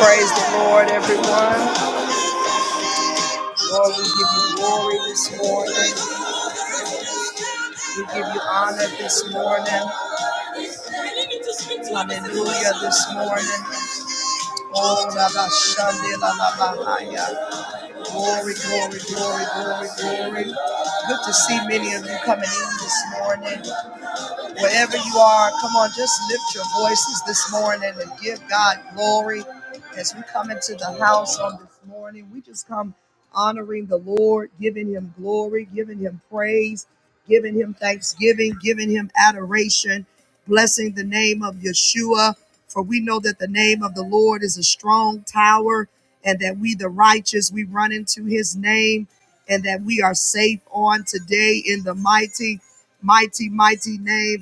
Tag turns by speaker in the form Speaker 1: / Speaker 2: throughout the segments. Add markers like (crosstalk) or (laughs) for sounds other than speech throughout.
Speaker 1: Praise the Lord, everyone. Lord, we give you glory this morning. We give you honor this morning. Hallelujah this morning. Oh, la ba shande la la ba haya. Glory, glory, glory, glory, glory. Good to see many of you coming in this morning. Wherever you are, come on, just lift your voices this morning and give God glory as we come into the house on this morning. We just come honoring the Lord, giving him glory, giving him praise, giving him thanksgiving, giving him adoration, blessing the name of Yeshua. For we know that the name of the Lord is a strong tower, and that we, the righteous, we run into his name, and that we are safe on today in the mighty mighty, mighty name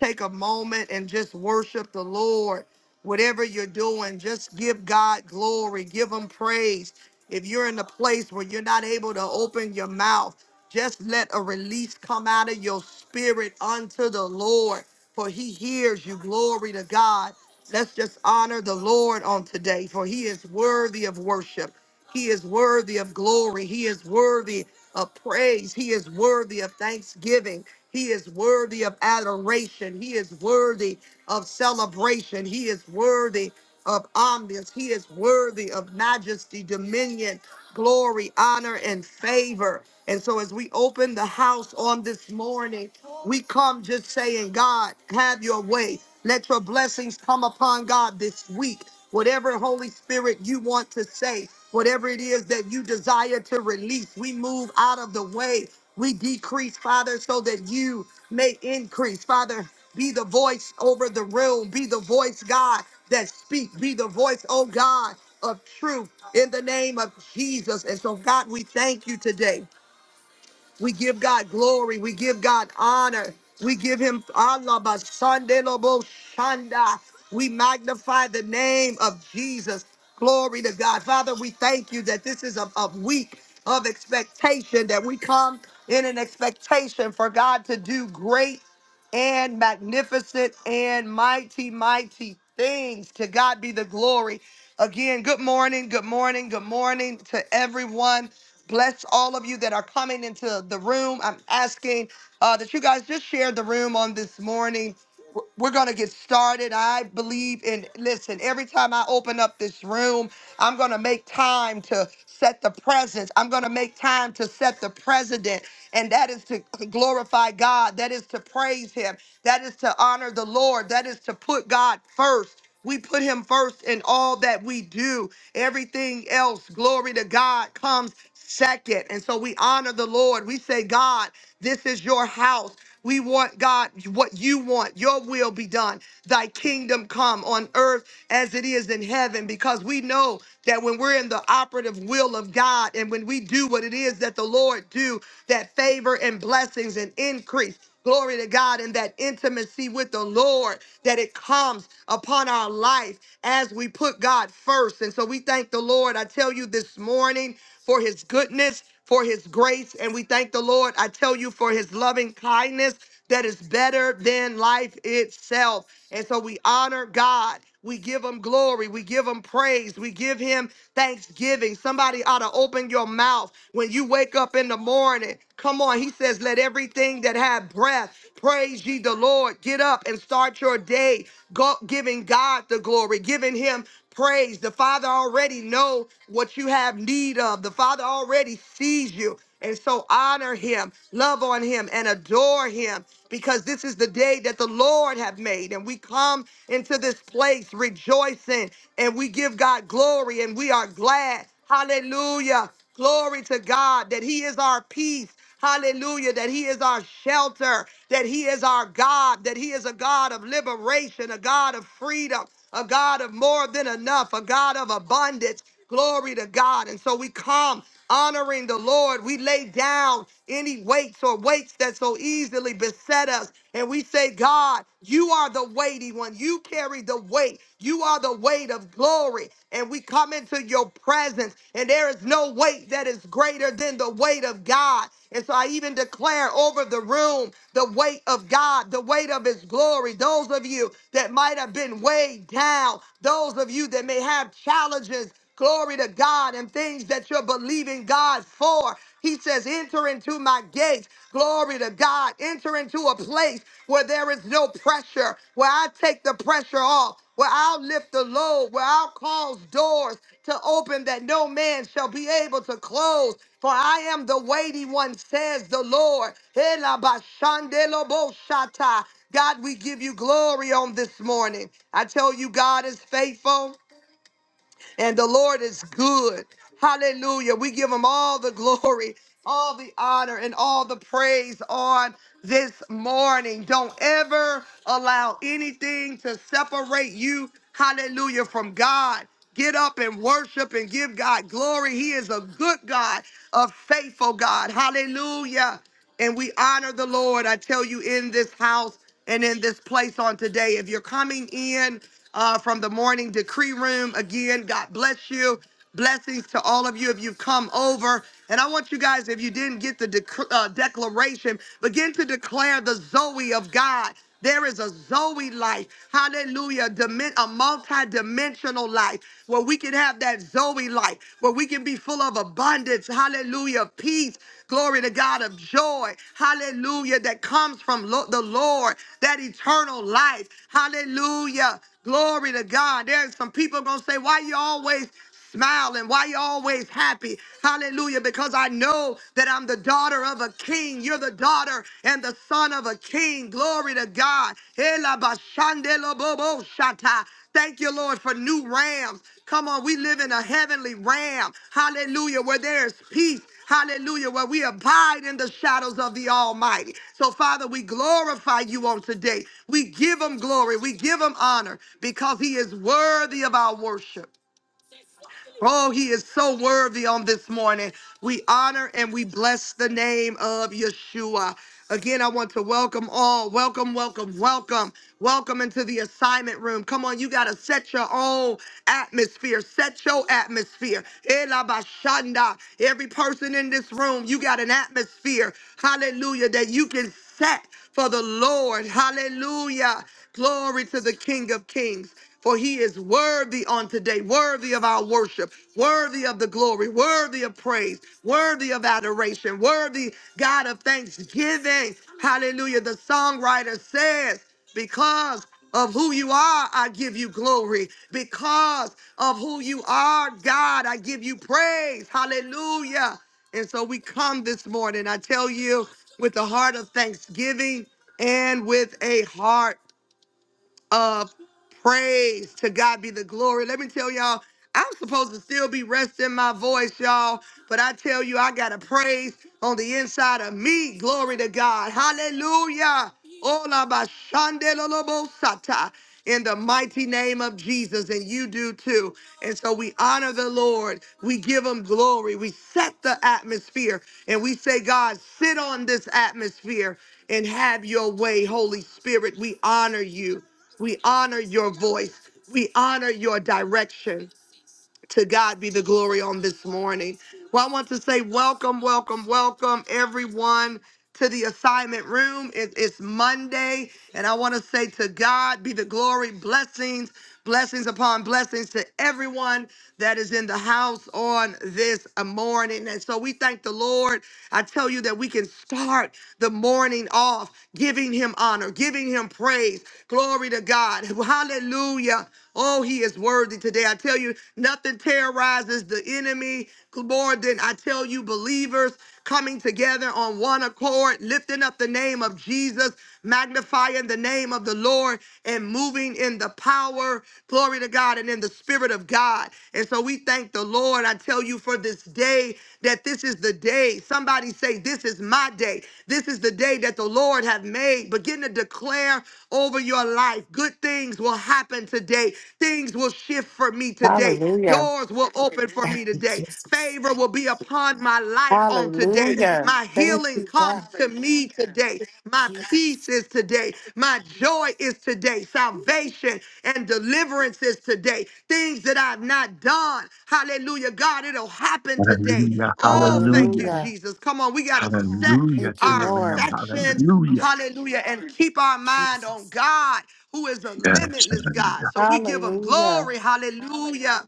Speaker 1: take a moment and just worship the Lord. Whatever you're doing, just give God glory, give Him praise. If you're in a place where you're not able to open your mouth, just let a release come out of your spirit unto the Lord, for He hears you. Glory to God. Let's just honor the Lord on today, for he is worthy of worship. He is worthy of glory. He is worthy of praise. He is worthy of thanksgiving. He is worthy of adoration. He is worthy of celebration. He is worthy of omniscience. He is worthy of majesty, dominion, glory, honor, and favor. And so, as we open the house on this morning, we come just saying, God, have your way. Let your blessings come upon God this week. Whatever Holy Spirit you want to say, whatever it is that you desire to release, we move out of the way. We decrease, Father, so that you may increase. Father, be the voice over the room. Be the voice, God, that speak. Be the voice, oh God, of truth in the name of Jesus. And so, God, we thank you today. We give God glory. We give God honor. We give him Allah Basande Lobo Shanda. We magnify the name of Jesus. Glory to God. Father, we thank you that this is a, a week of expectation, that we come in an expectation for God to do great and magnificent and mighty, mighty things. To God be the glory. Again, good morning, good morning, good morning to everyone. Bless all of you that are coming into the room. I'm asking uh, that you guys just share the room on this morning. we we're gonna get started. I believe in listen, every time I open up this room, I'm gonna make time to set the presence. I'm gonna make time to set the president, and that is to glorify God, that is to praise him, that is to honor the Lord, that is to put God first. We put him first in all that we do. Everything else, glory to God, comes second. And so we honor the Lord. We say, God, this is your house. We want, God, what you want. Your will be done. Thy kingdom come on earth as it is in heaven, because we know that when we're in the operative will of God and when we do what it is that the Lord do, that favor and blessings and increase glory to God, and that intimacy with the Lord that it comes upon our life as we put God first. And so we thank the Lord. I tell you this morning for his goodness, for his grace. And we thank the Lord, I tell you, for his loving kindness that is better than life itself. And so we honor God. We give him glory. We give him praise. We give him thanksgiving. Somebody ought to open your mouth when you wake up in the morning. Come on. He says, Let everything that have breath praise ye the Lord. Get up and start your day go, giving God the glory, giving him praise. The Father already know what you have need of. The Father already sees you. And so honor him, love on him, and adore him, because this is the day that the Lord have made. And we come into this place rejoicing, and we give God glory, and we are glad. Hallelujah. Glory to God that he is our peace. Hallelujah. That He is our shelter, that He is our God, that He is a God of liberation, a God of freedom, a God of more than enough, a God of abundance. Glory to God. And so we come honoring the Lord. We lay down any weights or weights that so easily beset us. And we say, God, you are the weighty one. You carry the weight. You are the the weight of glory. And we come into your presence, and there is no weight that is greater than the weight of God. And so I even declare over the room the weight of God, the weight of his glory. Those of you that might have been weighed down, those of you that may have challenges Glory to God and things that you're believing God for. He says, enter into my gates. Glory to God. Enter into a place where there is no pressure, where I take the pressure off, where I'll lift the load, where I'll cause doors to open that no man shall be able to close. For I am the weighty one, says the Lord. Elabashandeloboshata. God, we give you glory on this morning. I tell you, God is faithful and the Lord is good. Hallelujah. We give him all the glory, all the honor, and all the praise on this morning. Don't ever allow anything to separate you, hallelujah, from God. Get up and worship and give God glory. He is a good God, a faithful God. Hallelujah and we honor the Lord. I tell you, in this house and in this place on today, if you're coming in uh, from the morning decree room, again, God bless you. Blessings to all of you if you've come over. And I want you guys, if you didn't get the dec- uh, declaration, begin to declare the Zoe of God. There is a Zoe life, hallelujah, dimen- a multi dimensional life where we can have that Zoe life, where we can be full of abundance, hallelujah, of peace, glory to God, of joy, hallelujah, that comes from lo- the Lord, that eternal life, hallelujah, glory to God. There's some people gonna say, Why you always smiling? Why you always happy? Hallelujah. Because I know that I'm the daughter of a king. You're the daughter and the son of a king. Glory to God. Ela bashande bobo shata. Thank you, Lord, for new rams. Come on, we live in a heavenly ram. Hallelujah, where there is peace. Hallelujah, where we abide in the shadows of the Almighty. So, Father, we glorify you on today. We give him glory. We give him honor because he is worthy of our worship. Oh, he is so worthy on this morning. We honor and we bless the name of Yeshua. Again, I want to welcome all. Welcome, welcome, welcome. Welcome into the assignment room. Come on, you got to set your own atmosphere. Set your atmosphere. Ela bashanda. Every person in this room, you got an atmosphere. Hallelujah. That you can set for the Lord. Hallelujah. Glory to the King of Kings. For he is worthy on today, worthy of our worship, worthy of the glory, worthy of praise, worthy of adoration, worthy, God, of thanksgiving. Hallelujah. The songwriter says, Because of who you are, I give you glory. Because of who you are, God, I give you praise. Hallelujah. And so we come this morning, I tell you, with a heart of thanksgiving and with a heart of praise. To God be the glory. Let me tell y'all, I'm supposed to still be resting my voice, y'all, but I tell you, I got a praise on the inside of me. Glory to God. Hallelujah. Ola ba shande lo lo bo sata. In the mighty name of Jesus, and you do too. And so we honor the Lord. We give him glory. We set the atmosphere and we say, God, sit on this atmosphere and have your way, Holy Spirit. We honor you. We honor your voice. We honor your direction. To God be the glory on this morning. Well, I want to say welcome, welcome, welcome, everyone to the assignment room. It- it's Monday, and I want to say to God be the glory, blessings, blessings upon blessings to everyone that is in the house on this morning. And so we thank the Lord. I tell you that we can start the morning off giving him honor, giving him praise. Glory to God. Hallelujah. Oh, he is worthy today. I tell you, nothing Nothing terrorizes the enemy more than I tell you, believers coming together on one accord, lifting up the name of Jesus, magnifying the name of the Lord, and moving in the power, glory to God, and in the Spirit of God. And so we thank the Lord, I tell you, for this day, that this is the day. Somebody say, This is my day. This is the day that the Lord have made. Begin to declare over your life. Good things will happen today. Things will shift for me today.
Speaker 2: Hallelujah.
Speaker 1: Doors will open for
Speaker 2: Thank
Speaker 1: me (laughs)
Speaker 2: you,
Speaker 1: today.
Speaker 2: Jesus.
Speaker 1: Favor will be upon my life on today.
Speaker 2: Hallelujah.
Speaker 1: My
Speaker 2: Thank
Speaker 1: healing
Speaker 2: you,
Speaker 1: comes
Speaker 2: God.
Speaker 1: to me today. My
Speaker 2: Jesus.
Speaker 1: peace is today. My joy is today. Salvation and deliverance is today. Things that I've not done. Hallelujah. God, it'll happen today.
Speaker 3: Hallelujah,
Speaker 1: Oh, thank you,
Speaker 3: hallelujah,
Speaker 2: Hallelujah.
Speaker 1: Jesus. Come on, we got to set
Speaker 3: hallelujah
Speaker 2: Thank you,
Speaker 3: to the
Speaker 1: our
Speaker 3: Lamb,
Speaker 2: Lord.
Speaker 1: affections,
Speaker 3: hallelujah.
Speaker 1: hallelujah, and keep our mind on
Speaker 2: Jesus.
Speaker 1: God, who is a
Speaker 3: Yes,
Speaker 1: limitless God.
Speaker 3: hallelujah.
Speaker 1: So we give him
Speaker 2: Hallelujah.
Speaker 1: glory, hallelujah.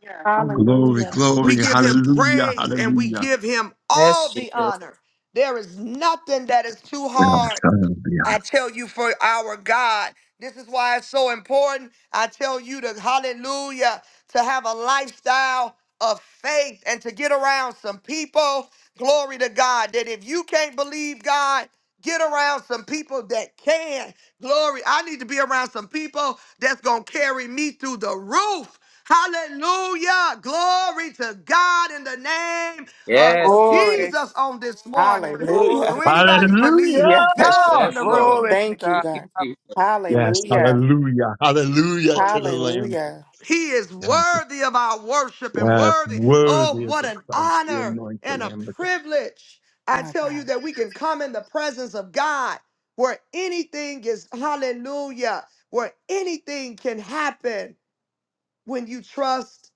Speaker 3: Glory,
Speaker 2: Hallelujah.
Speaker 1: We
Speaker 3: glory,
Speaker 1: give him
Speaker 3: hallelujah,
Speaker 1: praise and we
Speaker 3: hallelujah.
Speaker 1: give him
Speaker 4: Yes,
Speaker 1: all the
Speaker 4: Jesus.
Speaker 1: honor. There is nothing that is too
Speaker 3: Yes,
Speaker 1: hard
Speaker 3: hallelujah.
Speaker 1: I tell you, for our God. This is why it's so important. I tell you to hallelujah, to have a lifestyle of faith and to get around some people. Glory to God. That if you can't believe God, get around some people that can. Glory. I need to be around some people that's going to carry me through the roof. Hallelujah. Glory to God in the name of
Speaker 4: Yes, Jesus.
Speaker 5: Glory,
Speaker 1: Jesus on this morning.
Speaker 4: Woo.
Speaker 1: Do
Speaker 5: glory,
Speaker 2: Hallelujah. (laughs)
Speaker 1: anybody believe
Speaker 2: Yes.
Speaker 1: God
Speaker 3: Hallelujah!
Speaker 1: in
Speaker 4: Yes,
Speaker 1: the
Speaker 4: Lord.
Speaker 5: glory
Speaker 1: room?
Speaker 5: to
Speaker 2: Thank you,
Speaker 5: God.
Speaker 4: Thank you,
Speaker 2: God.
Speaker 4: Jesus.
Speaker 3: Yes,
Speaker 2: Hallelujah.
Speaker 3: hallelujah, hallelujah to
Speaker 5: Hallelujah.
Speaker 3: the Lamb.
Speaker 2: Hallelujah.
Speaker 1: He is
Speaker 3: Yes,
Speaker 1: worthy of our worship and
Speaker 3: yes,
Speaker 1: worthy. Oh,
Speaker 3: worthy is
Speaker 1: what
Speaker 3: the
Speaker 1: an
Speaker 3: Christ, the
Speaker 1: honor
Speaker 3: anointed
Speaker 1: and a
Speaker 3: Lamb. of
Speaker 1: privilege. I
Speaker 2: My
Speaker 1: tell
Speaker 2: God.
Speaker 1: you that we can come in the presence of God where anything is hallelujah, where anything can happen. when you trust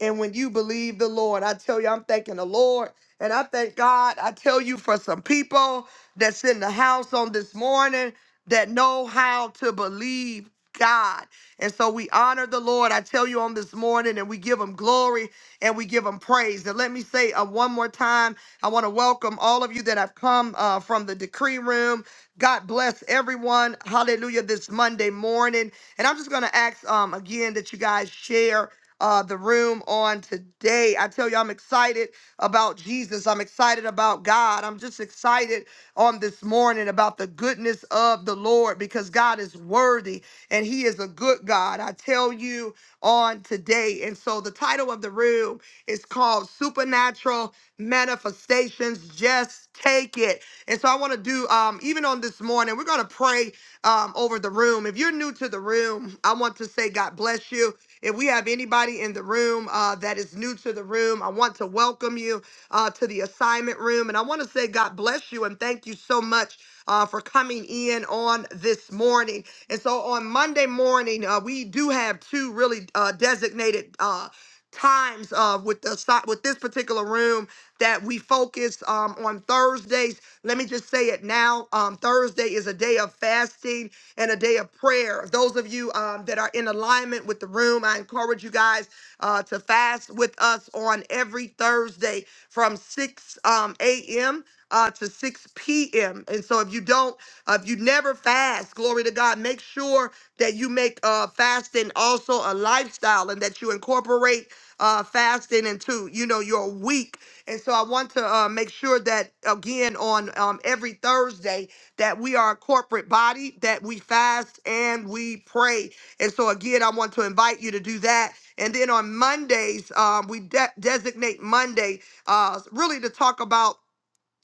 Speaker 1: and when you believe the Lord. I tell you, I'm thanking the Lord and I thank God. I tell you for some people that's in the house on this morning that know how to believe God. And so we honor the Lord. I tell you on this morning and we give him glory and we give him praise. And let me say uh, one more time, I want to welcome all of you that have come uh, from the decree room. God bless everyone. Hallelujah this Monday morning. And I'm just going to ask um, again that you guys share uh, the room on today. I tell you, I'm excited about Jesus. I'm excited about God. I'm just excited on this morning about the goodness of the Lord because God is worthy and He is a good God. I tell you on today. And so the title of the room is called Supernatural Manifestations. Just take it. And so I want to do, um, even on this morning, we're going to pray um, over the room. If you're new to the room, I want to say God bless you. If we have anybody in the room uh, that is new to the room, I want to welcome you uh, to the assignment room. And I want to say God bless you and thank you so much uh, for coming in on this morning. And so on Monday morning, uh, we do have two really uh, designated. uh, times uh, with the si- with this particular room that we focus um, on Thursdays. Let me just say it now. Um, Thursday is a day of fasting and a day of prayer. Those of you um, that are in alignment with the room, I encourage you guys uh, to fast with us on every Thursday from 6 um, a.m. Uh, to 6 p.m. And so if you don't, uh, if you never fast, glory to God, make sure that you make uh, fasting also a lifestyle and that you incorporate uh, fasting and to you know your week. And so I want to uh, make sure that again on um, every Thursday that we are a corporate body that we fast and we pray. And so again, I want to invite you to do that. And then on Mondays, um, we de- designate Monday uh, really to talk about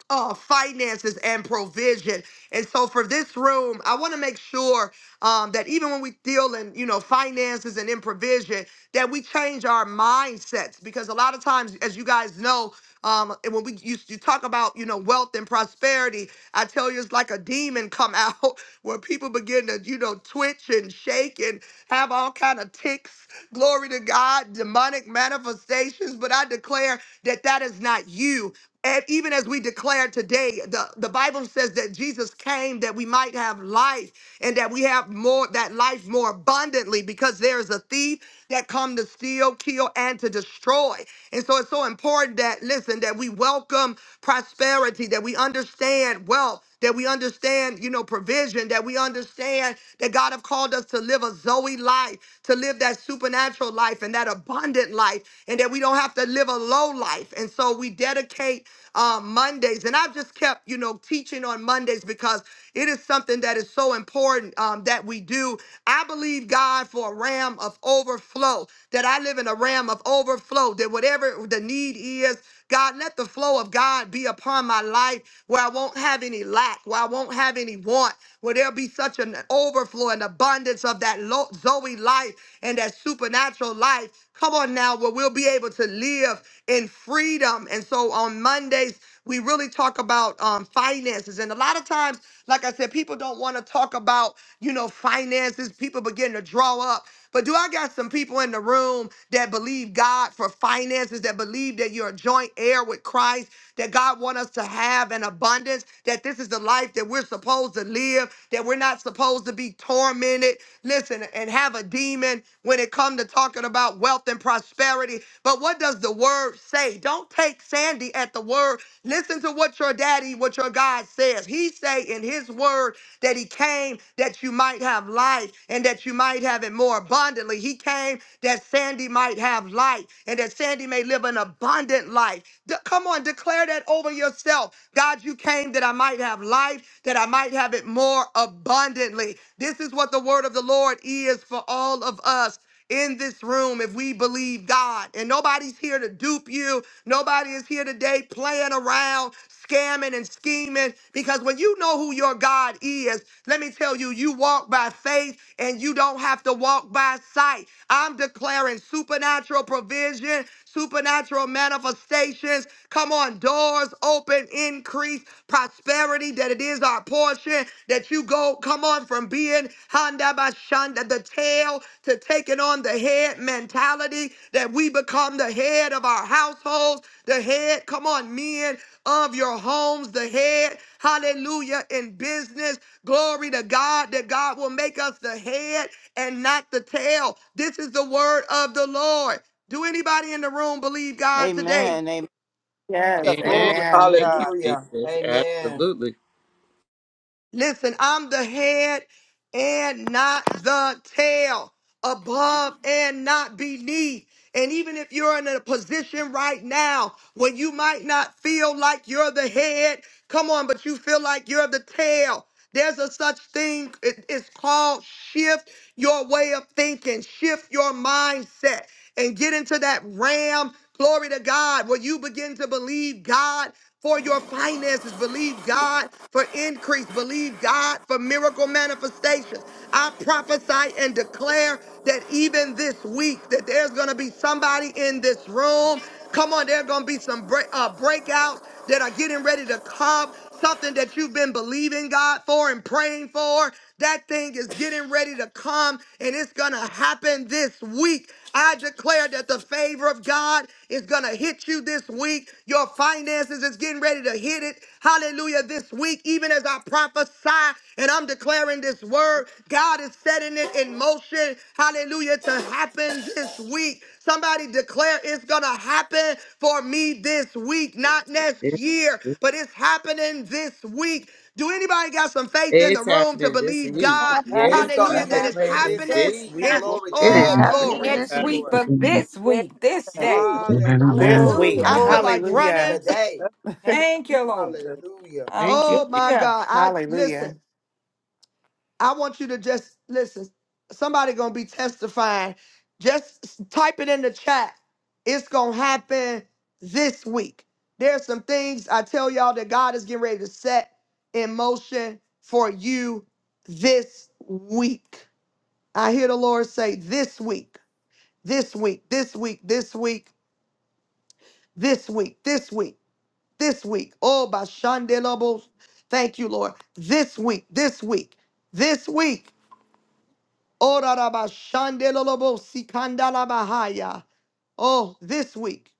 Speaker 1: uh, finances and provision. And so for this room, I want to make sure um, that even when we deal in, you know, finances and in provision, that we change our mindsets because a lot of times, as you guys know, um, and when we you, you talk about you know wealth and prosperity, I tell you it's like a demon come out (laughs) where people begin to you know twitch and shake and have all kind of ticks. Glory to God, demonic manifestations. But I declare that that is not you. And even as we declare today, the, the Bible says that Jesus came that we might have life and that we have more that life more abundantly because there is a thief that come to steal, kill, and to destroy. And so it's so important that listen, that we welcome prosperity, that we understand wealth that we understand, you know, provision, that we understand that God have called us to live a Zoe life, to live that supernatural life and that abundant life, and that we don't have to live a low life. And so we dedicate uh, Mondays. And I've just kept, you know, teaching on Mondays because it is something that is so important um, that we do. I believe God for a ram of overflow, that I live in a ram of overflow, that whatever the need is, God, let the flow of God be upon my life where I won't have any lack, where I won't have any want, where there'll be such an overflow and abundance of that lo- Zoe life and that supernatural life. Come on now, where we'll be able to live in freedom. And so on Mondays, we really talk about um, finances. And a lot of times, like I said, people don't want to talk about, you know, finances. People begin to draw up. But do I got some people in the room that believe God for finances, that believe that you're a joint heir with Christ, that God want us to have an abundance, that this is the life that we're supposed to live, that we're not supposed to be tormented, listen, and have a demon when it comes to talking about wealth and prosperity. But what does the word say? Don't take Sandy at the word. Listen to what your daddy, what what your God says. He say in his word that he came that you might have life and that you might have it more abundantly. He came that Sandy might have life and that Sandy may live an abundant life. De- come on, declare that over yourself. God, you came that I might have life, that I might have it more abundantly. This is what the word of the Lord is for all of us in this room if we believe God. And nobody's here to dupe you. Nobody is here today playing around, scamming and scheming. Because when you know who your God is, let me tell you, you walk by faith and you don't have to walk by sight. I'm declaring supernatural provision supernatural manifestations. Come on, doors open, increase, prosperity that it is our portion. That you go, come on, from being Honda Bashanda, the tail, to taking on the head mentality. That we become the head of our households, the head, come on, men of your homes, the head, hallelujah, in business. Glory to God that God will make us the head and not the tail. This is the word of the Lord. Do anybody in the room believe God today?
Speaker 5: Amen. Amen.
Speaker 2: Yes.
Speaker 4: Amen.
Speaker 5: Glory to
Speaker 2: Amen.
Speaker 4: Thank you,
Speaker 5: God.
Speaker 6: Hallelujah.
Speaker 4: Jesus.
Speaker 6: Amen.
Speaker 4: Absolutely.
Speaker 1: Listen, I'm the head and not the tail, above and not beneath. And even if you're in a position right now where you might not feel like you're the head, come on, but you feel like you're the tail. There's a such thing, it- it's called shift your way of thinking, shift your mindset. and get into that ram. Glory to God. Will you begin to believe God for your finances? Believe God for increase. Believe God for miracle manifestations. I prophesy and declare that even this week that there's going to be somebody in this room. Come on, there are going to be some break, uh, breakouts that are getting ready to come. Something that you've been believing God for and praying for. That thing is getting ready to come and it's going to happen this week. I declare that the favor of God is going to hit you this week. Your finances is getting ready to hit it. Hallelujah. This week, even as I prophesy and I'm declaring this word, God is setting it in motion. Hallelujah. To happen this week. Somebody declare it's going to happen for me this week, not next
Speaker 4: It-
Speaker 1: year, but it's happening this week. Do anybody got some faith in the
Speaker 4: It's
Speaker 1: room to
Speaker 4: happening this
Speaker 1: believe
Speaker 4: week.
Speaker 5: It's
Speaker 1: God?
Speaker 5: happening.
Speaker 6: It's
Speaker 4: Yes,
Speaker 6: going
Speaker 1: Hallelujah,
Speaker 4: I
Speaker 6: to
Speaker 1: that is
Speaker 6: happen
Speaker 4: declare
Speaker 6: this
Speaker 4: it
Speaker 1: happening.
Speaker 4: this
Speaker 6: week.
Speaker 4: week.
Speaker 7: not
Speaker 1: It's
Speaker 5: Glory.
Speaker 6: Glory to
Speaker 8: It is
Speaker 1: all
Speaker 6: God.
Speaker 3: God.
Speaker 6: I
Speaker 4: Woo.
Speaker 8: happening
Speaker 1: glory.
Speaker 6: thank
Speaker 7: next
Speaker 8: this
Speaker 4: Uh,
Speaker 6: you,
Speaker 8: week.
Speaker 7: week,
Speaker 6: Lord.
Speaker 7: but
Speaker 3: Amen,
Speaker 7: this week, this
Speaker 5: Yes.
Speaker 7: day.
Speaker 4: woo, this
Speaker 3: amen,
Speaker 2: This
Speaker 6: Hallelujah.
Speaker 3: amen.
Speaker 5: Glory,
Speaker 4: week.
Speaker 2: week.
Speaker 7: Hallelujah.
Speaker 1: I feel
Speaker 3: amen.
Speaker 5: glory.
Speaker 1: like running.
Speaker 2: Hallelujah.
Speaker 1: (laughs)
Speaker 6: Today.
Speaker 5: That's the name of
Speaker 7: Thank you, Lord.
Speaker 5: Jesus.
Speaker 6: Hallelujah.
Speaker 4: Thank you.
Speaker 1: Oh my
Speaker 7: Hallelujah.
Speaker 1: God. I listen.
Speaker 2: Hallelujah.
Speaker 1: I want you to just listen. Somebody gonna be testifying. Just s- type it in the chat. It's gonna happen this week. There's some things I tell y'all that God is getting ready to set in motion for you this week. I hear the Lord say this week. this week, this week, this week, this week, this week, this week. Oh, by Shandelobos. Thank you, Lord. This week, this week, this week. Oh, da da ba Shandelobos, Sikandala Bahaya. Oh, this week.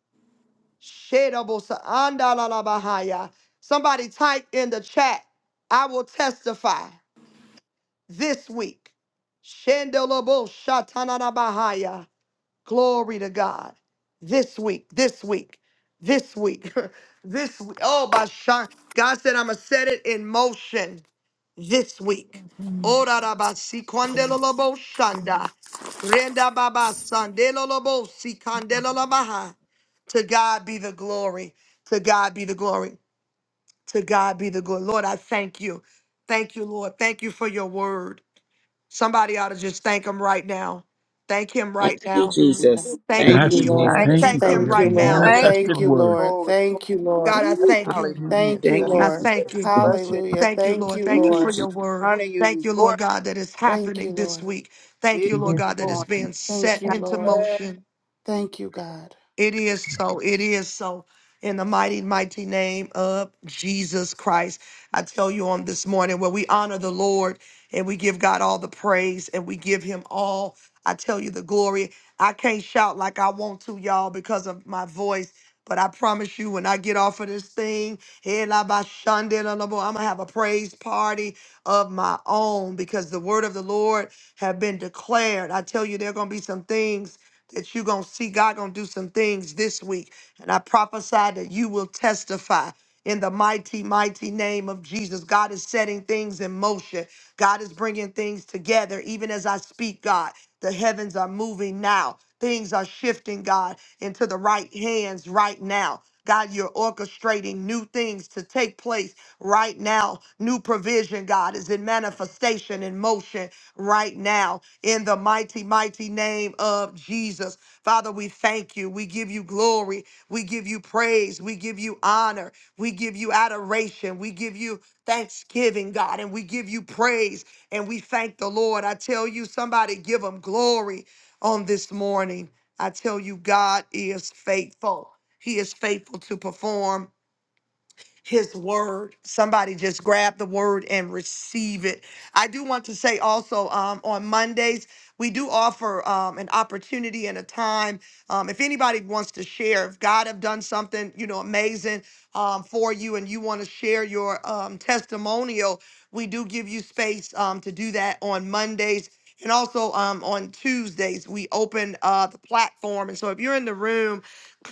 Speaker 1: Shedabosa Andala la Bahaya. Somebody type in the chat. I will testify this week. Shandelobos Shatana Bahaya. Glory to God. This week, this week, this week, (laughs) this week. Oh, by shock. God said, I'm going to set it in motion this week. Oh, da da ba si kwandelo lo bo shanda. Renda baba sandelo lo bo si kandelo la baha. To God be the glory. To God be the glory. To God be the glory. Lord, I thank you. Thank you, Lord. Thank you for your word. Somebody ought to just thank him right now. Thank him right now.
Speaker 4: Jesus.
Speaker 1: Thank
Speaker 2: Thank you,
Speaker 1: him.
Speaker 4: Thank you, Jesus. Thank
Speaker 3: Yes,
Speaker 4: you,
Speaker 1: You
Speaker 3: Lord,
Speaker 2: Lord.
Speaker 8: Thank
Speaker 4: Jesus.
Speaker 3: thank
Speaker 8: you,
Speaker 3: you
Speaker 1: thank
Speaker 3: for
Speaker 1: him
Speaker 8: God.
Speaker 2: Thank
Speaker 3: your
Speaker 2: you,
Speaker 1: right now.
Speaker 2: Lord.
Speaker 5: Glory,
Speaker 8: Thank you,
Speaker 2: Thank
Speaker 3: manifested
Speaker 2: you,
Speaker 8: Lord.
Speaker 3: word.
Speaker 2: Lord.
Speaker 5: glory, glory.
Speaker 2: Thank you, Lord.
Speaker 1: God, I
Speaker 5: That's
Speaker 1: thank you.
Speaker 4: Woo.
Speaker 8: Hallelujah.
Speaker 2: Thank you,
Speaker 5: the
Speaker 4: Thank you,
Speaker 1: I
Speaker 8: Glory.
Speaker 2: Lord.
Speaker 4: Jesus.
Speaker 1: thank you.
Speaker 3: Thank
Speaker 5: bless you.
Speaker 2: Hallelujah.
Speaker 1: Thank you,
Speaker 2: Thank
Speaker 1: Lord.
Speaker 2: you,
Speaker 1: Thank you
Speaker 4: Woo,
Speaker 1: for
Speaker 2: Lord.
Speaker 4: Jesus.
Speaker 1: your word.
Speaker 5: Honor you.
Speaker 1: Thank
Speaker 5: We
Speaker 1: you, Lord
Speaker 5: glory.
Speaker 1: God, that is
Speaker 2: Thank you,
Speaker 1: happening this
Speaker 2: Lord.
Speaker 1: week. Thank
Speaker 5: It
Speaker 1: you, Lord
Speaker 5: is
Speaker 3: you.
Speaker 1: God, that is
Speaker 5: going
Speaker 1: being
Speaker 2: Thank
Speaker 1: set
Speaker 2: you,
Speaker 5: out.
Speaker 1: into
Speaker 2: Lord.
Speaker 5: Yes,
Speaker 1: motion.
Speaker 2: Thank you, God.
Speaker 1: It is so. It is so. In the mighty, mighty name of Jesus Christ. I tell you on this morning where we honor the Lord and we give God all the praise and we give him all. I tell you the glory. I can't shout like I want to, y'all, because of my voice. But I promise you, when I get off of this thing, I'm gonna have a praise party of my own because the word of the Lord have been declared. I tell you, there are gonna be some things that you're going to see God going to do some things this week. And I prophesy that you will testify in the mighty, mighty name of Jesus. God is setting things in motion. God is bringing things together. Even as I speak, God, the heavens are moving now. Things are shifting, God, into the right hands right now. God, you're orchestrating new things to take place right now. New provision, God, is in manifestation in motion right now in the mighty, mighty name of Jesus. Father, we thank you. We give you glory. We give you praise. We give you honor. We give you adoration. We give you thanksgiving, God, and we give you praise and we thank the Lord. I tell you, somebody give him glory on this morning. I tell you, God is faithful. He is faithful to perform his word. Somebody just grab the word and receive it. I do want to say also um, on Mondays, we do offer um, an opportunity and a time. Um, if anybody wants to share, if God have done something, you know, amazing um, for you and you want to share your um, testimonial, we do give you space um, to do that on Mondays. And also um, on Tuesdays, we open uh, the platform. And so if you're in the room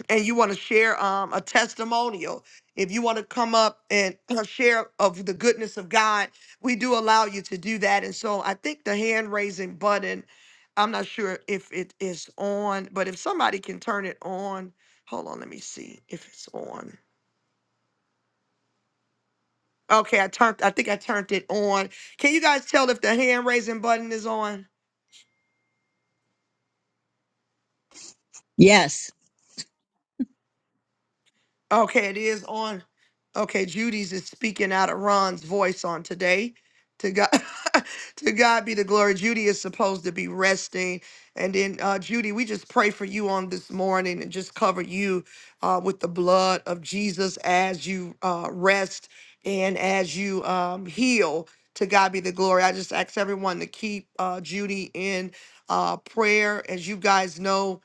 Speaker 1: and you want to share um, a testimonial, if you want to come up and (clears throat) share of the goodness of God, we do allow you to do that. And so I think the hand raising button, I'm not sure if it is on, but if somebody can turn it on, hold on, let me see if it's on. Okay, I turned I think I turned it on. Can you guys tell if the hand raising button is on?
Speaker 3: Yes.
Speaker 1: Okay, it is on. Okay, Judy's is speaking out of Ron's voice on today. To God, (laughs) to God be the glory. Judy is supposed to be resting, and then uh, Judy, we just pray for you on this morning and just cover you uh, with the blood of Jesus as you uh, rest and as you um, heal. To God be the glory. I just ask everyone to keep uh, Judy in uh, prayer, as you guys know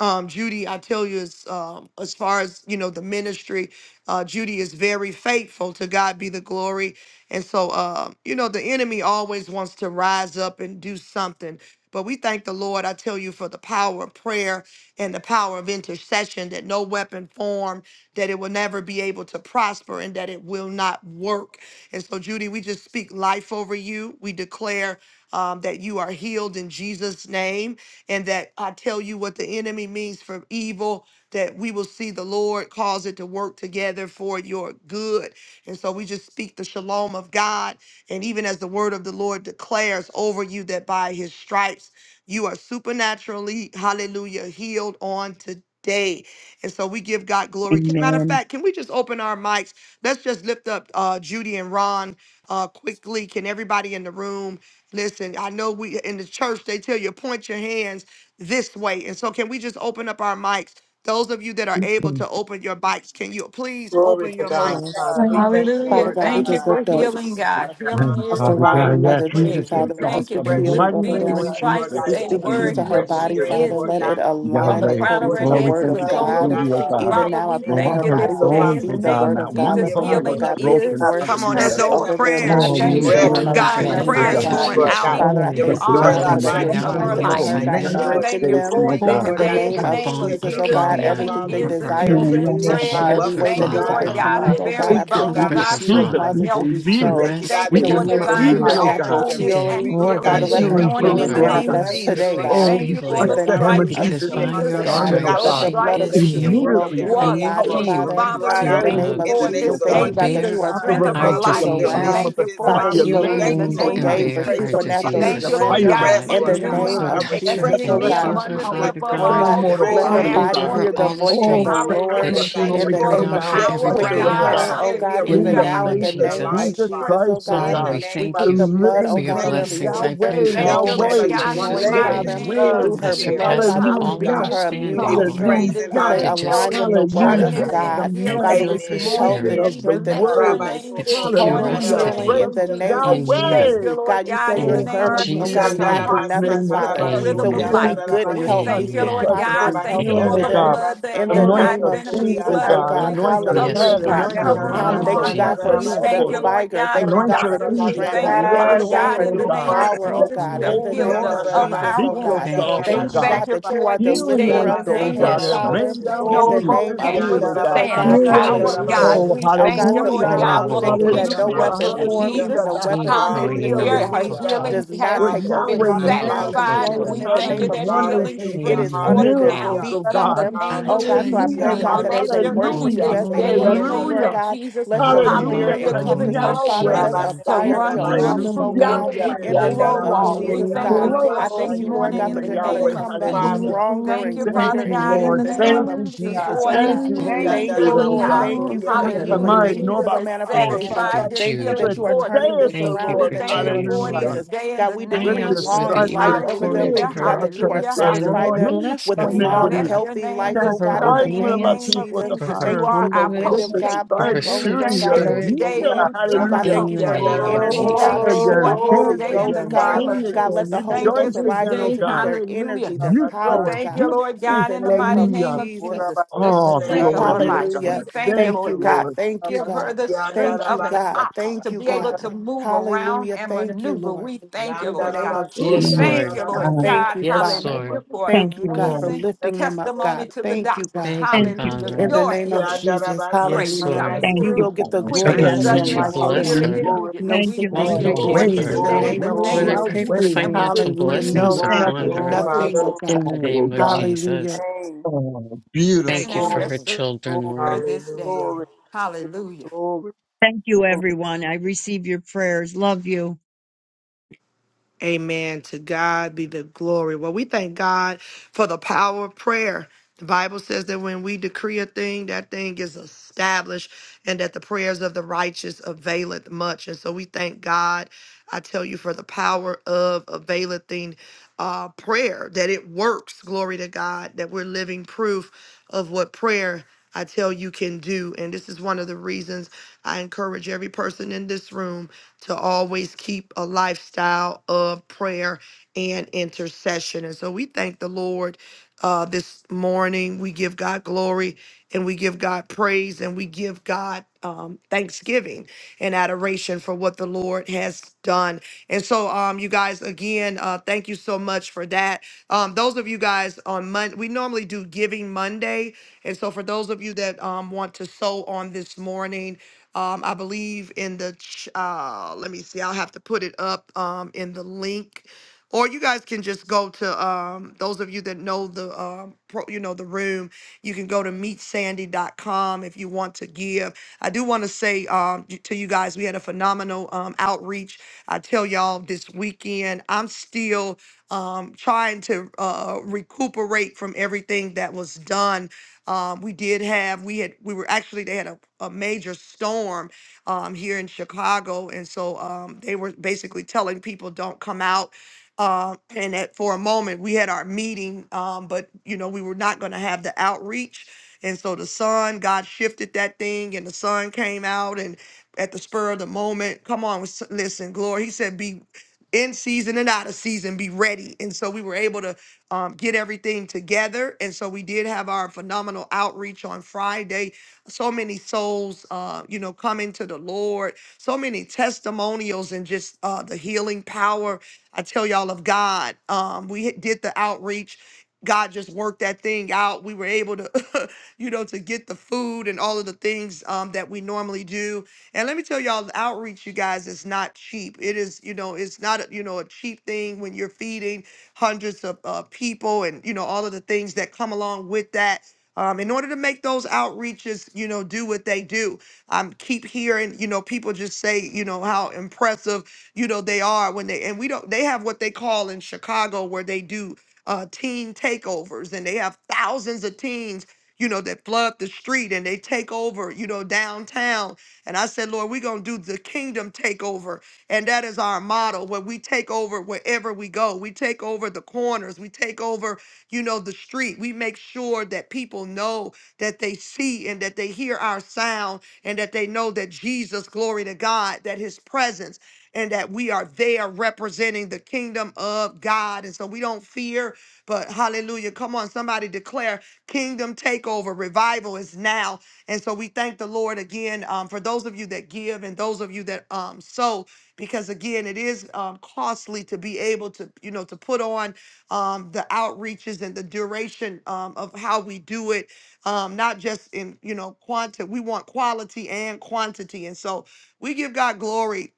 Speaker 1: um, Judy, I tell you, is um, as far as you know the ministry, uh, Judy is very faithful to God be the glory, and so uh, you know the enemy always wants to rise up and do something. But we thank the Lord, I tell you, for the power of prayer and the power of intercession. That no weapon formed, that it will never be able to prosper, and that it will not work. And so, Judy, we just speak life over you. We declare um, that you are healed in Jesus' name and that I tell you what the enemy means for evil, that we will see the Lord cause it to work together for your good. And so we just speak the shalom of God. And even as the word of the Lord declares over you that by his stripes you are supernaturally, hallelujah, healed on today. And so we give God glory. Matter of
Speaker 3: Amen.
Speaker 1: fact, can we just open our mics? Let's just lift up uh, Judy and Ron uh, quickly. Can everybody in the room? Listen, I know we in the church they tell you point your hands this way. And so can we just open up our mics? Those of you that are able to open your mics, can you please
Speaker 6: Glory
Speaker 1: open
Speaker 6: to
Speaker 1: your
Speaker 5: yes,
Speaker 6: God,
Speaker 1: mics?
Speaker 2: Yes.
Speaker 6: Father.
Speaker 5: God.
Speaker 6: We
Speaker 5: Trust
Speaker 3: Amen.
Speaker 6: thank
Speaker 5: my
Speaker 6: you,
Speaker 7: Hallelujah.
Speaker 2: Father
Speaker 6: Lord
Speaker 2: God,
Speaker 6: God,
Speaker 2: we
Speaker 7: Thank you
Speaker 6: for
Speaker 2: just
Speaker 5: God.
Speaker 7: for
Speaker 2: lift
Speaker 6: Pastor
Speaker 2: up.
Speaker 7: healing,
Speaker 6: Judy and
Speaker 7: God.
Speaker 5: Trust
Speaker 6: Pastor
Speaker 7: Healing
Speaker 6: Ron.
Speaker 3: Amen.
Speaker 7: is
Speaker 4: Yes,
Speaker 2: Pastor
Speaker 5: my
Speaker 7: the
Speaker 3: Father
Speaker 6: Father,
Speaker 2: Ron
Speaker 3: God,
Speaker 6: we
Speaker 2: and
Speaker 7: children's
Speaker 6: thank
Speaker 3: yes,
Speaker 2: Mother
Speaker 6: you
Speaker 3: we
Speaker 6: that
Speaker 2: Judy,
Speaker 7: bread.
Speaker 6: you're
Speaker 3: just
Speaker 7: We
Speaker 2: Father,
Speaker 6: giving
Speaker 2: we
Speaker 6: them a
Speaker 3: exalt
Speaker 2: just
Speaker 7: thank you
Speaker 3: the
Speaker 2: speak
Speaker 7: that
Speaker 6: fresh
Speaker 7: with
Speaker 2: healing
Speaker 3: mighty
Speaker 2: over
Speaker 7: thee the
Speaker 3: name of
Speaker 2: them.
Speaker 5: God.
Speaker 6: anointing, Lord
Speaker 7: stripes
Speaker 6: God,
Speaker 2: We
Speaker 3: Jesus.
Speaker 5: Feel
Speaker 7: they
Speaker 6: that you're
Speaker 2: speak
Speaker 5: God.
Speaker 6: giving
Speaker 2: peace
Speaker 7: were
Speaker 6: them
Speaker 2: to her
Speaker 3: Hallelujah.
Speaker 7: healed.
Speaker 6: fresh
Speaker 5: Let me
Speaker 2: body,
Speaker 7: She
Speaker 5: know
Speaker 4: Jesus.
Speaker 6: strength,
Speaker 2: Father.
Speaker 7: is
Speaker 3: Amen.
Speaker 6: Lord
Speaker 2: Let it
Speaker 7: healed.
Speaker 6: God, in
Speaker 5: God.
Speaker 7: From
Speaker 6: the
Speaker 2: align
Speaker 7: the
Speaker 3: Yahweh,
Speaker 6: name of the
Speaker 7: crown of
Speaker 2: according
Speaker 6: Lord
Speaker 2: to
Speaker 7: her
Speaker 2: the
Speaker 5: Love
Speaker 3: Lord, we
Speaker 7: head
Speaker 6: Jesus.
Speaker 7: to
Speaker 2: word
Speaker 7: the
Speaker 6: We
Speaker 3: thank
Speaker 2: of
Speaker 3: you
Speaker 5: love
Speaker 3: for
Speaker 6: thank you,
Speaker 7: soles
Speaker 6: oh
Speaker 7: of
Speaker 2: God.
Speaker 7: her
Speaker 3: duty,
Speaker 6: God,
Speaker 3: oh
Speaker 6: that
Speaker 7: feet.
Speaker 5: God.
Speaker 6: your
Speaker 3: God.
Speaker 2: Even
Speaker 7: Father,
Speaker 6: faith
Speaker 2: now, I
Speaker 6: is
Speaker 7: we
Speaker 2: pray
Speaker 3: Lord,
Speaker 2: that
Speaker 7: thank
Speaker 3: all
Speaker 2: her
Speaker 6: increased.
Speaker 5: Now
Speaker 7: you
Speaker 3: her
Speaker 2: body
Speaker 7: this
Speaker 6: So,
Speaker 2: will
Speaker 7: day
Speaker 6: Father,
Speaker 7: in
Speaker 3: bones,
Speaker 7: the
Speaker 6: you
Speaker 3: oh
Speaker 2: receive the
Speaker 5: God.
Speaker 6: said
Speaker 3: God,
Speaker 7: name
Speaker 6: that
Speaker 2: word
Speaker 7: of
Speaker 2: of
Speaker 6: you
Speaker 3: not
Speaker 6: would
Speaker 2: God.
Speaker 3: one
Speaker 2: Let
Speaker 7: Jesus.
Speaker 6: give
Speaker 2: the
Speaker 6: our
Speaker 3: bone
Speaker 2: word of
Speaker 3: was
Speaker 5: Jesus.
Speaker 7: Healing
Speaker 2: God
Speaker 6: beloved
Speaker 2: be a
Speaker 9: Thank
Speaker 6: sweet
Speaker 7: is
Speaker 3: broken.
Speaker 9: you,
Speaker 6: sleep
Speaker 2: force
Speaker 1: Come on,
Speaker 7: her
Speaker 1: as
Speaker 6: and
Speaker 9: Jesus.
Speaker 3: Hallelujah.
Speaker 5: God.
Speaker 6: let
Speaker 1: those
Speaker 2: over
Speaker 6: them
Speaker 2: their
Speaker 7: portion. We
Speaker 9: Touch
Speaker 1: prayers,
Speaker 3: Oh,
Speaker 2: bodies
Speaker 6: receive
Speaker 2: in
Speaker 9: Judy
Speaker 3: when
Speaker 7: thank
Speaker 4: Yes,
Speaker 3: you
Speaker 2: the
Speaker 9: from
Speaker 7: you,
Speaker 9: the
Speaker 3: hung
Speaker 6: rest
Speaker 3: on
Speaker 2: name
Speaker 7: Lord
Speaker 9: top
Speaker 2: of
Speaker 4: Jesus.
Speaker 3: that
Speaker 6: and
Speaker 9: of
Speaker 1: God,
Speaker 9: her
Speaker 7: God,
Speaker 1: as the
Speaker 7: in
Speaker 3: cross,
Speaker 7: the
Speaker 5: Thank
Speaker 6: peace
Speaker 9: head
Speaker 2: Jesus,
Speaker 3: oh
Speaker 9: to
Speaker 6: and
Speaker 2: oh
Speaker 9: the
Speaker 1: prayers
Speaker 7: mighty
Speaker 4: Thank
Speaker 3: God.
Speaker 6: sleep,
Speaker 5: God.
Speaker 9: tips
Speaker 2: God.
Speaker 9: of
Speaker 1: going
Speaker 7: name
Speaker 4: you.
Speaker 9: her
Speaker 7: of
Speaker 6: Lord God.
Speaker 1: out.
Speaker 9: toes,
Speaker 2: Father,
Speaker 7: Jesus.
Speaker 2: I
Speaker 3: Oh,
Speaker 6: They're
Speaker 7: You
Speaker 3: the
Speaker 2: thank you,
Speaker 7: are
Speaker 9: from
Speaker 7: the
Speaker 6: restoring
Speaker 2: God,
Speaker 9: the
Speaker 6: their
Speaker 5: God,
Speaker 3: blessing,
Speaker 2: for
Speaker 3: the
Speaker 2: that you
Speaker 9: inside
Speaker 2: are
Speaker 7: strength
Speaker 6: body,
Speaker 5: thank you,
Speaker 7: of
Speaker 9: out and
Speaker 6: Father.
Speaker 7: her
Speaker 9: the
Speaker 2: strengthening
Speaker 5: for
Speaker 3: supernatural
Speaker 7: life.
Speaker 6: In
Speaker 2: her.
Speaker 6: the
Speaker 9: outside
Speaker 2: God,
Speaker 6: name of the
Speaker 9: in.
Speaker 7: We
Speaker 5: God.
Speaker 6: Lord
Speaker 7: thank
Speaker 2: strengthen
Speaker 7: you
Speaker 5: In
Speaker 6: Jesus,
Speaker 5: the
Speaker 6: we
Speaker 2: them
Speaker 3: manifestation,
Speaker 5: name of
Speaker 3: oh
Speaker 7: for
Speaker 6: thank you,
Speaker 3: God.
Speaker 7: this
Speaker 9: Pour
Speaker 2: in
Speaker 6: Lord
Speaker 2: the
Speaker 6: God,
Speaker 7: day in
Speaker 9: out
Speaker 6: that
Speaker 7: the
Speaker 2: name
Speaker 5: God,
Speaker 6: you
Speaker 9: your
Speaker 2: of
Speaker 6: will
Speaker 7: name
Speaker 9: balm
Speaker 7: of
Speaker 6: protect
Speaker 2: Jesus,
Speaker 9: of
Speaker 6: their
Speaker 2: oh
Speaker 7: Jesus.
Speaker 2: God.
Speaker 6: bones,
Speaker 9: Gilead
Speaker 5: God,
Speaker 7: Healing
Speaker 2: Everything
Speaker 6: Father.
Speaker 2: they
Speaker 9: over
Speaker 7: is the
Speaker 9: her
Speaker 6: In
Speaker 2: desire
Speaker 6: the
Speaker 2: to
Speaker 6: name
Speaker 3: We
Speaker 7: children's
Speaker 6: of
Speaker 9: to
Speaker 2: do,
Speaker 5: dear
Speaker 6: Jesus, their
Speaker 7: bread.
Speaker 5: God,
Speaker 9: heal
Speaker 2: every
Speaker 7: We
Speaker 9: her,
Speaker 2: way
Speaker 6: muscles,
Speaker 2: they
Speaker 6: oh
Speaker 7: thank you,
Speaker 5: send
Speaker 9: Father
Speaker 6: God,
Speaker 2: desire
Speaker 7: Lord
Speaker 5: him,
Speaker 2: to
Speaker 9: God,
Speaker 7: God,
Speaker 5: God.
Speaker 2: move,
Speaker 7: our
Speaker 6: their
Speaker 2: oh God,
Speaker 9: to
Speaker 7: very
Speaker 2: I
Speaker 3: take
Speaker 6: joints,
Speaker 5: Send him,
Speaker 6: oh
Speaker 3: it,
Speaker 2: pray,
Speaker 3: we
Speaker 7: bones
Speaker 6: God,
Speaker 2: God,
Speaker 9: comfort
Speaker 2: that
Speaker 9: her,
Speaker 2: you will
Speaker 3: receive
Speaker 7: vibrate
Speaker 3: it,
Speaker 5: my
Speaker 7: with
Speaker 2: cause
Speaker 9: Father,
Speaker 3: we
Speaker 2: it to
Speaker 7: health.
Speaker 2: be
Speaker 9: to
Speaker 3: believe
Speaker 6: we
Speaker 3: it,
Speaker 7: We
Speaker 2: so.
Speaker 6: thank you,
Speaker 9: rest
Speaker 7: thank
Speaker 6: God,
Speaker 7: you
Speaker 3: we
Speaker 2: So
Speaker 6: that you're
Speaker 2: we
Speaker 7: for
Speaker 9: in
Speaker 2: pray
Speaker 9: your
Speaker 5: Lord,
Speaker 2: for
Speaker 6: strengthening
Speaker 3: conceive
Speaker 7: divine
Speaker 6: their
Speaker 3: it,
Speaker 9: arms
Speaker 5: Christ,
Speaker 3: oh
Speaker 7: health,
Speaker 6: marriage,
Speaker 2: supernatural
Speaker 3: God.
Speaker 5: God.
Speaker 6: their
Speaker 7: wholeness,
Speaker 9: today
Speaker 7: and
Speaker 6: ministry,
Speaker 2: healing.
Speaker 3: Oh,
Speaker 6: Lord
Speaker 3: the
Speaker 6: God,
Speaker 2: Father,
Speaker 7: healing
Speaker 6: as
Speaker 9: as
Speaker 2: let
Speaker 7: this
Speaker 6: they
Speaker 9: you
Speaker 2: her
Speaker 6: help
Speaker 3: healing
Speaker 9: heal
Speaker 7: morning in
Speaker 2: healing
Speaker 7: the
Speaker 3: virtue
Speaker 5: God,
Speaker 3: of
Speaker 9: her
Speaker 7: name
Speaker 5: we
Speaker 6: Apostle
Speaker 7: of
Speaker 5: bless you.
Speaker 3: God.
Speaker 2: manifest
Speaker 6: Sandy,
Speaker 7: Jesus.
Speaker 2: today,
Speaker 9: swiftly,
Speaker 6: Lord
Speaker 2: God.
Speaker 6: God.
Speaker 3: Oh,
Speaker 6: We
Speaker 7: Thank
Speaker 3: we
Speaker 7: you
Speaker 6: thank
Speaker 7: for
Speaker 2: In
Speaker 3: touch
Speaker 6: you,
Speaker 7: the
Speaker 9: speedily,
Speaker 6: oh
Speaker 2: the
Speaker 3: the
Speaker 6: God, for
Speaker 3: hem of
Speaker 6: the
Speaker 7: stripes
Speaker 2: name
Speaker 7: of
Speaker 2: of
Speaker 9: because
Speaker 6: blessing
Speaker 3: Jesus'
Speaker 5: There's
Speaker 9: by
Speaker 6: upon
Speaker 2: Jesus,
Speaker 7: Jesus,
Speaker 6: them.
Speaker 2: oh
Speaker 9: your
Speaker 7: and
Speaker 2: God,
Speaker 7: with
Speaker 3: garment, oh
Speaker 6: God,
Speaker 9: stripes
Speaker 6: we
Speaker 7: those
Speaker 2: let
Speaker 3: God.
Speaker 2: the
Speaker 6: thank you
Speaker 9: she
Speaker 6: for
Speaker 2: blood
Speaker 5: nothing
Speaker 2: of
Speaker 7: stripes,
Speaker 9: is
Speaker 5: missing,
Speaker 6: blessing
Speaker 2: Jesus
Speaker 6: the
Speaker 9: healed.
Speaker 7: she
Speaker 6: work
Speaker 2: flow
Speaker 5: nothing
Speaker 6: of
Speaker 3: Immediately,
Speaker 2: through
Speaker 6: their
Speaker 3: the
Speaker 2: her
Speaker 9: And
Speaker 7: was
Speaker 9: you
Speaker 6: hands,
Speaker 5: lacking,
Speaker 6: their
Speaker 2: body,
Speaker 3: power
Speaker 5: Lord.
Speaker 7: healed.
Speaker 3: of
Speaker 9: came
Speaker 3: her
Speaker 2: Father.
Speaker 6: children,
Speaker 3: hand
Speaker 7: Father,
Speaker 6: Lord
Speaker 5: God, it's
Speaker 7: we
Speaker 2: In
Speaker 9: to
Speaker 6: God,
Speaker 2: the
Speaker 3: flow
Speaker 7: thank you
Speaker 2: name
Speaker 9: uh,
Speaker 3: into
Speaker 2: of
Speaker 6: in the
Speaker 7: for
Speaker 3: Judy,
Speaker 6: name
Speaker 2: Jesus,
Speaker 7: this
Speaker 6: of
Speaker 3: oh
Speaker 6: the
Speaker 9: uh,
Speaker 2: thank
Speaker 7: day.
Speaker 6: Lord
Speaker 2: you,
Speaker 3: God.
Speaker 2: God,
Speaker 7: Be
Speaker 6: Jesus,
Speaker 2: that
Speaker 7: the
Speaker 2: you
Speaker 9: bear
Speaker 6: their
Speaker 2: are
Speaker 3: Top
Speaker 5: time
Speaker 3: of
Speaker 7: strength
Speaker 6: home,
Speaker 3: her
Speaker 7: of
Speaker 2: turning
Speaker 7: her
Speaker 9: our
Speaker 3: head
Speaker 2: this
Speaker 6: Father,
Speaker 5: of
Speaker 3: to
Speaker 2: thing
Speaker 7: life.
Speaker 3: the
Speaker 6: their
Speaker 5: healing,
Speaker 7: We
Speaker 3: bottom
Speaker 9: diseases
Speaker 2: around.
Speaker 3: of
Speaker 7: thank
Speaker 3: her
Speaker 7: you
Speaker 6: businesses,
Speaker 5: time of
Speaker 3: feet,
Speaker 7: for
Speaker 2: Father,
Speaker 6: Father.
Speaker 3: the
Speaker 2: we
Speaker 7: this
Speaker 9: Heal
Speaker 6: We
Speaker 9: our
Speaker 7: day in
Speaker 2: believe
Speaker 7: the
Speaker 6: thank
Speaker 2: you
Speaker 3: liquid
Speaker 6: you,
Speaker 9: wounds
Speaker 6: oh
Speaker 7: name
Speaker 9: and
Speaker 6: God,
Speaker 2: today
Speaker 7: of
Speaker 3: anointing,
Speaker 2: for
Speaker 9: bear
Speaker 5: liberation,
Speaker 6: that
Speaker 9: our
Speaker 3: the
Speaker 6: you
Speaker 7: Jesus.
Speaker 6: would give
Speaker 5: God.
Speaker 2: supernatural
Speaker 6: them
Speaker 3: fire,
Speaker 7: Thank
Speaker 9: diseases,
Speaker 3: the
Speaker 7: you,
Speaker 6: this
Speaker 2: strength.
Speaker 7: Lord
Speaker 9: Father
Speaker 6: sweet
Speaker 5: God,
Speaker 3: fire, the
Speaker 7: God,
Speaker 6: rest,
Speaker 9: God.
Speaker 2: In
Speaker 7: you're
Speaker 3: fire
Speaker 6: Lord
Speaker 2: the
Speaker 3: of
Speaker 6: God,
Speaker 7: doing
Speaker 2: name
Speaker 9: So
Speaker 5: it's
Speaker 6: a
Speaker 2: of
Speaker 3: God.
Speaker 9: touch
Speaker 5: blessing
Speaker 9: her
Speaker 2: Jesus, oh
Speaker 9: and
Speaker 7: exceedingly
Speaker 6: refreshing,
Speaker 2: God.
Speaker 9: heal
Speaker 3: Resurrection
Speaker 6: Father,
Speaker 9: her,
Speaker 7: abundantly
Speaker 3: power,
Speaker 6: like
Speaker 9: Father
Speaker 6: the
Speaker 7: above
Speaker 5: you,
Speaker 2: Oh
Speaker 3: quicken
Speaker 9: God.
Speaker 3: her
Speaker 2: God,
Speaker 7: all
Speaker 5: the
Speaker 6: refreshing
Speaker 7: that
Speaker 3: mortal
Speaker 7: we
Speaker 2: let
Speaker 7: could
Speaker 5: glory
Speaker 6: rain
Speaker 2: her
Speaker 9: Pour
Speaker 5: to
Speaker 3: body,
Speaker 6: that
Speaker 3: oh
Speaker 7: ask
Speaker 2: body
Speaker 9: into
Speaker 6: comes
Speaker 3: God.
Speaker 7: or
Speaker 5: the
Speaker 6: in
Speaker 2: hear
Speaker 9: her
Speaker 6: the
Speaker 2: the
Speaker 9: all
Speaker 7: think.
Speaker 9: the
Speaker 2: voice
Speaker 6: in the
Speaker 2: of
Speaker 3: Oh,
Speaker 2: the
Speaker 9: strength
Speaker 5: name
Speaker 6: summertime,
Speaker 9: that
Speaker 3: kind
Speaker 2: Lord
Speaker 7: Hallelujah.
Speaker 6: Lord
Speaker 3: of
Speaker 9: she
Speaker 6: God,
Speaker 7: Thank
Speaker 9: has
Speaker 2: in
Speaker 7: you
Speaker 5: of
Speaker 3: glory
Speaker 2: the
Speaker 6: to
Speaker 7: for
Speaker 9: poured
Speaker 7: the
Speaker 5: you,
Speaker 2: name
Speaker 3: come
Speaker 9: out
Speaker 2: of
Speaker 9: for
Speaker 3: down,
Speaker 2: Jesus.
Speaker 6: wet the
Speaker 7: power of
Speaker 3: usher,
Speaker 2: Quicken
Speaker 9: everybody
Speaker 6: ground,
Speaker 3: oh
Speaker 6: Lord
Speaker 7: God.
Speaker 5: God.
Speaker 2: her,
Speaker 6: God.
Speaker 9: else.
Speaker 3: God,
Speaker 2: oh
Speaker 6: Let it be
Speaker 2: God,
Speaker 6: a
Speaker 9: In the
Speaker 3: in
Speaker 2: even
Speaker 3: the
Speaker 7: Hallelujah. I
Speaker 9: name
Speaker 2: now
Speaker 6: refreshing
Speaker 2: in
Speaker 9: of
Speaker 2: the
Speaker 3: face
Speaker 6: in
Speaker 3: of
Speaker 6: their
Speaker 2: name of
Speaker 9: Jesus,
Speaker 6: lives,
Speaker 3: Jesus
Speaker 5: Thank
Speaker 7: pray
Speaker 5: you,
Speaker 6: Father,
Speaker 2: Jesus, oh
Speaker 3: Christ, oh
Speaker 2: God.
Speaker 6: in
Speaker 9: Father,
Speaker 6: the
Speaker 9: we
Speaker 3: God,
Speaker 2: We
Speaker 6: name
Speaker 9: thank
Speaker 5: God,
Speaker 3: the
Speaker 6: of
Speaker 2: plead
Speaker 5: for
Speaker 9: you
Speaker 2: the
Speaker 5: the
Speaker 2: blood,
Speaker 6: Jesus.
Speaker 5: faith
Speaker 9: for
Speaker 2: oh
Speaker 3: living
Speaker 6: We
Speaker 9: your
Speaker 2: God, of
Speaker 7: of
Speaker 6: thank
Speaker 3: word,
Speaker 6: you
Speaker 2: every
Speaker 7: Jesus.
Speaker 9: blessings.
Speaker 6: for it.
Speaker 9: I
Speaker 2: bo-
Speaker 9: pray
Speaker 2: every
Speaker 6: We
Speaker 3: Yahweh,
Speaker 9: for the
Speaker 7: Thank
Speaker 6: thank you
Speaker 7: you,
Speaker 2: bone,
Speaker 6: for
Speaker 9: peace
Speaker 5: and
Speaker 7: Lord
Speaker 9: of
Speaker 2: every
Speaker 6: such
Speaker 3: Yahweh,
Speaker 6: a
Speaker 7: God, in the
Speaker 9: Jesus
Speaker 6: wonderful
Speaker 2: joint,
Speaker 5: labor
Speaker 6: gift
Speaker 7: mighty
Speaker 5: and
Speaker 6: that
Speaker 2: Father,
Speaker 9: Christ
Speaker 6: you've
Speaker 7: name
Speaker 6: given
Speaker 5: love
Speaker 7: of
Speaker 2: through
Speaker 6: to
Speaker 2: her
Speaker 9: that
Speaker 3: Yahweh,
Speaker 6: share
Speaker 2: blood,
Speaker 6: with the
Speaker 7: Jesus.
Speaker 9: surpasses
Speaker 2: Father. We
Speaker 6: kingdom of
Speaker 9: all
Speaker 2: speak
Speaker 3: hallelujah,
Speaker 2: to
Speaker 6: God.
Speaker 7: Hallelujah.
Speaker 2: her
Speaker 7: She
Speaker 6: We
Speaker 2: immune
Speaker 5: in
Speaker 9: understanding,
Speaker 6: give
Speaker 5: the
Speaker 6: you
Speaker 7: walks
Speaker 5: name
Speaker 9: Lord,
Speaker 2: system
Speaker 7: in
Speaker 5: of
Speaker 6: praise and
Speaker 2: to
Speaker 3: hallelujah,
Speaker 2: stay
Speaker 6: honor
Speaker 9: to
Speaker 7: divine
Speaker 6: and
Speaker 9: just
Speaker 7: health,
Speaker 2: aligned
Speaker 6: glory
Speaker 2: with
Speaker 9: come
Speaker 2: the
Speaker 6: in
Speaker 5: God.
Speaker 2: word
Speaker 9: upon
Speaker 5: That
Speaker 6: Jesus'
Speaker 5: you
Speaker 2: of
Speaker 3: Hallelujah.
Speaker 7: wholeness,
Speaker 5: are
Speaker 9: her
Speaker 6: name.
Speaker 3: The
Speaker 7: and
Speaker 2: God.
Speaker 9: and
Speaker 7: healing
Speaker 2: Father, we
Speaker 9: fill
Speaker 7: this
Speaker 9: her
Speaker 2: speak
Speaker 6: Amen.
Speaker 2: health
Speaker 7: morning.
Speaker 3: manifestation
Speaker 9: spirit
Speaker 2: and
Speaker 5: having,
Speaker 3: of
Speaker 6: Amen.
Speaker 7: We
Speaker 3: the
Speaker 2: strength and
Speaker 5: God.
Speaker 7: bless your
Speaker 3: word.
Speaker 6: Rabba
Speaker 2: wholeness.
Speaker 7: name
Speaker 9: that
Speaker 6: soto
Speaker 7: this
Speaker 9: she
Speaker 5: was
Speaker 9: can
Speaker 2: Total
Speaker 7: morning
Speaker 6: rianda
Speaker 7: in
Speaker 9: rest
Speaker 7: the
Speaker 3: Hallelujah.
Speaker 5: rest
Speaker 6: rabba
Speaker 2: healing
Speaker 7: name
Speaker 5: of
Speaker 9: today
Speaker 6: sete
Speaker 2: in
Speaker 7: of
Speaker 3: Praise
Speaker 2: the name
Speaker 7: Jesus.
Speaker 2: of
Speaker 6: ramasi.
Speaker 9: in
Speaker 5: God.
Speaker 2: Jesus.
Speaker 7: Thank
Speaker 9: you
Speaker 3: Yahweh.
Speaker 7: you,
Speaker 5: They
Speaker 7: Lord
Speaker 2: God,
Speaker 5: would
Speaker 2: you
Speaker 7: God,
Speaker 2: said
Speaker 5: keep
Speaker 7: in
Speaker 2: your
Speaker 7: the
Speaker 3: Oh,
Speaker 9: in
Speaker 7: name
Speaker 5: mind
Speaker 7: of
Speaker 2: servants, oh
Speaker 3: hallelujah.
Speaker 2: God,
Speaker 7: Jesus.
Speaker 9: Jesus'
Speaker 3: In
Speaker 6: Rianda
Speaker 7: Her
Speaker 2: lack
Speaker 9: name,
Speaker 3: Jesus'
Speaker 7: heart
Speaker 6: rabba
Speaker 2: nothing,
Speaker 3: name,
Speaker 7: beats
Speaker 3: oh
Speaker 6: sata
Speaker 5: that
Speaker 7: with
Speaker 2: Father.
Speaker 7: the
Speaker 6: rabba
Speaker 3: God. Thank
Speaker 5: person
Speaker 2: So
Speaker 7: rhythm
Speaker 6: shori
Speaker 7: of
Speaker 2: we
Speaker 3: you, Thank
Speaker 6: anda
Speaker 9: amen.
Speaker 3: Lord.
Speaker 7: life.
Speaker 2: speak
Speaker 3: you
Speaker 2: good
Speaker 3: for
Speaker 6: rabba
Speaker 3: your
Speaker 7: We
Speaker 2: health.
Speaker 3: touch,
Speaker 2: We
Speaker 7: thank
Speaker 6: sete.
Speaker 7: you,
Speaker 3: your
Speaker 2: speak
Speaker 7: Lord
Speaker 9: Amen.
Speaker 3: presence,
Speaker 7: God.
Speaker 3: your
Speaker 2: prosperous
Speaker 6: Rabba
Speaker 7: Thank
Speaker 2: health
Speaker 7: you
Speaker 3: healing,
Speaker 7: for
Speaker 2: over
Speaker 5: who
Speaker 3: oh
Speaker 7: the
Speaker 6: sianda
Speaker 5: was
Speaker 9: Amen.
Speaker 2: them
Speaker 3: God.
Speaker 6: rabba
Speaker 7: blood,
Speaker 5: getting
Speaker 7: the
Speaker 2: in the
Speaker 6: sanda
Speaker 5: glory
Speaker 3: Anoint
Speaker 7: anti
Speaker 2: name
Speaker 3: her
Speaker 6: rabba
Speaker 2: of
Speaker 7: venomous
Speaker 3: feet,
Speaker 6: sori
Speaker 3: oh
Speaker 2: Jesus,
Speaker 7: blood
Speaker 6: anda
Speaker 5: out
Speaker 2: oh
Speaker 5: of
Speaker 7: of
Speaker 3: God.
Speaker 2: God.
Speaker 6: rabba
Speaker 5: this,
Speaker 3: Anoint
Speaker 7: Jesus
Speaker 6: sete.
Speaker 3: her
Speaker 5: God.
Speaker 9: Yes,
Speaker 2: Hallelujah,
Speaker 1: Thank
Speaker 3: head.
Speaker 7: covering
Speaker 1: you
Speaker 7: her,
Speaker 9: Lord.
Speaker 1: this
Speaker 3: Anoint
Speaker 2: God.
Speaker 5: Have
Speaker 9: In
Speaker 3: her
Speaker 9: the
Speaker 1: morning,
Speaker 7: covering
Speaker 2: How-
Speaker 9: name
Speaker 3: arms.
Speaker 1: God.
Speaker 9: of
Speaker 2: Thank
Speaker 7: Lauren
Speaker 2: you,
Speaker 5: both
Speaker 2: God,
Speaker 5: and
Speaker 3: Anoint
Speaker 2: for a
Speaker 3: her
Speaker 7: we
Speaker 9: Jesus.
Speaker 2: new vi-
Speaker 7: thank
Speaker 3: elbows.
Speaker 7: you,
Speaker 5: both
Speaker 6: Ikarabasandarabasoria,
Speaker 7: Lord
Speaker 2: vigor.
Speaker 7: God, the
Speaker 2: Thank you,
Speaker 5: together,
Speaker 3: Anoint
Speaker 2: God, for
Speaker 3: your
Speaker 5: God.
Speaker 2: new
Speaker 7: doctors.
Speaker 3: ears
Speaker 7: We
Speaker 3: with that
Speaker 2: strength.
Speaker 7: thank you,
Speaker 2: Thank
Speaker 3: liquid
Speaker 7: Father
Speaker 2: you,
Speaker 5: Have
Speaker 6: Rabasatariandarabosha,
Speaker 2: God,
Speaker 3: oil,
Speaker 7: God,
Speaker 2: for
Speaker 7: in
Speaker 3: oh
Speaker 7: the
Speaker 2: new
Speaker 5: your
Speaker 3: God.
Speaker 7: name
Speaker 5: way.
Speaker 7: of
Speaker 2: power, oh
Speaker 3: That
Speaker 7: Jesus.
Speaker 2: God,
Speaker 7: You have
Speaker 9: Mm.
Speaker 2: in the
Speaker 3: golden
Speaker 7: healed
Speaker 2: name of
Speaker 7: us
Speaker 3: oil that
Speaker 7: of
Speaker 2: Jesus,
Speaker 7: our
Speaker 2: oh
Speaker 3: Ezekiel
Speaker 2: God.
Speaker 7: wounds.
Speaker 9: Thank you,
Speaker 3: saw, oh
Speaker 2: Thank
Speaker 7: We
Speaker 2: you,
Speaker 3: God.
Speaker 6: Iandarabasoriandarabashe,
Speaker 5: Move
Speaker 7: thank
Speaker 9: Father.
Speaker 2: God,
Speaker 7: you
Speaker 2: that
Speaker 5: by
Speaker 2: you
Speaker 7: for
Speaker 2: are
Speaker 7: it
Speaker 2: the
Speaker 7: this
Speaker 3: You
Speaker 7: day
Speaker 2: lifter
Speaker 7: in
Speaker 3: anoint,
Speaker 7: the
Speaker 2: of their
Speaker 3: oh
Speaker 7: name
Speaker 3: God,
Speaker 2: head,
Speaker 7: of
Speaker 9: Yes,
Speaker 3: have
Speaker 9: Lord.
Speaker 2: Father,
Speaker 7: Jesus.
Speaker 3: ran down
Speaker 6: Rabasandarabasete,
Speaker 2: in
Speaker 7: No
Speaker 5: glory,
Speaker 2: the
Speaker 7: foe
Speaker 2: name
Speaker 3: Jesus'
Speaker 2: of
Speaker 7: can
Speaker 3: beard, oh
Speaker 5: the
Speaker 2: Jesus,
Speaker 3: God.
Speaker 2: oh
Speaker 7: withstand the
Speaker 2: God.
Speaker 9: Thank you,
Speaker 5: honor,
Speaker 7: power of
Speaker 2: Hallelujah.
Speaker 7: God.
Speaker 9: Jesus.
Speaker 5: the
Speaker 6: Iandarabasoriandarabashe.
Speaker 3: Oh,
Speaker 7: We
Speaker 2: Oh
Speaker 7: thank
Speaker 2: God,
Speaker 7: you,
Speaker 2: so
Speaker 5: Lord
Speaker 3: hallelujah.
Speaker 7: Lord
Speaker 2: even
Speaker 5: God, and
Speaker 9: Oh,
Speaker 2: now
Speaker 7: God,
Speaker 2: we
Speaker 7: for
Speaker 5: they
Speaker 7: the
Speaker 9: Bobo
Speaker 2: thank you
Speaker 5: will
Speaker 2: that
Speaker 6: Hallelujah,
Speaker 7: finished
Speaker 2: no
Speaker 3: Hallelujah.
Speaker 7: works
Speaker 2: weapon
Speaker 7: of
Speaker 9: Kotoiki.
Speaker 2: form,
Speaker 6: hallelujah,
Speaker 2: even
Speaker 3: Hallelujah.
Speaker 7: Jesus.
Speaker 2: the
Speaker 5: testify
Speaker 3: The
Speaker 5: of
Speaker 2: weapon of
Speaker 9: Ikoi
Speaker 5: the
Speaker 2: sickness
Speaker 3: hallelujah
Speaker 2: and
Speaker 9: no
Speaker 7: Hallelujah.
Speaker 9: no
Speaker 3: realm
Speaker 5: goodness
Speaker 7: Her
Speaker 3: of
Speaker 2: disease,
Speaker 6: hallelujah.
Speaker 5: of
Speaker 3: God,
Speaker 7: healing
Speaker 9: koto.
Speaker 5: the
Speaker 2: does not
Speaker 7: has
Speaker 3: where
Speaker 5: Lord.
Speaker 2: take over
Speaker 7: been
Speaker 3: Yahweh
Speaker 2: them,
Speaker 9: Ah,
Speaker 6: Hallelujah,
Speaker 2: does not
Speaker 9: Bobo
Speaker 5: Hallelujah.
Speaker 3: manifests
Speaker 5: And
Speaker 7: satisfied,
Speaker 5: that
Speaker 2: control
Speaker 7: and
Speaker 3: manifested
Speaker 5: your
Speaker 6: hallelujah,
Speaker 2: them
Speaker 7: we
Speaker 2: in the
Speaker 5: blood
Speaker 7: thank
Speaker 5: is
Speaker 2: name
Speaker 7: you
Speaker 3: signs,
Speaker 9: Kotoiki.
Speaker 2: of
Speaker 7: that
Speaker 2: Jesus.
Speaker 3: wonders,
Speaker 7: healing
Speaker 3: and
Speaker 2: It
Speaker 5: God.
Speaker 6: hallelujah,
Speaker 9: E
Speaker 7: springs
Speaker 2: is
Speaker 9: no no
Speaker 7: forth
Speaker 2: under
Speaker 5: That
Speaker 2: their
Speaker 5: every
Speaker 7: now
Speaker 9: ko.
Speaker 6: hallelujah,
Speaker 3: miracles
Speaker 2: feet,
Speaker 3: of
Speaker 5: weapon
Speaker 7: in the
Speaker 3: God.
Speaker 2: Father.
Speaker 7: name
Speaker 5: of the
Speaker 2: Oh
Speaker 7: of
Speaker 2: God,
Speaker 3: Hallelujah.
Speaker 2: so I
Speaker 7: Jesus.
Speaker 6: hallelujah,
Speaker 2: pray,
Speaker 7: We
Speaker 2: God,
Speaker 9: Ataya.
Speaker 2: that as
Speaker 7: bless
Speaker 2: they
Speaker 7: your
Speaker 5: rocket
Speaker 6: hallelujah.
Speaker 2: worship
Speaker 7: name
Speaker 2: you,
Speaker 3: Yes,
Speaker 7: this
Speaker 2: as they
Speaker 6: Thank
Speaker 7: day
Speaker 3: Hallelujah.
Speaker 6: you,
Speaker 7: in the
Speaker 2: praise
Speaker 5: weapons
Speaker 2: you,
Speaker 6: Lord.
Speaker 9: Otoia.
Speaker 7: name
Speaker 2: Lord
Speaker 3: Hallelujah.
Speaker 5: and
Speaker 7: of
Speaker 2: God,
Speaker 7: Jesus.
Speaker 2: let your
Speaker 5: flee.
Speaker 3: Hallelujah
Speaker 2: spirit
Speaker 7: Hallelujah.
Speaker 6: Hallelujah.
Speaker 3: to
Speaker 7: Giving
Speaker 2: encompass
Speaker 7: her
Speaker 2: them,
Speaker 5: So,
Speaker 9: Ababakoiki,
Speaker 2: Father.
Speaker 3: Yahweh.
Speaker 2: Let
Speaker 7: strength
Speaker 2: a
Speaker 9: inu,
Speaker 7: to
Speaker 3: We
Speaker 2: fire
Speaker 6: Rabasanda
Speaker 2: be
Speaker 7: run through a
Speaker 2: around
Speaker 3: praise
Speaker 2: them, oh
Speaker 7: troop
Speaker 6: Rabashiki.
Speaker 9: inu,
Speaker 2: God,
Speaker 7: and
Speaker 5: hallelujah.
Speaker 7: leap
Speaker 3: Yahweh.
Speaker 2: in the
Speaker 7: over
Speaker 6: Yanda
Speaker 7: a
Speaker 2: name of
Speaker 9: inu,
Speaker 3: Oh,
Speaker 7: wall.
Speaker 5: Glory,
Speaker 7: We
Speaker 3: we
Speaker 6: Rabasori
Speaker 2: Jesus,
Speaker 7: thank you
Speaker 6: Yanda
Speaker 2: God.
Speaker 5: glory,
Speaker 9: inu,
Speaker 7: for
Speaker 2: I
Speaker 7: it
Speaker 5: glory.
Speaker 6: Rabashi.
Speaker 2: thank
Speaker 7: this
Speaker 3: glorify
Speaker 2: you,
Speaker 3: your
Speaker 2: Lord
Speaker 7: morning
Speaker 2: God,
Speaker 3: name
Speaker 7: in
Speaker 2: that
Speaker 7: the
Speaker 3: of
Speaker 2: they're
Speaker 9: inana,
Speaker 2: going
Speaker 5: to you.
Speaker 2: to
Speaker 7: name
Speaker 3: Yahweh.
Speaker 6: Thank
Speaker 7: of
Speaker 2: come
Speaker 6: you,
Speaker 2: back
Speaker 5: Glory
Speaker 7: Jesus.
Speaker 6: Father.
Speaker 3: Hallelujah.
Speaker 2: stronger
Speaker 7: Thank
Speaker 2: and
Speaker 7: you,
Speaker 3: Thank
Speaker 9: oboiki,
Speaker 2: greater
Speaker 7: Father
Speaker 3: you,
Speaker 5: to
Speaker 2: in
Speaker 7: God,
Speaker 5: you.
Speaker 2: you
Speaker 7: in
Speaker 6: Thank
Speaker 2: in
Speaker 7: the
Speaker 3: Lord.
Speaker 2: the
Speaker 6: you,
Speaker 7: name
Speaker 5: Praise
Speaker 2: name
Speaker 7: of
Speaker 3: Thank
Speaker 2: of
Speaker 6: Father.
Speaker 3: you,
Speaker 9: ana,
Speaker 7: Jesus
Speaker 5: God.
Speaker 3: Jesus.
Speaker 2: Jesus,
Speaker 7: for
Speaker 2: oh
Speaker 3: Thank
Speaker 7: this.
Speaker 2: God.
Speaker 3: you,
Speaker 7: We
Speaker 5: Thank
Speaker 3: Holy
Speaker 5: you.
Speaker 7: thank
Speaker 6: Yanda
Speaker 2: Thank
Speaker 7: you,
Speaker 2: you,
Speaker 3: Spirit,
Speaker 7: Lord
Speaker 3: oh
Speaker 2: Lord.
Speaker 9: anaiki,
Speaker 7: God.
Speaker 3: God.
Speaker 5: Thank
Speaker 2: Thank you
Speaker 6: Rabasikori
Speaker 2: for the
Speaker 3: Not
Speaker 6: Yanda
Speaker 3: by
Speaker 6: Rabashi.
Speaker 2: healing.
Speaker 7: Hallelujah.
Speaker 3: might,
Speaker 2: Thank
Speaker 5: you
Speaker 9: obo.
Speaker 2: you
Speaker 3: nor
Speaker 2: for
Speaker 7: Jesus
Speaker 3: by
Speaker 2: the
Speaker 7: has
Speaker 3: power,
Speaker 9: Thank you
Speaker 5: for feeding
Speaker 3: Yes,
Speaker 2: manifestation.
Speaker 5: us,
Speaker 9: for
Speaker 3: but
Speaker 7: satisfied
Speaker 3: by
Speaker 7: this
Speaker 3: thy
Speaker 2: Thank you that
Speaker 7: healing
Speaker 3: spirit.
Speaker 2: you
Speaker 9: Judy.
Speaker 2: are
Speaker 7: for
Speaker 2: turning
Speaker 3: there is
Speaker 7: Judy.
Speaker 2: this
Speaker 3: the
Speaker 9: Thank you
Speaker 2: around in
Speaker 7: We
Speaker 3: Lord.
Speaker 9: for
Speaker 2: the
Speaker 7: thank
Speaker 2: name
Speaker 7: you
Speaker 2: of
Speaker 9: Judy,
Speaker 7: for it
Speaker 5: God.
Speaker 3: Hallelujah.
Speaker 7: this
Speaker 2: Jesus.
Speaker 9: Lord.
Speaker 7: day in
Speaker 2: God,
Speaker 7: the
Speaker 2: we
Speaker 9: I
Speaker 3: With
Speaker 7: name
Speaker 2: decree
Speaker 7: of
Speaker 3: your
Speaker 6: We
Speaker 9: ask, Lord,
Speaker 6: Thank
Speaker 7: Jesus.
Speaker 2: long
Speaker 9: that
Speaker 3: stripes,
Speaker 9: you
Speaker 6: you,
Speaker 2: life
Speaker 9: would
Speaker 3: you're
Speaker 6: thank
Speaker 2: over
Speaker 6: you,
Speaker 9: pour
Speaker 2: them.
Speaker 6: thank
Speaker 9: into
Speaker 3: healed
Speaker 2: Thank
Speaker 6: you.
Speaker 7: Hallelujah.
Speaker 2: you,
Speaker 3: for
Speaker 2: God,
Speaker 9: her
Speaker 3: our
Speaker 2: that you are
Speaker 7: Hallelujah.
Speaker 3: transgressions.
Speaker 9: and
Speaker 2: satisfy
Speaker 3: Lord.
Speaker 7: Hallelujah.
Speaker 2: them
Speaker 9: bless
Speaker 3: Yes,
Speaker 2: with
Speaker 9: her,
Speaker 5: To
Speaker 3: our
Speaker 7: We
Speaker 2: long,
Speaker 5: recover,
Speaker 3: iniquities.
Speaker 7: bless
Speaker 9: Father,
Speaker 7: your
Speaker 2: healthy
Speaker 7: name
Speaker 2: life,
Speaker 9: for
Speaker 2: oh
Speaker 7: this
Speaker 2: God,
Speaker 9: her
Speaker 2: in the
Speaker 7: morning in
Speaker 3: Chastisement
Speaker 7: the
Speaker 3: of
Speaker 2: name
Speaker 3: our
Speaker 2: of
Speaker 7: name
Speaker 9: obedience,
Speaker 3: peace
Speaker 7: of
Speaker 3: was
Speaker 2: Jesus.
Speaker 9: for
Speaker 7: Jesus.
Speaker 3: upon
Speaker 9: her
Speaker 7: You
Speaker 2: Thank
Speaker 3: her.
Speaker 2: you
Speaker 7: are
Speaker 2: for the
Speaker 7: our
Speaker 3: With
Speaker 2: wind
Speaker 3: Lord.
Speaker 9: humbleness,
Speaker 2: of
Speaker 3: the
Speaker 7: potentate.
Speaker 2: God
Speaker 9: for her
Speaker 2: blowing
Speaker 3: stripes,
Speaker 7: We
Speaker 2: over
Speaker 9: sweet
Speaker 2: them,
Speaker 3: Judy,
Speaker 7: thank
Speaker 2: God.
Speaker 7: you
Speaker 2: That
Speaker 3: you're
Speaker 2: would
Speaker 7: this
Speaker 2: be
Speaker 9: spirit.
Speaker 2: the
Speaker 7: day,
Speaker 3: healed.
Speaker 5: God.
Speaker 2: wind.
Speaker 7: you
Speaker 2: Oh God,
Speaker 7: Jesus
Speaker 6: Rabas
Speaker 3: Hallelujah.
Speaker 2: thank
Speaker 9: In
Speaker 2: you
Speaker 9: the
Speaker 2: for
Speaker 7: potentate.
Speaker 2: new
Speaker 6: Yanda
Speaker 9: name of
Speaker 7: We
Speaker 2: energy,
Speaker 6: Rabasi.
Speaker 3: Walk
Speaker 7: thank
Speaker 2: Father,
Speaker 7: you
Speaker 9: Jesus.
Speaker 5: Oh,
Speaker 2: even
Speaker 7: for
Speaker 2: the
Speaker 3: again,
Speaker 7: this
Speaker 5: glory,
Speaker 2: Holy
Speaker 3: dance
Speaker 7: day
Speaker 6: Thank
Speaker 7: in the
Speaker 6: you,
Speaker 2: Ghost,
Speaker 3: again,
Speaker 5: glory.
Speaker 2: God.
Speaker 7: name
Speaker 3: sing
Speaker 7: of
Speaker 6: Father.
Speaker 3: again,
Speaker 2: God, let the
Speaker 7: Jesus.
Speaker 2: Holy
Speaker 7: Thank you
Speaker 2: Ghost
Speaker 3: rejoice
Speaker 7: this
Speaker 2: arise
Speaker 3: again, oh
Speaker 2: them
Speaker 7: day.
Speaker 2: to be
Speaker 3: God
Speaker 2: their
Speaker 7: Hallelujah.
Speaker 2: energy, their
Speaker 7: Well,
Speaker 5: Rabashan,
Speaker 3: useful
Speaker 2: power,
Speaker 7: thank you,
Speaker 2: God,
Speaker 3: juice.
Speaker 7: Lord
Speaker 2: in
Speaker 7: God,
Speaker 2: the
Speaker 7: in the
Speaker 2: name
Speaker 7: mighty
Speaker 2: of
Speaker 7: name
Speaker 3: Hallelujah.
Speaker 7: of
Speaker 2: Jesus.
Speaker 7: Jesus,
Speaker 5: Borabashan,
Speaker 7: the
Speaker 6: In the
Speaker 3: Oh, the
Speaker 7: strength of
Speaker 3: glory
Speaker 7: her
Speaker 6: name
Speaker 3: be you, to of
Speaker 6: of
Speaker 7: life.
Speaker 3: God.
Speaker 2: Hallelujah.
Speaker 7: We
Speaker 6: Jesus.
Speaker 3: Jesus.
Speaker 7: thank you,
Speaker 3: Thank
Speaker 2: Thank you,
Speaker 7: Lord
Speaker 3: you,
Speaker 5: Yea,
Speaker 7: God.
Speaker 2: God.
Speaker 3: Lord.
Speaker 2: Thank you,
Speaker 7: Give her
Speaker 2: God.
Speaker 7: the
Speaker 5: Rabashan,
Speaker 6: Yanda
Speaker 7: strength
Speaker 2: Thank you,
Speaker 7: of an
Speaker 2: God.
Speaker 7: ox
Speaker 6: Rabasara.
Speaker 2: Thank
Speaker 7: to
Speaker 2: you,
Speaker 7: be able
Speaker 5: Borabashan.
Speaker 2: God.
Speaker 7: to move around
Speaker 2: Hallelujah.
Speaker 7: and
Speaker 2: Thank you,
Speaker 7: maneuver.
Speaker 2: Lord.
Speaker 7: We thank you,
Speaker 2: In the
Speaker 6: Nanda
Speaker 7: Lord
Speaker 2: name
Speaker 7: God.
Speaker 2: of
Speaker 6: Rabasori
Speaker 9: Yes,
Speaker 3: Mm,
Speaker 6: Yanda
Speaker 7: Thank
Speaker 9: Lord.
Speaker 7: you,
Speaker 2: Jesus.
Speaker 7: Lord
Speaker 3: God.
Speaker 6: Rabasi.
Speaker 2: Thank
Speaker 7: God.
Speaker 2: you,
Speaker 5: Yes,
Speaker 9: Yes,
Speaker 2: Father.
Speaker 5: Lord.
Speaker 7: Hallelujah
Speaker 9: Lord.
Speaker 7: for an
Speaker 3: Thank
Speaker 2: Thank you,
Speaker 3: you,
Speaker 2: God, for
Speaker 3: Lord.
Speaker 7: amazing
Speaker 5: Yes,
Speaker 2: lifting them up,
Speaker 7: testimony
Speaker 2: God.
Speaker 7: to the
Speaker 2: Thank you,
Speaker 7: doctors.
Speaker 2: God.
Speaker 9: Thank you,
Speaker 3: Thank you,
Speaker 7: Hallelujah.
Speaker 2: In
Speaker 9: Father.
Speaker 3: Lord.
Speaker 2: the
Speaker 7: Your
Speaker 2: name of
Speaker 7: healing
Speaker 6: Yanda
Speaker 2: Jesus.
Speaker 6: Rabasara
Speaker 9: Yes,
Speaker 7: grace
Speaker 2: Hallelujah.
Speaker 9: Lord.
Speaker 7: coming
Speaker 3: Thank
Speaker 2: You
Speaker 3: you,
Speaker 2: will
Speaker 7: through
Speaker 6: Rabasoria.
Speaker 2: get
Speaker 3: Father.
Speaker 2: the
Speaker 3: Yes,
Speaker 9: As we
Speaker 2: glory
Speaker 7: quickly,
Speaker 2: out of
Speaker 9: ask
Speaker 2: their
Speaker 9: that
Speaker 7: suddenly,
Speaker 9: you
Speaker 3: hallelujah.
Speaker 2: life, oh
Speaker 5: Lord.
Speaker 9: bless
Speaker 2: God.
Speaker 7: speedily,
Speaker 9: her
Speaker 3: Hallelujah.
Speaker 5: Glory,
Speaker 7: immediately.
Speaker 2: No
Speaker 3: Thank
Speaker 7: We
Speaker 3: you,
Speaker 9: while
Speaker 2: sickness,
Speaker 7: thank
Speaker 6: And
Speaker 3: Lord.
Speaker 9: you
Speaker 7: you
Speaker 2: no
Speaker 7: for
Speaker 6: glory
Speaker 9: heal
Speaker 2: disease.
Speaker 6: to
Speaker 2: In
Speaker 7: this
Speaker 3: Yahweh,
Speaker 6: your
Speaker 9: her,
Speaker 2: the
Speaker 7: day
Speaker 5: glory,
Speaker 7: in
Speaker 6: name.
Speaker 2: name
Speaker 7: the
Speaker 3: Yahweh,
Speaker 2: of
Speaker 9: Lord,
Speaker 7: name
Speaker 9: I
Speaker 5: glory,
Speaker 7: of
Speaker 9: pray
Speaker 2: Jesus.
Speaker 9: for
Speaker 7: Jesus,
Speaker 3: Yahweh.
Speaker 7: and we
Speaker 9: financial
Speaker 2: Hallelujah.
Speaker 7: retrieve
Speaker 9: blessings
Speaker 3: Beautiful
Speaker 2: No,
Speaker 5: glory, glory,
Speaker 1: God
Speaker 3: Thank God.
Speaker 1: be
Speaker 9: upon
Speaker 1: the
Speaker 6: Thank
Speaker 3: you,
Speaker 2: nothing,
Speaker 6: you,
Speaker 9: her
Speaker 1: glory.
Speaker 3: Lord.
Speaker 5: glory.
Speaker 2: nothing,
Speaker 6: Father.
Speaker 2: oh
Speaker 3: Beautiful
Speaker 5: glory.
Speaker 9: in
Speaker 2: God.
Speaker 9: the
Speaker 3: Father, oh
Speaker 9: name of
Speaker 3: God.
Speaker 9: Jesus.
Speaker 2: Hallelujah.
Speaker 5: Amen.
Speaker 3: Oh,
Speaker 9: Thank
Speaker 3: beautiful.
Speaker 9: you
Speaker 7: and
Speaker 9: for
Speaker 5: Glory,
Speaker 9: her
Speaker 7: restore
Speaker 9: children,
Speaker 5: glory,
Speaker 9: Lord.
Speaker 7: this day.
Speaker 6: Hallelujah.
Speaker 5: glory,
Speaker 7: Hallelujah.
Speaker 5: glory,
Speaker 3: Thank you,
Speaker 5: glory.
Speaker 3: everyone. I receive your prayers. Love you.
Speaker 1: Amen. To God be the glory. Well, we thank God for the power of prayer. The Bible says that when we decree a thing, that thing is established, and that the prayers of the righteous availeth much. And so we thank God. I tell you for the power of availeth thing, uh, prayer, that it works. Glory to God, that we're living proof of what prayer. I tell you can do. And this is one of the reasons I encourage every person in this room to always keep a lifestyle of prayer and intercession. And so we thank the Lord uh, this morning. We give God glory and we give God praise and we give God um, thanksgiving and adoration for what the Lord has done. And so, um, you guys, again, uh, thank you so much for that. Um, those of you guys on Monday, we normally do Giving Monday. And so, for those of you that um, want to sow on this morning, um, I believe in the, ch- uh, let me see, I'll have to put it up um, in the link or you guys can just go to um, those of you that know the um, pro, you know the room you can go to meetsandy.com if you want to give I do want to say um, to you guys, we had a phenomenal um, outreach. I tell y'all this weekend, I'm still um, trying to uh, recuperate from everything that was done. Um, we did have, we had, we were actually, they had a, a major storm um, here in Chicago. And so um, they were basically telling people don't come out. Um, and at, for a moment, we had our meeting, um, but you know, we were not going to have the outreach and so the sun, God shifted that thing, and the sun came out, and at the spur of the moment, come on, s- listen, glory. He said, be in season and out of season, be ready. And so we were able to um, get everything together. And so we did have our phenomenal outreach on Friday. So many souls, uh, you know, coming to the Lord, so many testimonials and just uh, the healing power, I tell y'all, of God. Um, we hit- did the outreach. God just worked that thing out. We were able to (laughs) you know, to get the food and all of the things um, that we normally do. And let me tell y'all, the outreach, you guys, is not cheap. It is, you know, it's not, a- you know, a cheap thing when you're feeding hundreds of uh, people and, you know, all of the things that come along with that. Um, in order to make those outreaches, you know, do what they do. I keep hearing, you know, people just say, you know, how impressive, you know, they are when they, and we don't, they have what they call in Chicago where they do uh, teen takeovers and they have thousands of teens you know, that flood the street and they take over, you know, downtown. And I said, Lord, we're going to do the kingdom takeover. And that is our model where we take over wherever we go. We take over the corners. We take over, you know, the street. We make sure that people know that they see and that they hear our sound and that they know that Jesus, glory to God, that his presence and that we are there representing the kingdom of God. And so we don't fear, but hallelujah. Come on, somebody declare Kingdom takeover, revival is now. And so we thank the Lord again um, for those of you that give and those of you that um, sow, because again, it is um, costly to be able to, you know, to put on um, the outreaches and the duration um, of how we do it, um, not just in, you know, quantity. We want quality and quantity. And so we give God glory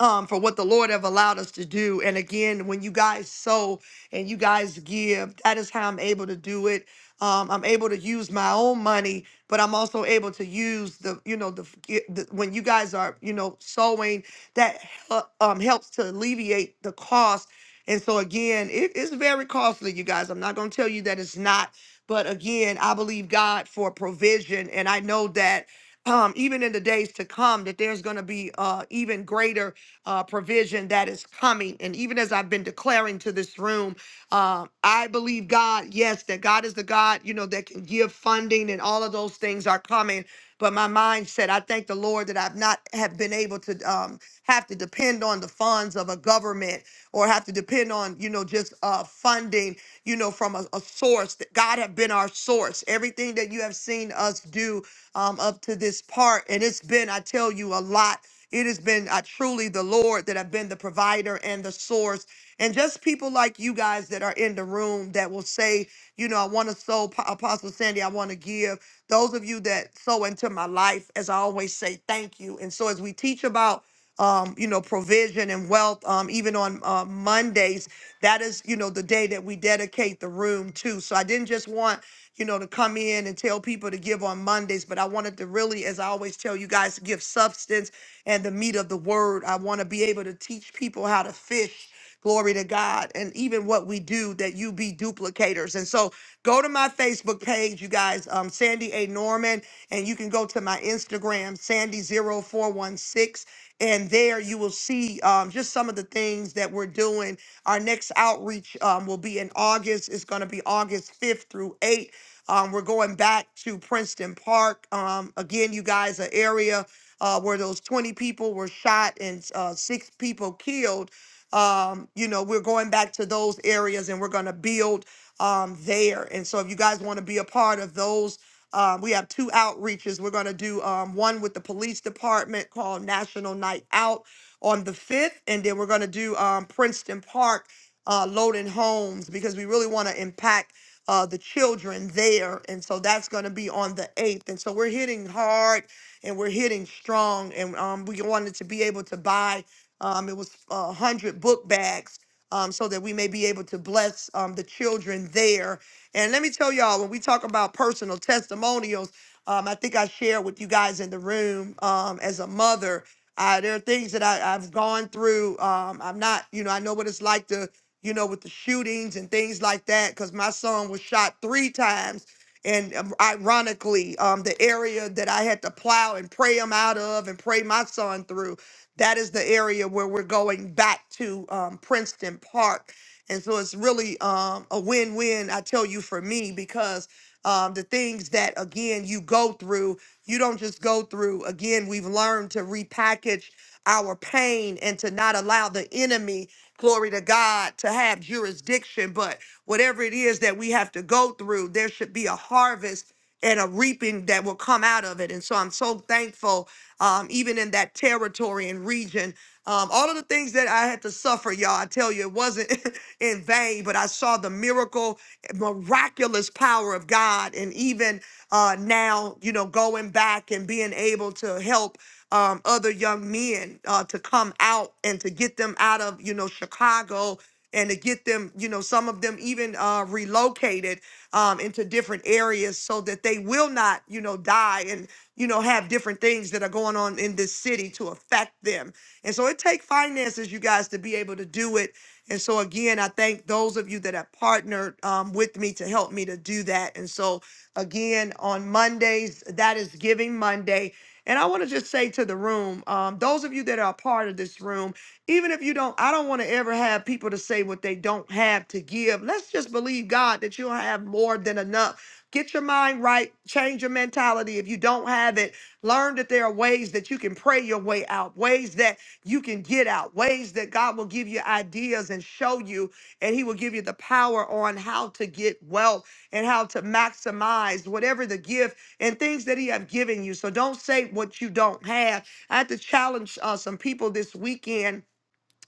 Speaker 1: um, for what the Lord have allowed us to do. And again, when you guys sow and you guys give, that is how I'm able to do it. Um, I'm able to use my own money, but I'm also able to use the, you know, the, the when you guys are, you know, sowing, that uh, um, helps to alleviate the cost. And so again, it is very costly, you guys. I'm not going to tell you that it's not, but again, I believe God for provision, and I know that um, even in the days to come, that there's going to be uh, even greater uh, provision that is coming. And even as I've been declaring to this room, uh, I believe God, yes, that God is the God, you know, that can give funding and all of those things are coming. But my mind said, I thank the Lord that I've not have been able to um, have to depend on the funds of a government or have to depend on, you know, just uh, funding, you know, from a, a source that God have been our source. Everything that you have seen us do um, up to this part. And it's been, I tell you, a lot. It has been uh, truly the Lord that have been the provider and the source. And just people like you guys that are in the room that will say, you know, I want to sow, Pa- Apostle Sandy, I want to give. Those of you that sow into my life, as I always say, thank you. And so as we teach about, um, you know, provision and wealth, um, even on uh, Mondays, that is, you know, the day that we dedicate the room to. So I didn't just want you know, to come in and tell people to give on Mondays, but I wanted to really, as I always tell you guys, to give substance and the meat of the word. I want to be able to teach people how to fish. Glory to God. And even what we do, that you be duplicators. And so go to my Facebook page, you guys, um, Sandy A. Norman, and you can go to my Instagram, sandy zero four one six, And there you will see um, just some of the things that we're doing. Our next outreach um, will be in August. It's going to be August 5th through 8th um, we're going back to Princeton Park. Um, again, you guys, an area uh, where those 20 people were shot and uh, six people killed. Um, you know, we're going back to those areas and we're going to build um, there. And so, if you guys want to be a part of those, um, we have two outreaches. We're going to do um, one with the police department called National Night Out on the 5th, and then we're going to do um, Princeton Park uh, loading homes because we really want to impact uh, the children there. And so that's going to be on the 8th. And so we're hitting hard and we're hitting strong. And um, we wanted to be able to buy, um, it was uh, 100 book bags um, so that we may be able to bless um, the children there. And let me tell y'all, when we talk about personal testimonials, um, I think I shared with you guys in the room um, as a mother. I, there are things that I, I've gone through. Um, I'm not, you know, I know what it's like to you know, with the shootings and things like that, because my son was shot three times. And um, ironically, um, the area that I had to plow and pray him out of and pray my son through, that is the area where we're going back to um, Princeton Park. And so it's really um, a win win, I tell you, for me, because um, the things that, again, you go through, you don't just go through. Again, we've learned to repackage our pain and to not allow the enemy glory to God, to have jurisdiction. But whatever it is that we have to go through, there should be a harvest and a reaping that will come out of it. And so I'm so thankful, um, even in that territory and region. Um, all of the things that I had to suffer, y'all, I tell you, it wasn't (laughs) in vain, but I saw the miracle, miraculous power of God. And even uh, now, you know, going back and being able to help um, other young men uh, to come out and to get them out of you know Chicago and to get them you know some of them even uh, relocated um, into different areas so that they will not you know die and you know have different things that are going on in this city to affect them and so it takes finances you guys to be able to do it and so again i thank those of you that have partnered um, with me to help me to do that and so again on mondays that is giving monday and I want to just say to the room, um, those of you that are a part of this room, even if you don't, I don't want to ever have people to say what they don't have to give. Let's just believe God that you'll have more than enough. Get your mind right, change your mentality. If you don't have it, learn that there are ways that you can pray your way out, ways that you can get out, ways that God will give you ideas and show you, and He will give you the power on how to get wealth and how to maximize whatever the gift and things that he have given you. So don't say what you don't have. I had to challenge uh, some people this weekend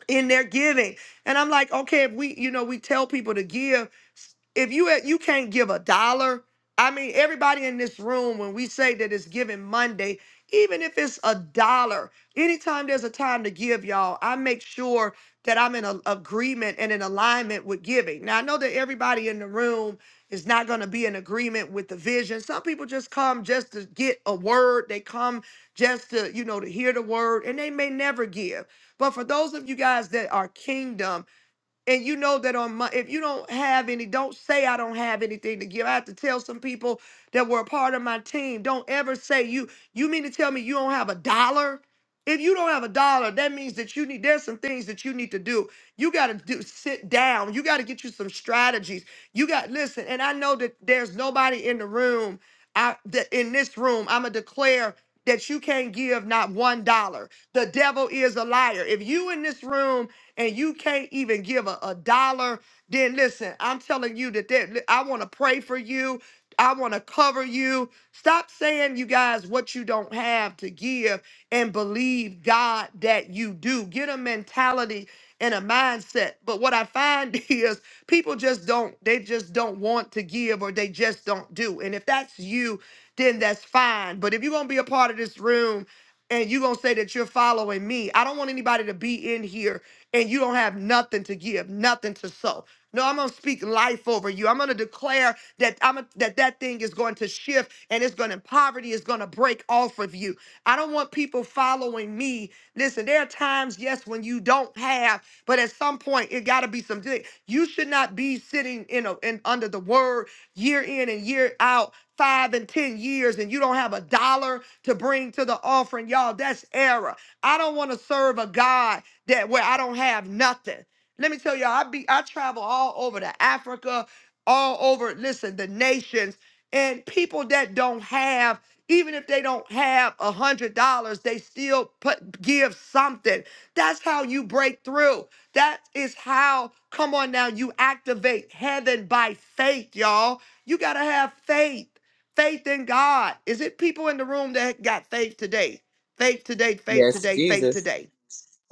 Speaker 1: in their giving. And I'm like, okay, if we, you know, we tell people to give. If you you can't give a dollar, I mean, everybody in this room, when we say that it's giving Monday, even if it's a dollar, anytime there's a time to give, y'all, I make sure that I'm in a, agreement and in alignment with giving. Now I know that everybody in the room is not going to be in agreement with the vision. Some people just come just to get a word. They come just to, you know, to hear the word and they may never give. But for those of you guys that are kingdom, and you know that on my if you don't have any don't say i don't have anything to give i have to tell some people that were a part of my team don't ever say you you mean to tell me you don't have a dollar if you don't have a dollar that means that you need there's some things that you need to do you got to do sit down you got to get you some strategies you got listen and i know that there's nobody in the room i that in this room i'm gonna declare that you can't give not one dollar the devil is a liar if you in this room and you can't even give a, a dollar, then listen, I'm telling you that, that I want to pray for you. I want to cover you. Stop saying, you guys, what you don't have to give and believe God that you do. Get a mentality and a mindset. But what I find (laughs) is people just don't, they just don't want to give or they just don't do. And if that's you, then that's fine. But if you're going to be a part of this room, and you're gonna say that you're following me. I don't want anybody to be in here and you don't have nothing to give, nothing to sow. No, I'm gonna speak life over you. I'm gonna declare that I'm a, that that thing is going to shift and it's gonna poverty is gonna break off of you. I don't want people following me. Listen, there are times, yes, when you don't have, but at some point it gotta be some. You should not be sitting in a in under the word year in and year out, five and ten years, and you don't have a dollar to bring to the offering. Y'all, that's error. I don't want to serve a God that where I don't have nothing. Let me tell you, I be I travel all over to Africa, all over, listen, the nations and people that don't have even if they don't have a hundred dollars, they still put give something. That's how you break through. That is how, come on now, you activate heaven by faith, y'all. You gotta have faith. Faith in God. Is it people in the room that got faith today? Faith today, faith
Speaker 4: Yes,
Speaker 1: today, faith
Speaker 4: Jesus.
Speaker 1: today.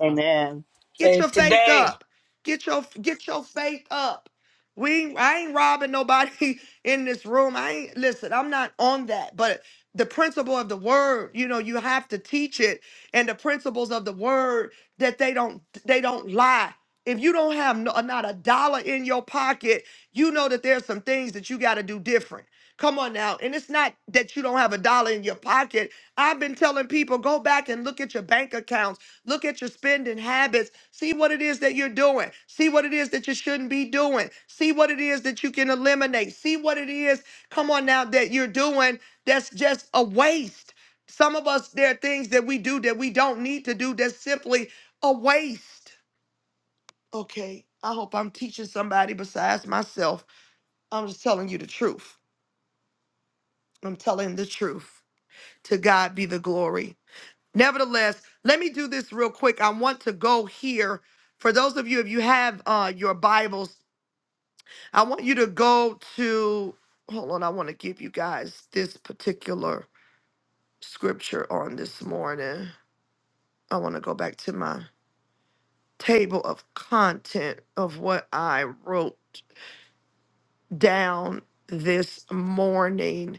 Speaker 5: Amen.
Speaker 1: Get
Speaker 10: Save
Speaker 1: your faith
Speaker 10: today.
Speaker 1: up. Get your get your faith up. We I ain't robbing nobody (laughs) in this room. I ain't listen, I'm not on that. But the principle of the word, you know, you have to teach it and the principles of the word that they don't they don't lie. If you don't have no, not a dollar in your pocket, you know that there's some things that you got to do different. Come on now. And it's not that you don't have a dollar in your pocket. I've been telling people go back and look at your bank accounts Look at your spending habits. See what it is that you're doing. See what it is that you shouldn't be doing. See what it is that you can eliminate. See what it is, come on now, that you're doing that's just a waste. Some of us, there are things that we do that we don't need to do that's simply a waste. Okay, I hope I'm teaching somebody besides myself. I'm just telling you the truth. I'm telling the truth. To God be the glory. Nevertheless, let me do this real quick. I want to go here. For those of you, if you have uh, your Bibles, I want you to go to, hold on, I want to give you guys this particular scripture on this morning. I want to go back to my table of content of what I wrote down this morning.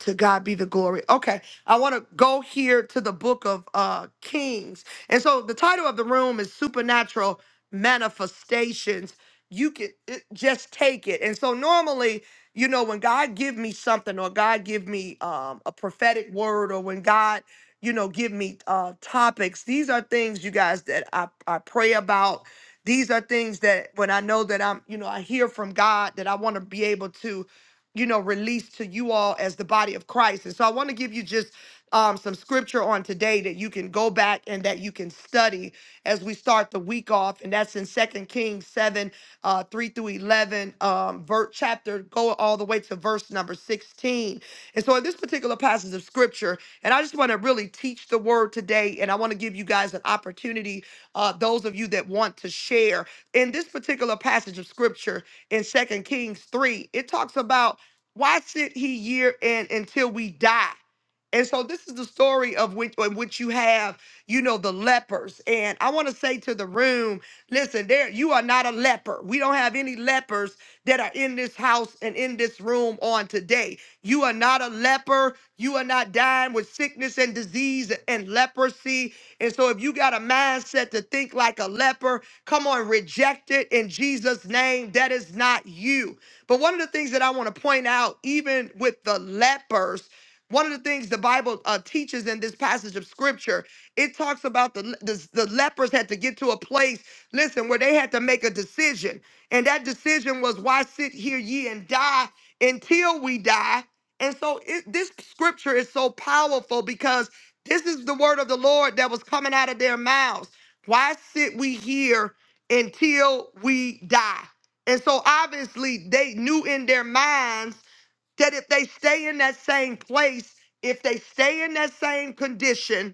Speaker 1: to God be the glory. Okay, I want to go here to the book of uh Kings. And so the title of the room is Supernatural Manifestations. You can it, just take it. And so normally, you know, when God give me something or God give me um a prophetic word or when God, you know, give me uh topics, these are things you guys that I I pray about. These are things that when I know that I'm, you know, I hear from God that I want to be able to you know, released to you all as the body of Christ. And so I want to give you just um, some scripture on today that you can go back and that you can study as we start the week off. And that's in Second Kings 7, uh, 3 through 11, um, ver- chapter, go all the way to verse number 16. And so in this particular passage of scripture, and I just want to really teach the word today, and I want to give you guys an opportunity, uh, those of you that want to share. In this particular passage of scripture in Second Kings 3, it talks about why should he year in until we die? And so this is the story of which, in which you have, you know, the lepers. And I want to say to the room, listen, there you are not a leper. We don't have any lepers that are in this house and in this room on today. You are not a leper. You are not dying with sickness and disease and leprosy. And so if you got a mindset to think like a leper, come on, reject it in Jesus' name. That is not you. But one of the things that I want to point out, even with the lepers, one of the things the Bible uh, teaches in this passage of scripture, it talks about the, le- the the lepers had to get to a place, listen, where they had to make a decision, and that decision was, "Why sit here ye and die until we die?" And so it, this scripture is so powerful because this is the word of the Lord that was coming out of their mouths. Why sit we here until we die? And so obviously they knew in their minds that if they stay in that same place, if they stay in that same condition,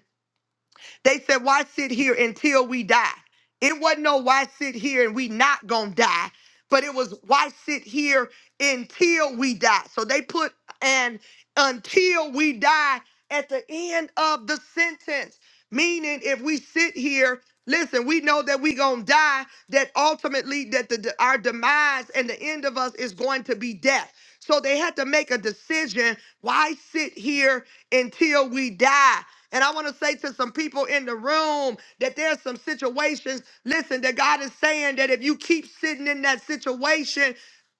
Speaker 1: they said, Why sit here until we die? It wasn't no why sit here and we not gonna die, but it was why sit here until we die. So they put an until we die at the end of the sentence, meaning if we sit here, listen, we know that we gonna die, that ultimately that the, our demise and the end of us is going to be death. So they had to make a decision. Why sit here until we die? And I want to say to some people in the room that there's some situations, listen, that God is saying that if you keep sitting in that situation,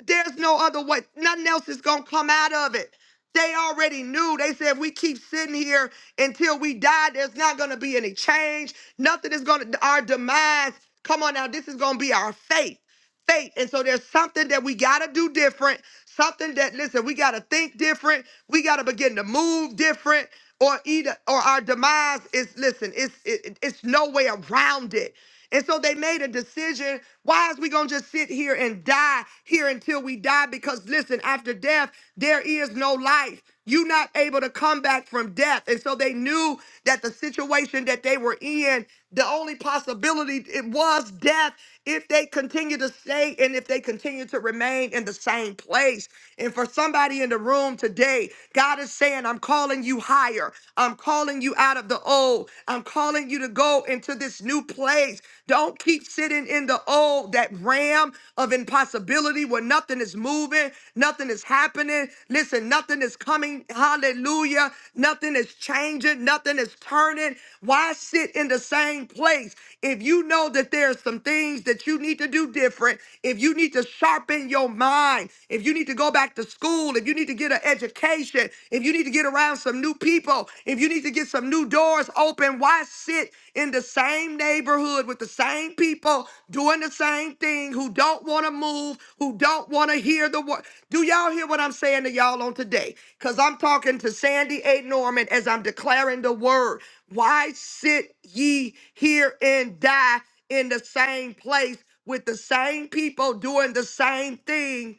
Speaker 1: there's no other way. Nothing else is going to come out of it. They already knew. They said, if we keep sitting here until we die, there's not going to be any change. Nothing is going to, our demise. Come on now, this is going to be our fate. Fate. And so there's something that we got to do different. Something that, listen, we got to think different. We got to begin to move different. Or either, or our demise is, listen, it's, it, it's no way around it. And so they made a decision. Why is we going to just sit here and die here until we die? Because listen, after death, there is no life. You're not able to come back from death. And so they knew that the situation that they were in the only possibility it was death if they continue to stay and if they continue to remain in the same place. And for somebody in the room today, God is saying, I'm calling you higher. I'm calling you out of the old. I'm calling you to go into this new place don't keep sitting in the old, that ram of impossibility where nothing is moving, nothing is happening. Listen, nothing is coming. Hallelujah. Nothing is changing, nothing is turning. Why sit in the same place? If you know that there's some things that you need to do different, if you need to sharpen your mind, if you need to go back to school, if you need to get an education, if you need to get around some new people, if you need to get some new doors open, why sit? in the same neighborhood with the same people doing the same thing who don't want to move, who don't want to hear the word. Do y'all hear what I'm saying to y'all on today? Because I'm talking to Sandy A. Norman as I'm declaring the word. Why sit ye here and die in the same place with the same people doing the same thing?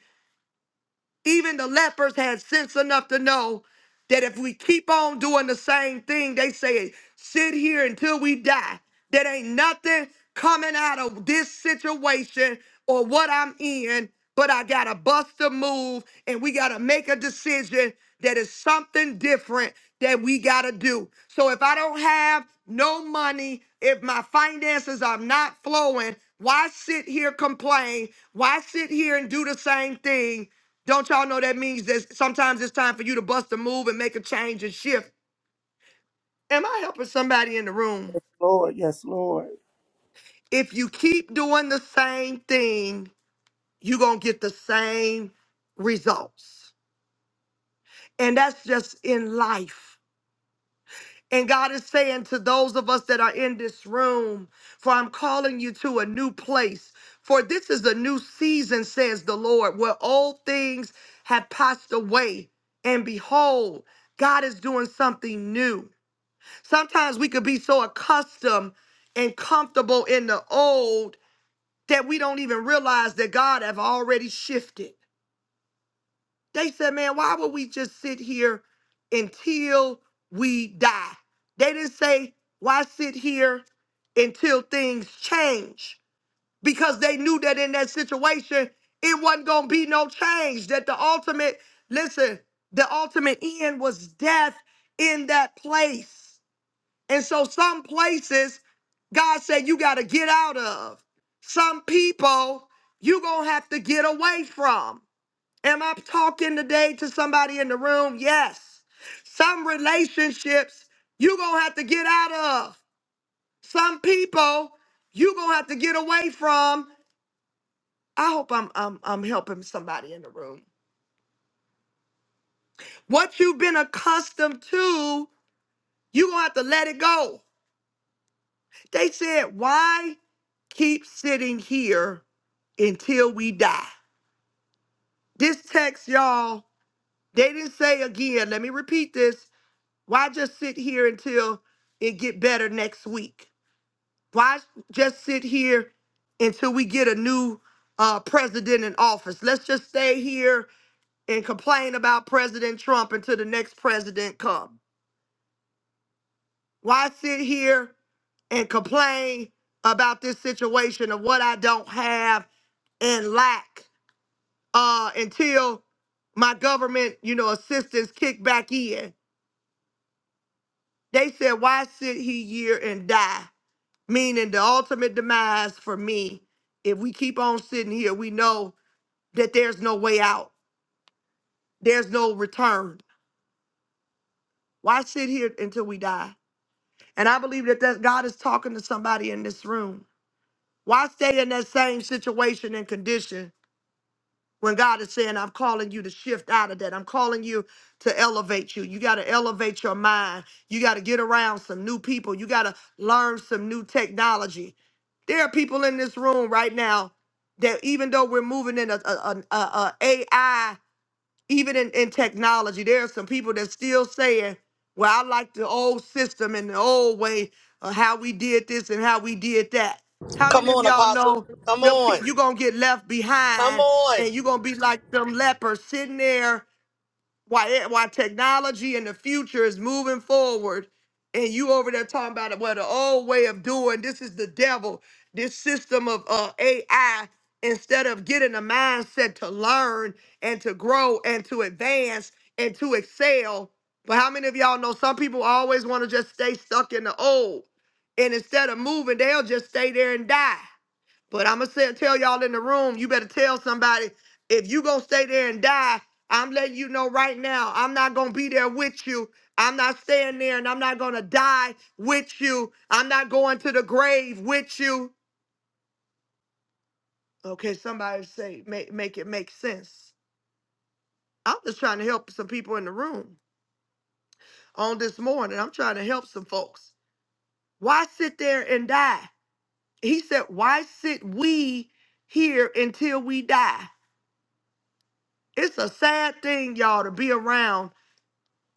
Speaker 1: Even the lepers had sense enough to know that if we keep on doing the same thing, they say, sit here until we die. That ain't nothing coming out of this situation or what I'm in, but I got to bust a move and we got to make a decision that is something different that we got to do. So if I don't have no money, if my finances are not flowing, why sit here complain? Why sit here and do the same thing? Don't y'all know that means that sometimes it's time for you to bust a move and make a change and shift? Am I helping somebody in the room?
Speaker 5: Yes, Lord, yes, Lord.
Speaker 1: If you keep doing the same thing, you're going to get the same results. And that's just in life. And God is saying to those of us that are in this room, for I'm calling you to a new place. For this is a new season, says the Lord, where old things have passed away. And behold, God is doing something new. Sometimes we could be so accustomed and comfortable in the old that we don't even realize that God have already shifted. They said, man, why would we just sit here until we die? They didn't say, why sit here until things change? Because they knew that in that situation, it wasn't going to be no change. That the ultimate, listen, the ultimate end was death in that place. And so some places God said you got to get out of. Some people you going to have to get away from. Am I talking today to somebody in the room? Yes. Some relationships you going to have to get out of. Some people you going to have to get away from. I hope I'm, I'm I'm helping somebody in the room. What you've been accustomed to, you going to have to let it go. They said, Why keep sitting here until we die? This text, y'all, they didn't say again, let me repeat this. Why just sit here until it get better next week? Why just sit here until we get a new uh, president in office? Let's just stay here and complain about President Trump until the next president comes. Why sit here and complain about this situation of what I don't have and lack uh, until my government, you know, assistance kick back in? They said, why sit he here and die? Meaning the ultimate demise for me. If we keep on sitting here, we know that there's no way out. There's no return. Why sit here until we die? And I believe that, that God is talking to somebody in this room. Why stay in that same situation and condition when God is saying, I'm calling you to shift out of that? I'm calling you to elevate you. You got to elevate your mind. You got to get around some new people. You got to learn some new technology. There are people in this room right now that, even though we're moving in a, AI even in, in technology, there are some people that still saying, well, I like the old system and the old way of how we did this and how we did that. How
Speaker 10: Come
Speaker 1: many of
Speaker 10: on,
Speaker 1: y'all
Speaker 10: Apostle.
Speaker 1: know
Speaker 10: Come on.
Speaker 1: you're going to get left
Speaker 10: Come
Speaker 1: behind
Speaker 10: on.
Speaker 1: and you're going to be like them lepers sitting there why it- why technology in the future is moving forward and you over there talking about it well the old way of doing this is the devil this system of uh, ai instead of getting a mindset to learn and to grow and to advance and to excel but how many of y'all know some people always want to just stay stuck in the old and instead of moving they'll just stay there and die but I'm gonna tell y'all in the room, you better tell somebody if you gonna stay there and die. I'm letting you know right now, I'm not gonna be there with you. I'm not staying there, and I'm not gonna die with you. I'm not going to the grave with you. Okay, somebody say make make it make sense. I'm just trying to help some people in the room on this morning. I'm trying to help some folks. Why sit there and die? He said, Why sit we here until we die? It's a sad thing, y'all, to be around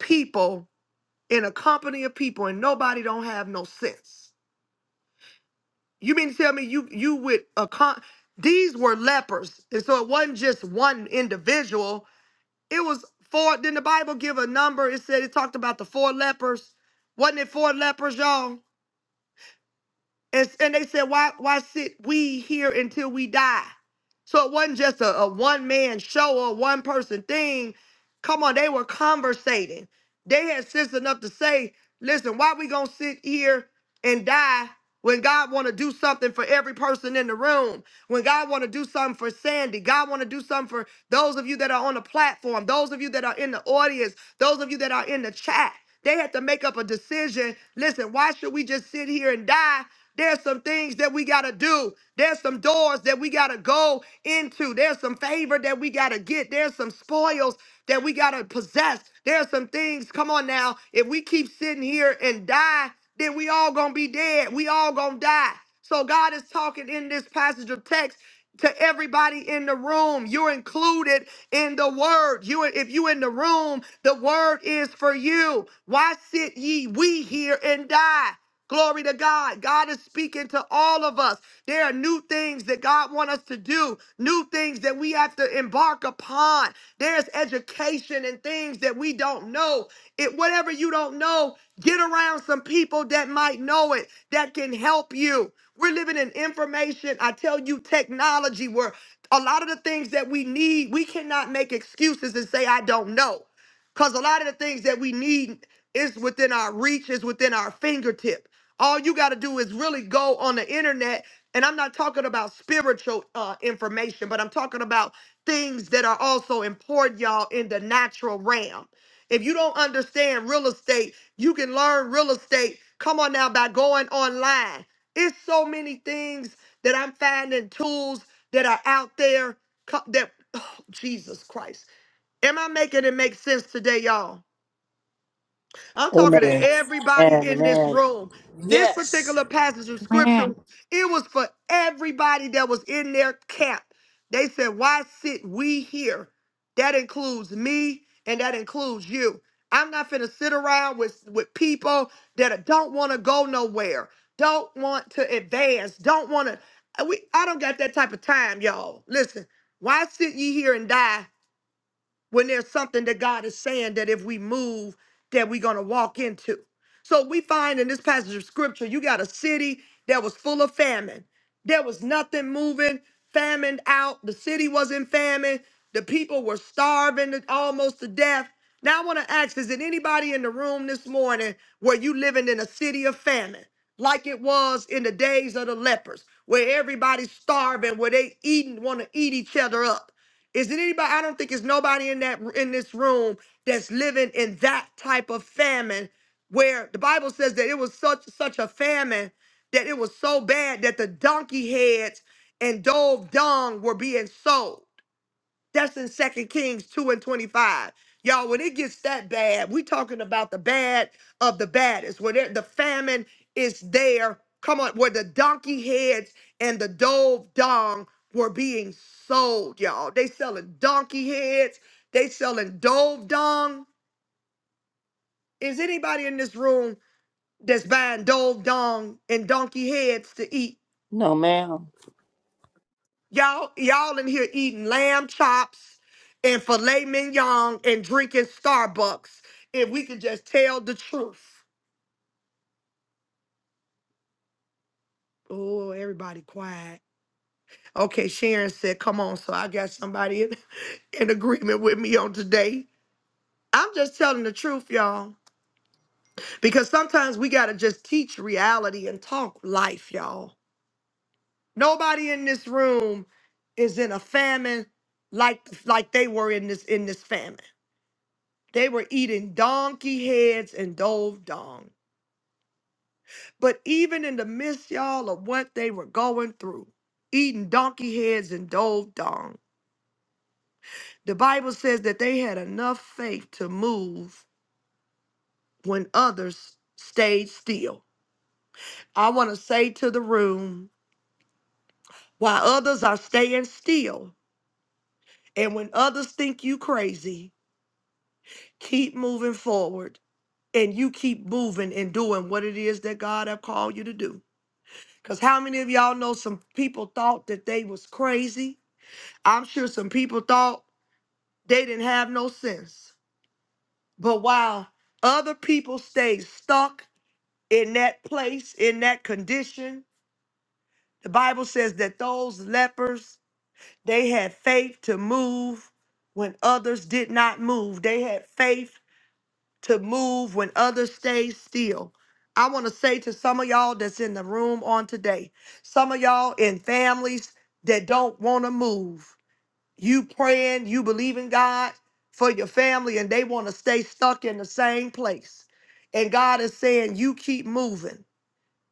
Speaker 1: people in a company of people and nobody don't have no sense. You mean to tell me you you with a con these were lepers. And so it wasn't just one individual. It was four. Didn't the Bible give a number? It said it talked about the four lepers. Wasn't it four lepers, y'all? And, and they said, why, why sit we here until we die? So it wasn't just a, a one man show or one person thing. Come on, they were conversating. They had sense enough to say, listen, why we gonna sit here and die when God wanna do something for every person in the room? When God wanna do something for Sandy, God wanna do something for those of you that are on the platform, those of you that are in the audience, those of you that are in the chat. They had to make up a decision. Listen, why should we just sit here and die there's some things that we got to do. There's some doors that we got to go into. There's some favor that we got to get. There's some spoils that we got to possess. There's some things, come on now, if we keep sitting here and die, then we all going to be dead. We all going to die. So God is talking in this passage of text to everybody in the room. You're included in the word. You if you in the room, the word is for you. Why sit ye we here and die? Glory to God. God is speaking to all of us. There are new things that God wants us to do, new things that we have to embark upon. There's education and things that we don't know. It whatever you don't know, get around some people that might know it that can help you. We're living in information, I tell you, technology where a lot of the things that we need, we cannot make excuses and say I don't know. Cuz a lot of the things that we need is within our reach, is within our fingertips. All you got to do is really go on the internet. And I'm not talking about spiritual uh, information, but I'm talking about things that are also important, y'all, in the natural realm. If you don't understand real estate, you can learn real estate. Come on now, by going online. It's so many things that I'm finding tools that are out there co- that, (sighs) oh, Jesus Christ. Am I making it make sense today, y'all? I'm
Speaker 5: Amen,
Speaker 1: talking to
Speaker 6: Yeah.
Speaker 1: everybody
Speaker 5: amen,
Speaker 1: in this
Speaker 5: amen.
Speaker 1: room. This
Speaker 10: Yes.
Speaker 1: particular passage of scripture, it was for everybody that was in their camp. They said, Why sit we here? That includes me and that includes you. I'm not finna sit around with, with people that don't wanna go nowhere, don't want to advance, don't wanna. We, I don't got that type of time, y'all. Listen, why sit ye here and die when there's something that God is saying that if we move, that we're gonna walk into. So we find in this passage of scripture, you got a city that was full of famine. There was nothing moving, famine out. The city was in famine. The people were starving to- almost to death. Now I want to ask: Is it anybody in the room this morning where you living in a city of famine, like it was in the days of the lepers, where everybody's starving, where they eating, want to eat each other up? Is there anybody? I don't think it's nobody in that in this room that's living in that type of famine, where the Bible says that it was such such a famine that it was so bad that the donkey heads and dove dung were being sold. That's in Second Kings 2 and 25. Y'all, when it gets that bad, we talking about the bad of the baddest. When it- the famine is there, come on, where the donkey heads and the dove dong were being sold, y'all. They selling donkey heads, they selling dove dong. Is anybody in this room that's buying dove dong and donkey heads to eat?
Speaker 5: No, ma'am.
Speaker 1: Y'all, y'all in here eating lamb chops and filet mignon and drinking Starbucks. If we could just tell the truth. Oh, everybody quiet. Okay, Sharon said, come on. So I got somebody in, (laughs) in agreement with me on today. I'm just telling the truth, y'all. Because sometimes we got to just teach reality and talk life, y'all. Nobody in this room is in a famine like like they were in this in this famine. They were eating donkey heads and dove dung. But even in the midst, y'all, of what they were going through, eating donkey heads and dove dung, the Bible says that they had enough faith to move when others stayed still. I want to say to the room, while others are staying still, and when others think you crazy, keep moving forward and you keep moving and doing what it is that God have called you to do. Cause how many of y'all know some people thought that they was crazy? I'm sure some people thought they didn't have no sense. But while other people stayed stuck in that place, in that condition, the Bible says that those lepers, they had faith to move when others did not move. They had faith to move when others stay still. I want to say to some of y'all that's in the room on today, some of y'all in families that don't want to move. You praying, you believe in God for your family, and they want to stay stuck in the same place. And God is saying, You keep moving.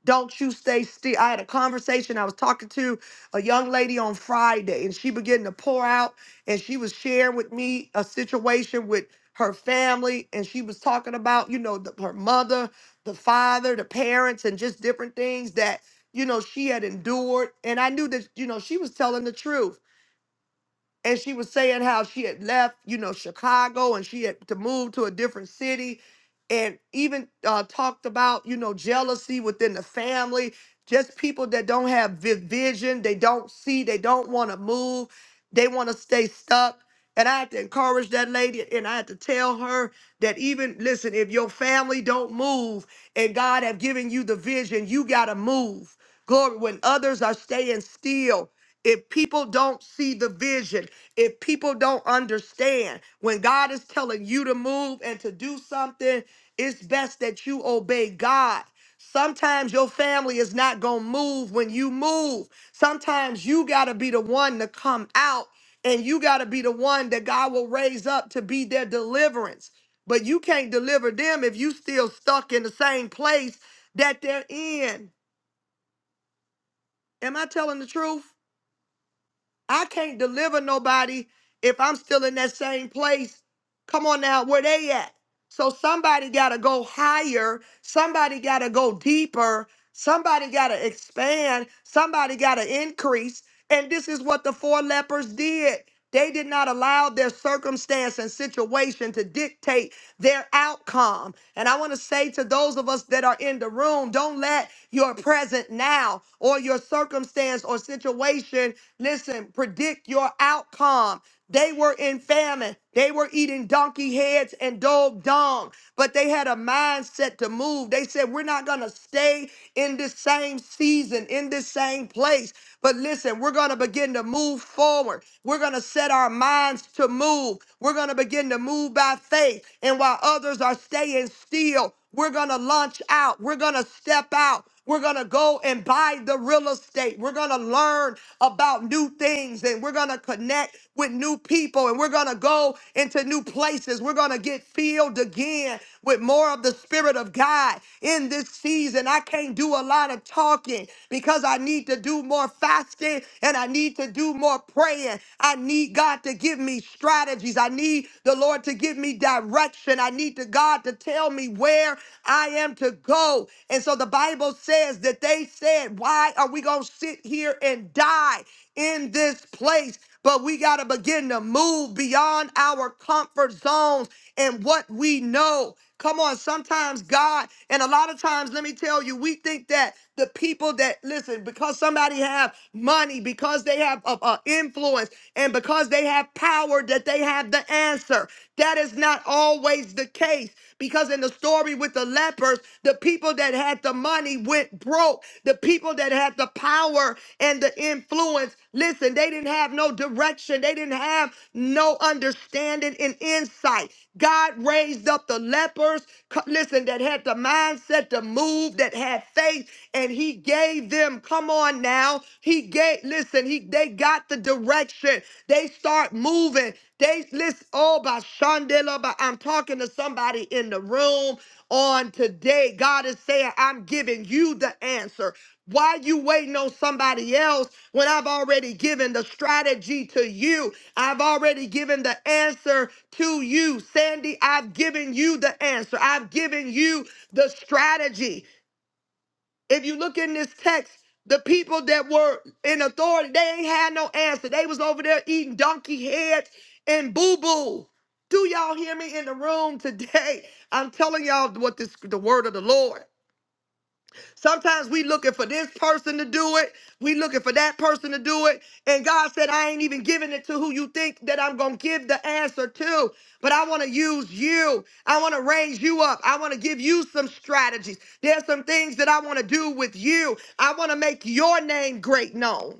Speaker 1: Don't you stay still. I had a conversation. I was talking to a young lady on Friday, and she began to pour out, and she was sharing with me a situation with her family, and she was talking about, you know, the, her mother, the father, the parents, and just different things that, you know, she had endured. And I knew that, you know, she was telling the truth and she was saying how she had left, you know, Chicago and she had to move to a different city and even uh, talked about, you know, jealousy within the family, just people that don't have vi- vision, they don't see, they don't want to move, they want to stay stuck. And I had to encourage that lady and I had to tell her that even listen, if your family don't move and God have given you the vision, you got to move. Glory when others are staying still if people don't see the vision, if people don't understand, when God is telling you to move and to do something, it's best that you obey God. Sometimes your family is not going to move when you move. Sometimes you got to be the one to come out and you got to be the one that God will raise up to be their deliverance. But you can't deliver them if you still stuck in the same place that they're in. Am I telling the truth? I can't deliver nobody if I'm still in that same place. Come on now, where they at? So somebody got to go higher. Somebody got to go deeper. Somebody got to expand. Somebody got to increase. And this is what the four lepers did. They did not allow their circumstance and situation to dictate their outcome. And I want to say to those of us that are in the room, don't let your present now or your circumstance or situation Listen, predict your outcome. They were in famine. They were eating donkey heads and dog dung but they had a mindset to move. They said, We're not going to stay in this same season, in this same place. But listen, we're going to begin to move forward. We're going to set our minds to move. We're going to begin to move by faith. And while others are staying still, we're going to launch out. We're going to step out. We're going to go and buy the real estate. We're going to learn about new things and we're going to connect with new people and we're going to go into new places. We're going to get filled again with more of the Spirit of God in this season. I can't do a lot of talking because I need to do more fasting and I need to do more praying. I need God to give me strategies. I need the Lord to give me direction. I need to God to tell me where I am to go. And so the Bible says that they said, Why are we going to sit here and die in this place? But we got to begin to move beyond our comfort zones and what we know. Come on, sometimes God, and a lot of times, let me tell you, we think that the people that listen because somebody have money, because they have uh, uh, influence, and because they have power, that they have the answer. That is not always the case because in the story with the lepers, the people that had the money went broke. The people that had the power and the influence. Listen, they didn't have no direction, they didn't have no understanding and insight. God raised up the lepers, co- listen, that had the mindset to move, that had faith, and he gave them, come on now, he gave, listen, he they got the direction. They start moving. They listen, oh, by Shandela, by I'm talking to somebody in the room on today. God is saying, I'm giving you the answer. Why you waiting on somebody else? when I've already given the strategy to you. I've already given the answer to you. Sandy, I've given you the answer. I've given you the strategy. If you look in this text, the people that were in authority, they ain't had no answer. They was over there eating donkey heads and boo-boo. Do y'all hear me in the room today? (laughs) I'm telling y'all what this the word of the Lord. Sometimes we looking for this person to do it. We looking for that person to do it. And God said, I ain't even giving it to who you think that I'm going to give the answer to. But I want to use you. I want to raise you up. I want to give you some strategies. There's some things that I want to do with you. I want to make your name great known.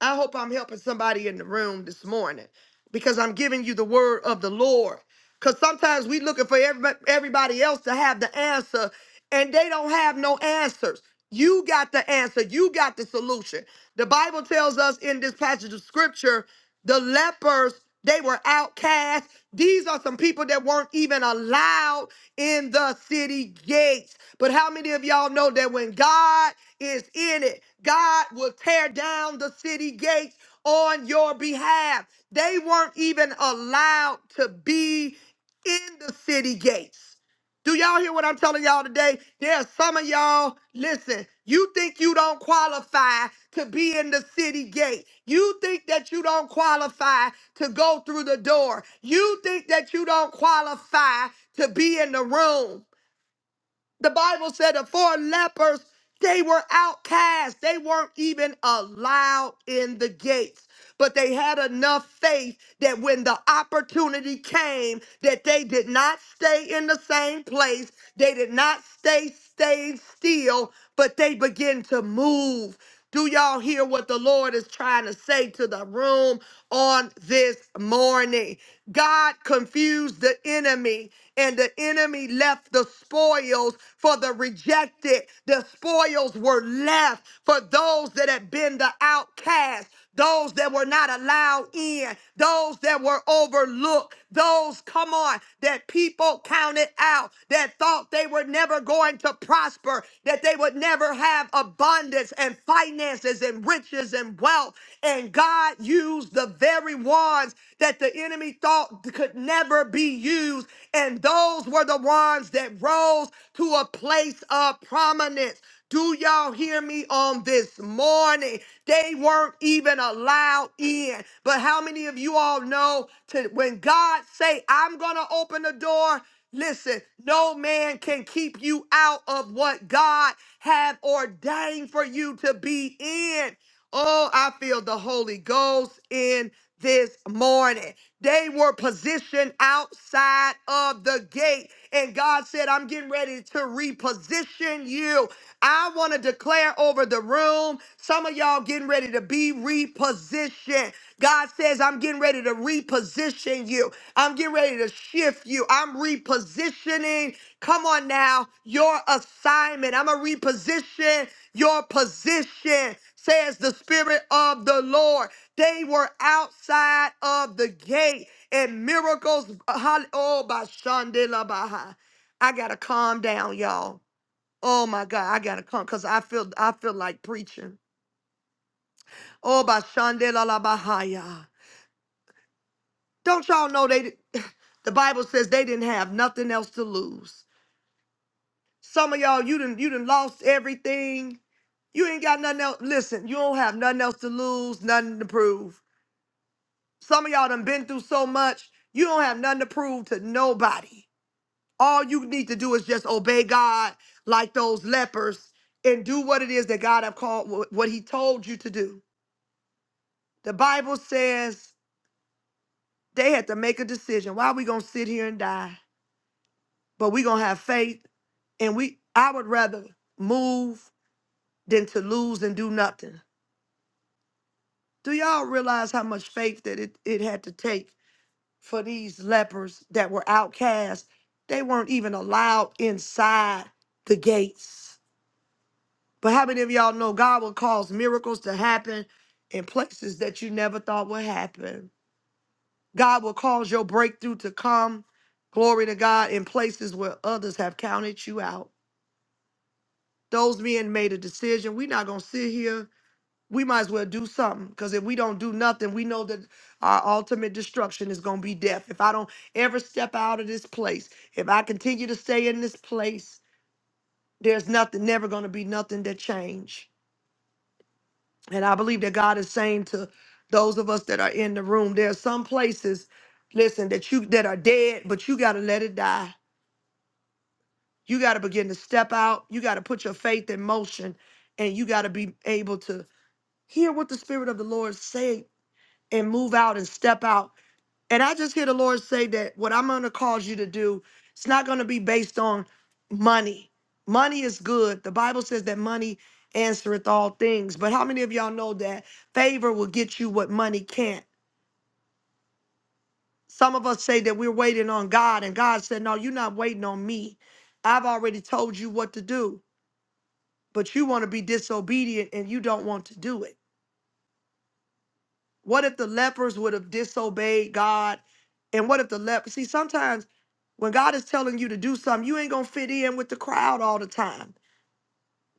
Speaker 1: I hope I'm helping somebody in the room this morning because I'm giving you the word of the Lord. Because sometimes we looking for everybody, everybody else to have the answer and they don't have no answers. You got the answer. You got the solution. The Bible tells us in this passage of scripture, the lepers, they were outcast. These are some people that weren't even allowed in the city gates. But how many of y'all know that when God is in it. God will tear down the city gates on your behalf. They weren't even allowed to be in the city gates. Do y'all hear what I'm telling y'all today? There are some of y'all, listen, you think you don't qualify to be in the city gate. You think that you don't qualify to go through the door. You think that you don't qualify to be in the room. The Bible said the four lepers, they were outcast. They weren't even allowed in the gates. But they had enough faith that when the opportunity came, that they did not stay in the same place. They did not stay stayed still, but they began to move. Do y'all hear what the Lord is trying to say to the room on this morning? God confused the enemy, and the enemy left the spoils for the rejected. The spoils were left for those that had been the outcast those that were not allowed in, those that were overlooked, those, come on, that people counted out, that thought they were never going to prosper, that they would never have abundance and finances and riches and wealth. And God used the very ones that the enemy thought could never be used. And those were the ones that rose to a place of prominence. Do y'all hear me on this morning? They weren't even allowed in. But how many of you all know to when God say, I'm gonna open the door? Listen, no man can keep you out of what God have ordained for you to be in. Oh, I feel the Holy Ghost in this morning. They were positioned outside of the gate. And God said, I'm getting ready to reposition you. I want to declare over the room. Some of y'all getting ready to be repositioned. God says, I'm getting ready to reposition you. I'm getting ready to shift you. I'm repositioning. Come on now, your assignment. I'm going to reposition your position, says the Spirit of the Lord. They were outside of the gate and miracles. Oh, by Shandela Baha. I got to calm down, y'all. Oh my God, I gotta come because I feel I feel like preaching. Oh by Shandela La Bahaya. Don't y'all know they di- (laughs) (sighs) the Bible says they didn't have nothing else to lose. Some of y'all, you didn't you didn't lost everything. You ain't got nothing else. Listen, you don't have nothing else to lose, nothing to prove. Some of y'all done been through so much, you don't have nothing to prove to nobody. All you need to do is just obey God like those lepers and do what it is that God have called what what he told you to do. The Bible says they had to make a decision. Why are we gonna sit here and die? But we gonna have faith and we I would rather move than to lose and do nothing. Do y'all realize how much faith that it, it had to take for these lepers that were outcast? They weren't even allowed inside the gates. But how many of y'all know God will cause miracles to happen in places that you never thought would happen? God will cause your breakthrough to come. Glory to God in places where others have counted you out. Those men made a decision. We're not going to sit here. We might as well do something because if we don't do nothing, we know that our ultimate destruction is going to be death. If I don't ever step out of this place, if I continue to stay in this place, there's nothing, never going to be nothing that change. And I believe that God is saying to those of us that are in the room, there are some places, listen, that you that are dead, but you got to let it die. You got to begin to step out. You got to put your faith in motion and you got to be able to hear what the Spirit of the Lord say and move out and step out. And I just hear the Lord say that what I'm going to cause you to do, it's not going to be based on money. Money is good. The Bible says that money answereth all things. But how many of y'all know that favor will get you what money can't? Some of us say that we're waiting on God, and God said, No, you're not waiting on me. I've already told you what to do. but you want to be disobedient and you don't want to do it. What if the lepers would have disobeyed God? And what if the lepers? See, sometimes when God is telling you to do something, you ain't gonna fit in with the crowd all the time.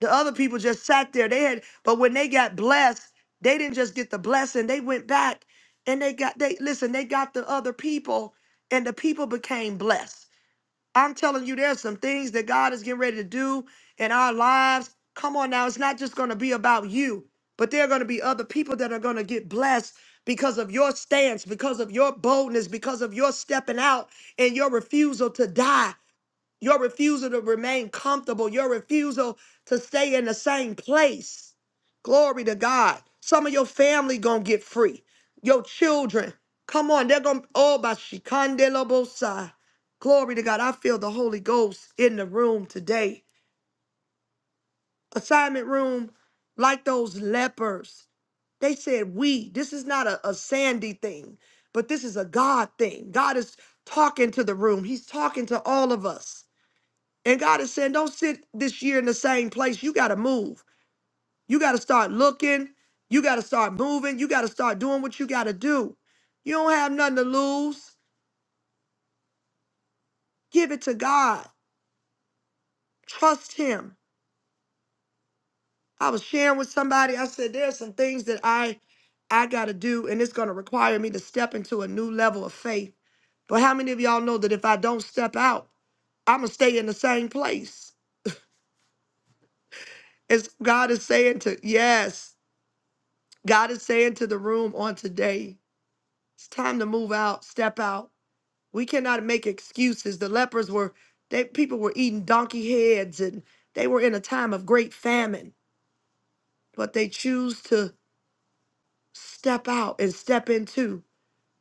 Speaker 1: The other people just sat there. They had, but when they got blessed, they didn't just get the blessing. They went back and they got they listen. They got the other people, and the people became blessed. I'm telling you, there's some things that God is getting ready to do in our lives. Come on now, it's not just going to be about you, but there are going to be other people that are going to get blessed because of your stance, because of your boldness, because of your stepping out and your refusal to die. Your refusal to remain comfortable, your refusal to stay in the same place. Glory to God. Some of your family gonna get free. Your children, come on, they're gonna oh bashikandelobosai. Glory to God. I feel the Holy Ghost in the room today. Assignment room, like those lepers. They said, We, this is not a, a Sandy thing, but this is a God thing. God is talking to the room, He's talking to all of us. And God is saying, don't sit this year in the same place. You got to move. You got to start looking. You got to start moving. You got to start doing what you got to do. You don't have nothing to lose. Give it to God. Trust Him. I was sharing with somebody. I said, there's some things that I I got to do, and it's going to require me to step into a new level of faith. But how many of y'all know that if I don't step out, I'm going to stay in the same place? As God is saying to, yes, God is saying to the room on today, It's time to move out, step out. We cannot make excuses. The lepers were they people were eating donkey heads and they were in a time of great famine, but they choose to step out and step into.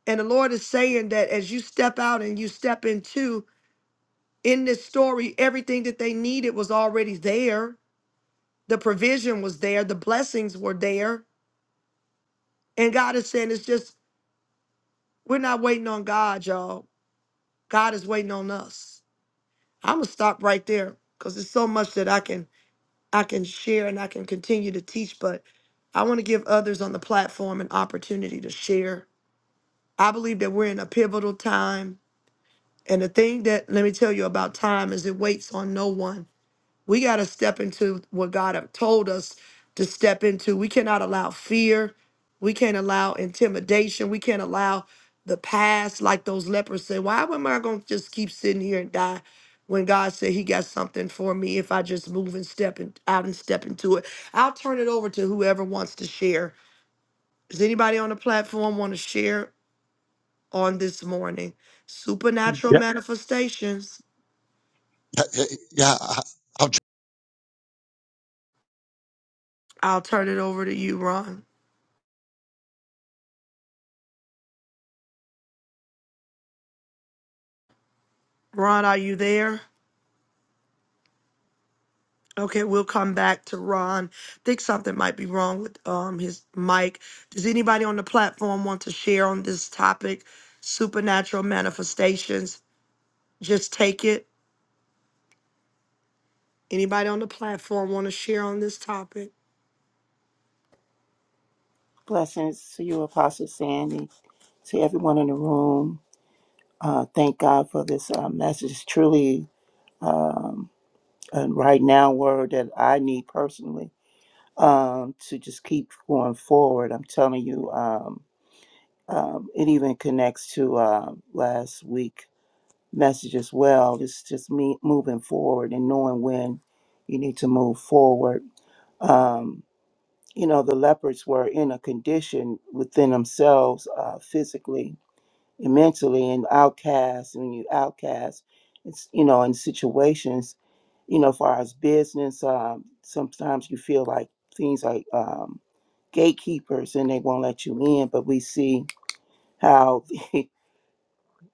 Speaker 1: And the Lord is saying that as you step out and you step into in this story, everything that they needed was already there. The provision was there, the blessings were there. And God is saying it's just we're not waiting on God, y'all. God is waiting on us. I'm gonna stop right there because there's so much that I can I can share and I can continue to teach, but I want to give others on the platform an opportunity to share. I believe that we're in a pivotal time, and the thing that let me tell you about time is it waits on no one. We got to step into what God have told us to step into. We cannot allow fear. We can't allow intimidation. We can't allow the past, like those lepers said. Why am I going to just keep sitting here and die when God said He got something for me if I just move and step in, out and step into it? I'll turn it over to whoever wants to share. Does anybody on the platform want to share on this morning? Supernatural
Speaker 3: Yeah,
Speaker 1: manifestations.
Speaker 3: yeah. yeah,
Speaker 1: I'll turn it over to you, Ron. Ron, are you there? Okay, we'll come back to Ron. Think something might be wrong with um his mic. Does anybody on the platform want to share on this topic? Supernatural manifestations. Just take it. Anybody on the platform want to share on this topic?
Speaker 5: Blessings to you, Apostle Sandy, to everyone in the room. Uh, thank God for this uh, message. It's truly um, a right now word that I need personally um, to just keep going forward. I'm telling you, um, um, it even connects to uh, last week message as well. It's just me moving forward and knowing when you need to move forward. Um, you know, the leopards were in a condition within themselves, uh, physically and mentally, and outcast. When you outcast, it's you know, in situations, you know, far as business, um, sometimes you feel like things like um, gatekeepers and they won't let you in. But we see how (laughs)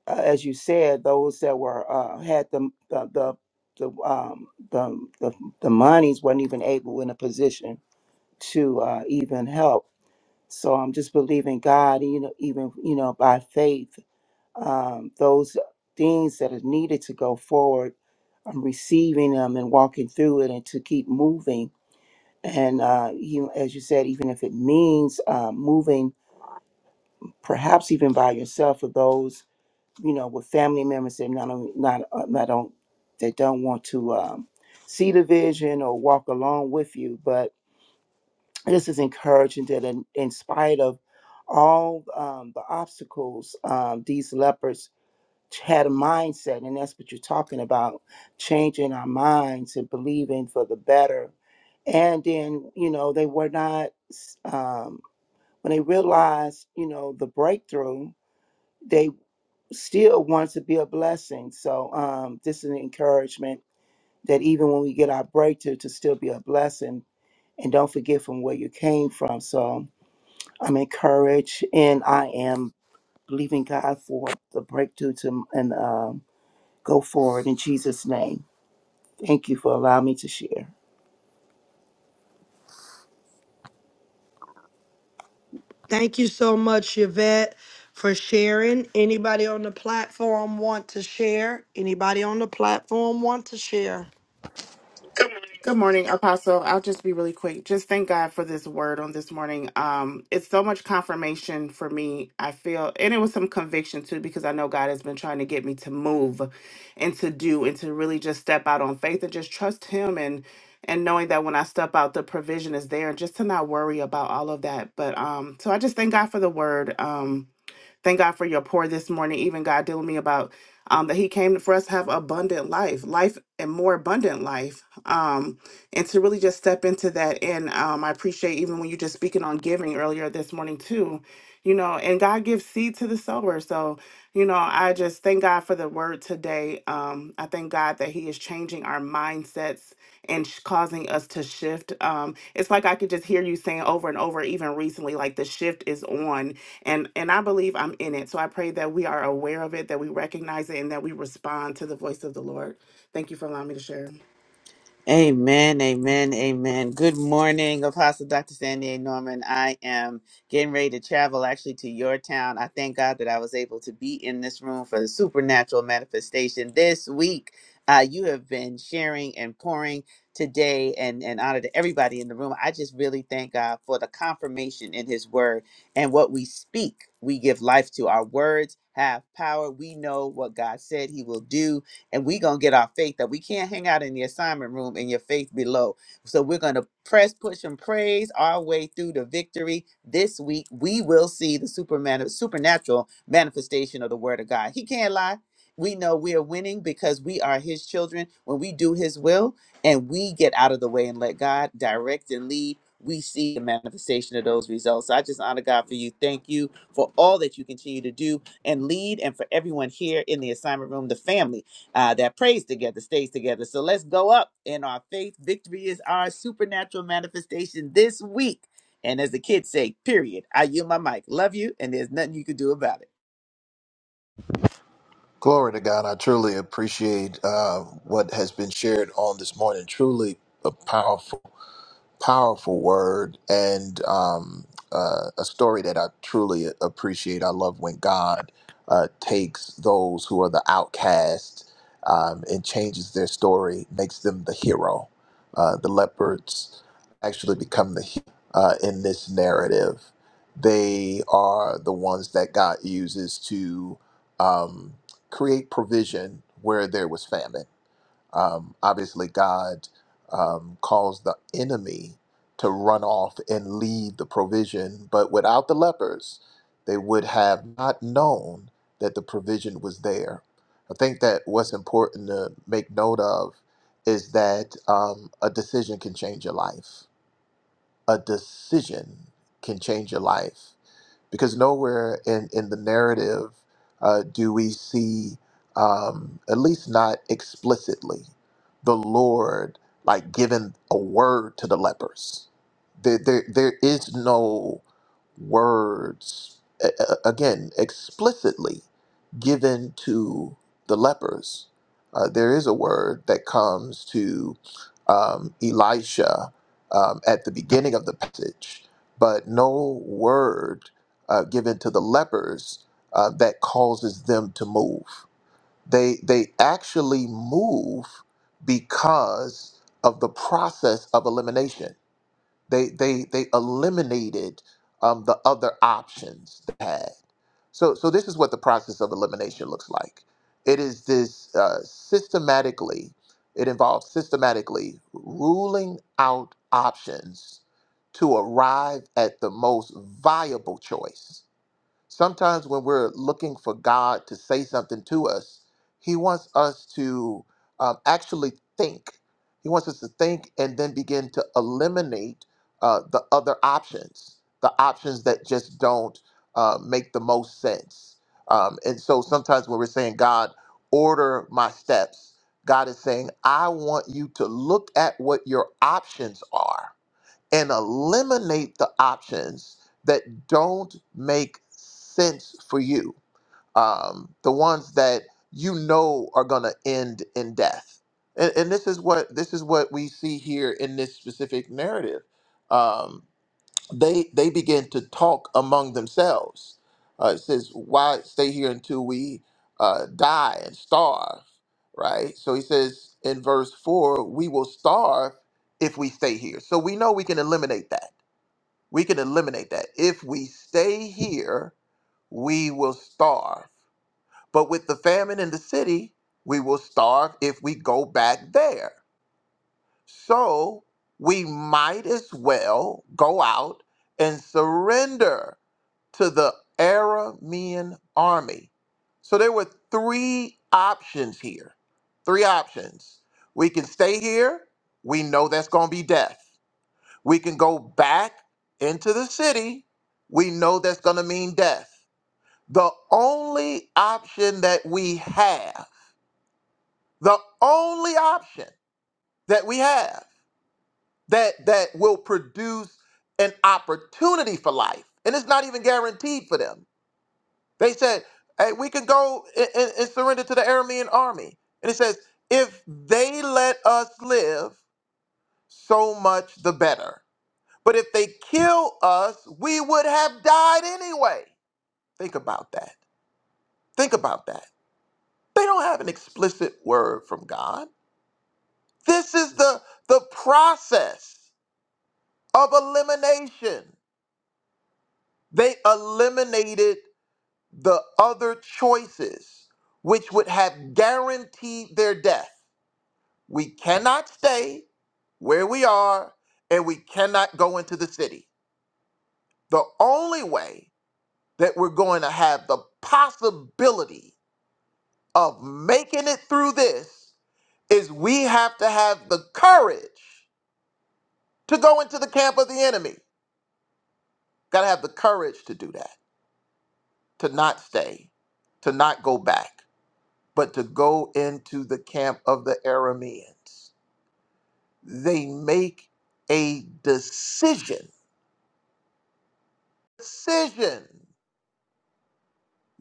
Speaker 5: uh, as you said, those that were uh, had the the the the, um, the the the monies weren't even able in a position to uh, even help. So I'm just believing God, you know, even you know by faith, um, those things that are needed to go forward, I'm receiving them and walking through it, and to keep moving. And uh, you, as you said, even if it means uh, moving, perhaps even by yourself, for those you know, with family members that not only- not uh, not don't that don't want to um, see the vision or walk along with you. But this is encouraging that in, in spite of all um, the obstacles, um, these leopards had a mindset, and that's what you're talking about: changing our minds and believing for the better. And then, you know, they were not um, when they realized, you know, the breakthrough. They still wants to be a blessing. So um, this is an encouragement that even when we get our breakthrough, to still be a blessing and don't forget from where you came from. So I'm encouraged and I am believing God for the breakthrough to and um, go forward in Jesus' name. Thank you for allowing me to share.
Speaker 1: Thank you so much, Yvette, for sharing. Anybody on the platform want to share? Anybody on the platform want to share?
Speaker 2: Good morning, Apostle. I'll just be really quick. Just thank God for this word on this morning. Um, it's so much confirmation for me. I feel, and it was some conviction too, because I know God has been trying to get me to move and to do and to really just step out on faith and just trust Him and and knowing that when I step out, the provision is there, and just to not worry about all of that. But um, so I just thank God for the word. Um, Thank God for your pour this morning. Even God dealing with me about um, that He came for us to have abundant life, life and more abundant life, um, and to really just step into that. And um, I appreciate even when you just speaking on giving earlier this morning too, you know. And God gives seed to the sower, so you know I just thank God for the word today. Um, I thank God that He is changing our mindsets and sh- causing us to shift. Um, it's like I could just hear you saying over and over, even recently, like the shift is on and and i believe i'm in it so i pray that we are aware of it that we recognize it and that we respond to the voice of the lord thank you
Speaker 4: Amen, amen, amen. Good morning, Apostle Dr. Sandy A. Norman. I am getting ready to travel actually to your town. I thank God that I was able to be in this room for the supernatural manifestation this week. Uh, you have been sharing and pouring today and, and honor to everybody in the room. I just really thank God for the confirmation in his word and what we speak, we give life to. Our words have power. We know what God said he will do and we're going to get our faith that we can't hang out in the assignment room and your faith below. So we're going to press, push, and praise our way through the victory this week. We will see the superman- supernatural manifestation of the word of God. He can't lie. We know we are winning because we are his children. When we do his will and we get out of the way and let God direct and lead, we see the manifestation of those results. So I just honor God for you. Thank you for all that you continue to do and lead, and for everyone here in the assignment room, the family uh, that prays together stays together. So let's go up in our faith. Victory is our supernatural manifestation this week. And as the kids say, period. I yield my mic. Love you, and there's nothing you can do about it.
Speaker 11: Glory to God. I truly appreciate uh, what has been shared on this morning. Truly a powerful powerful word and um, uh, a story that I truly appreciate. I love when God uh, takes those who are the outcast um, and changes their story, makes them the hero. Uh, the leopards actually become the hero uh, in this narrative. They are the ones that God uses to um, create provision where there was famine um, obviously, God um, calls the enemy to run off and lead the provision, but without the lepers, they would have not known that the provision was there. I think that what's important to make note of is that um, a decision can change your life. A decision can change your life because nowhere in, in the narrative uh, do we see, um, at least not explicitly, the Lord like giving a word to the lepers. There, there, there is no words, a- a- again, explicitly given to the lepers. Uh, there is a word that comes to um, Elisha um, at the beginning of the passage, but no word uh, given to the lepers uh, that causes them to move. They they actually move because of the process of elimination. They they they eliminated um, the other options they had. So so this is what the process of elimination looks like. It is this uh, systematically. It involves systematically ruling out options to arrive at the most viable choice Sometimes when we're looking for God to say something to us, He wants us to um, actually think. He wants us to think and then begin to eliminate uh, the other options, the options that just don't uh, make the most sense. Um, and so sometimes when we're saying, God, order my steps, God is saying, I want you to look at what your options are and eliminate the options that don't make sense for you. Um, the ones that you know are going to end in death. And, and this is what this is what we see here in this specific narrative. Um, they they began to talk among themselves. Uh, it says, "Why stay here until we uh, die and starve?" Right. So he says in verse four, "We will starve if we stay here." So we know we can eliminate that. We can eliminate that if we stay here, we will starve. But with the famine in the city, we will starve if we go back there. So we might as well go out and surrender to the Aramean army. So there were three options here. Three options. We can stay here. We know that's going to be death. We can go back into the city. We know that's going to mean death. The only option that we have, the only option that we have that that will produce an opportunity for life, and it's not even guaranteed for them They said, hey, we can go and, and- and surrender to the Aramean army. And it says, if they let us live, so much the better. But if they kill us, we would have died anyway. Think about that. Think about that. They don't have an explicit word from God. This is the, the process of elimination. They eliminated the other choices, which would have guaranteed their death We cannot stay where we are and we cannot go into the city. The only way that we're going to have the possibility of making it through this is we have to have the courage to go into the camp of the enemy. Got to have the courage to do that, to not stay, to not go back, but to go into the camp of the Arameans. They make a decision. Decision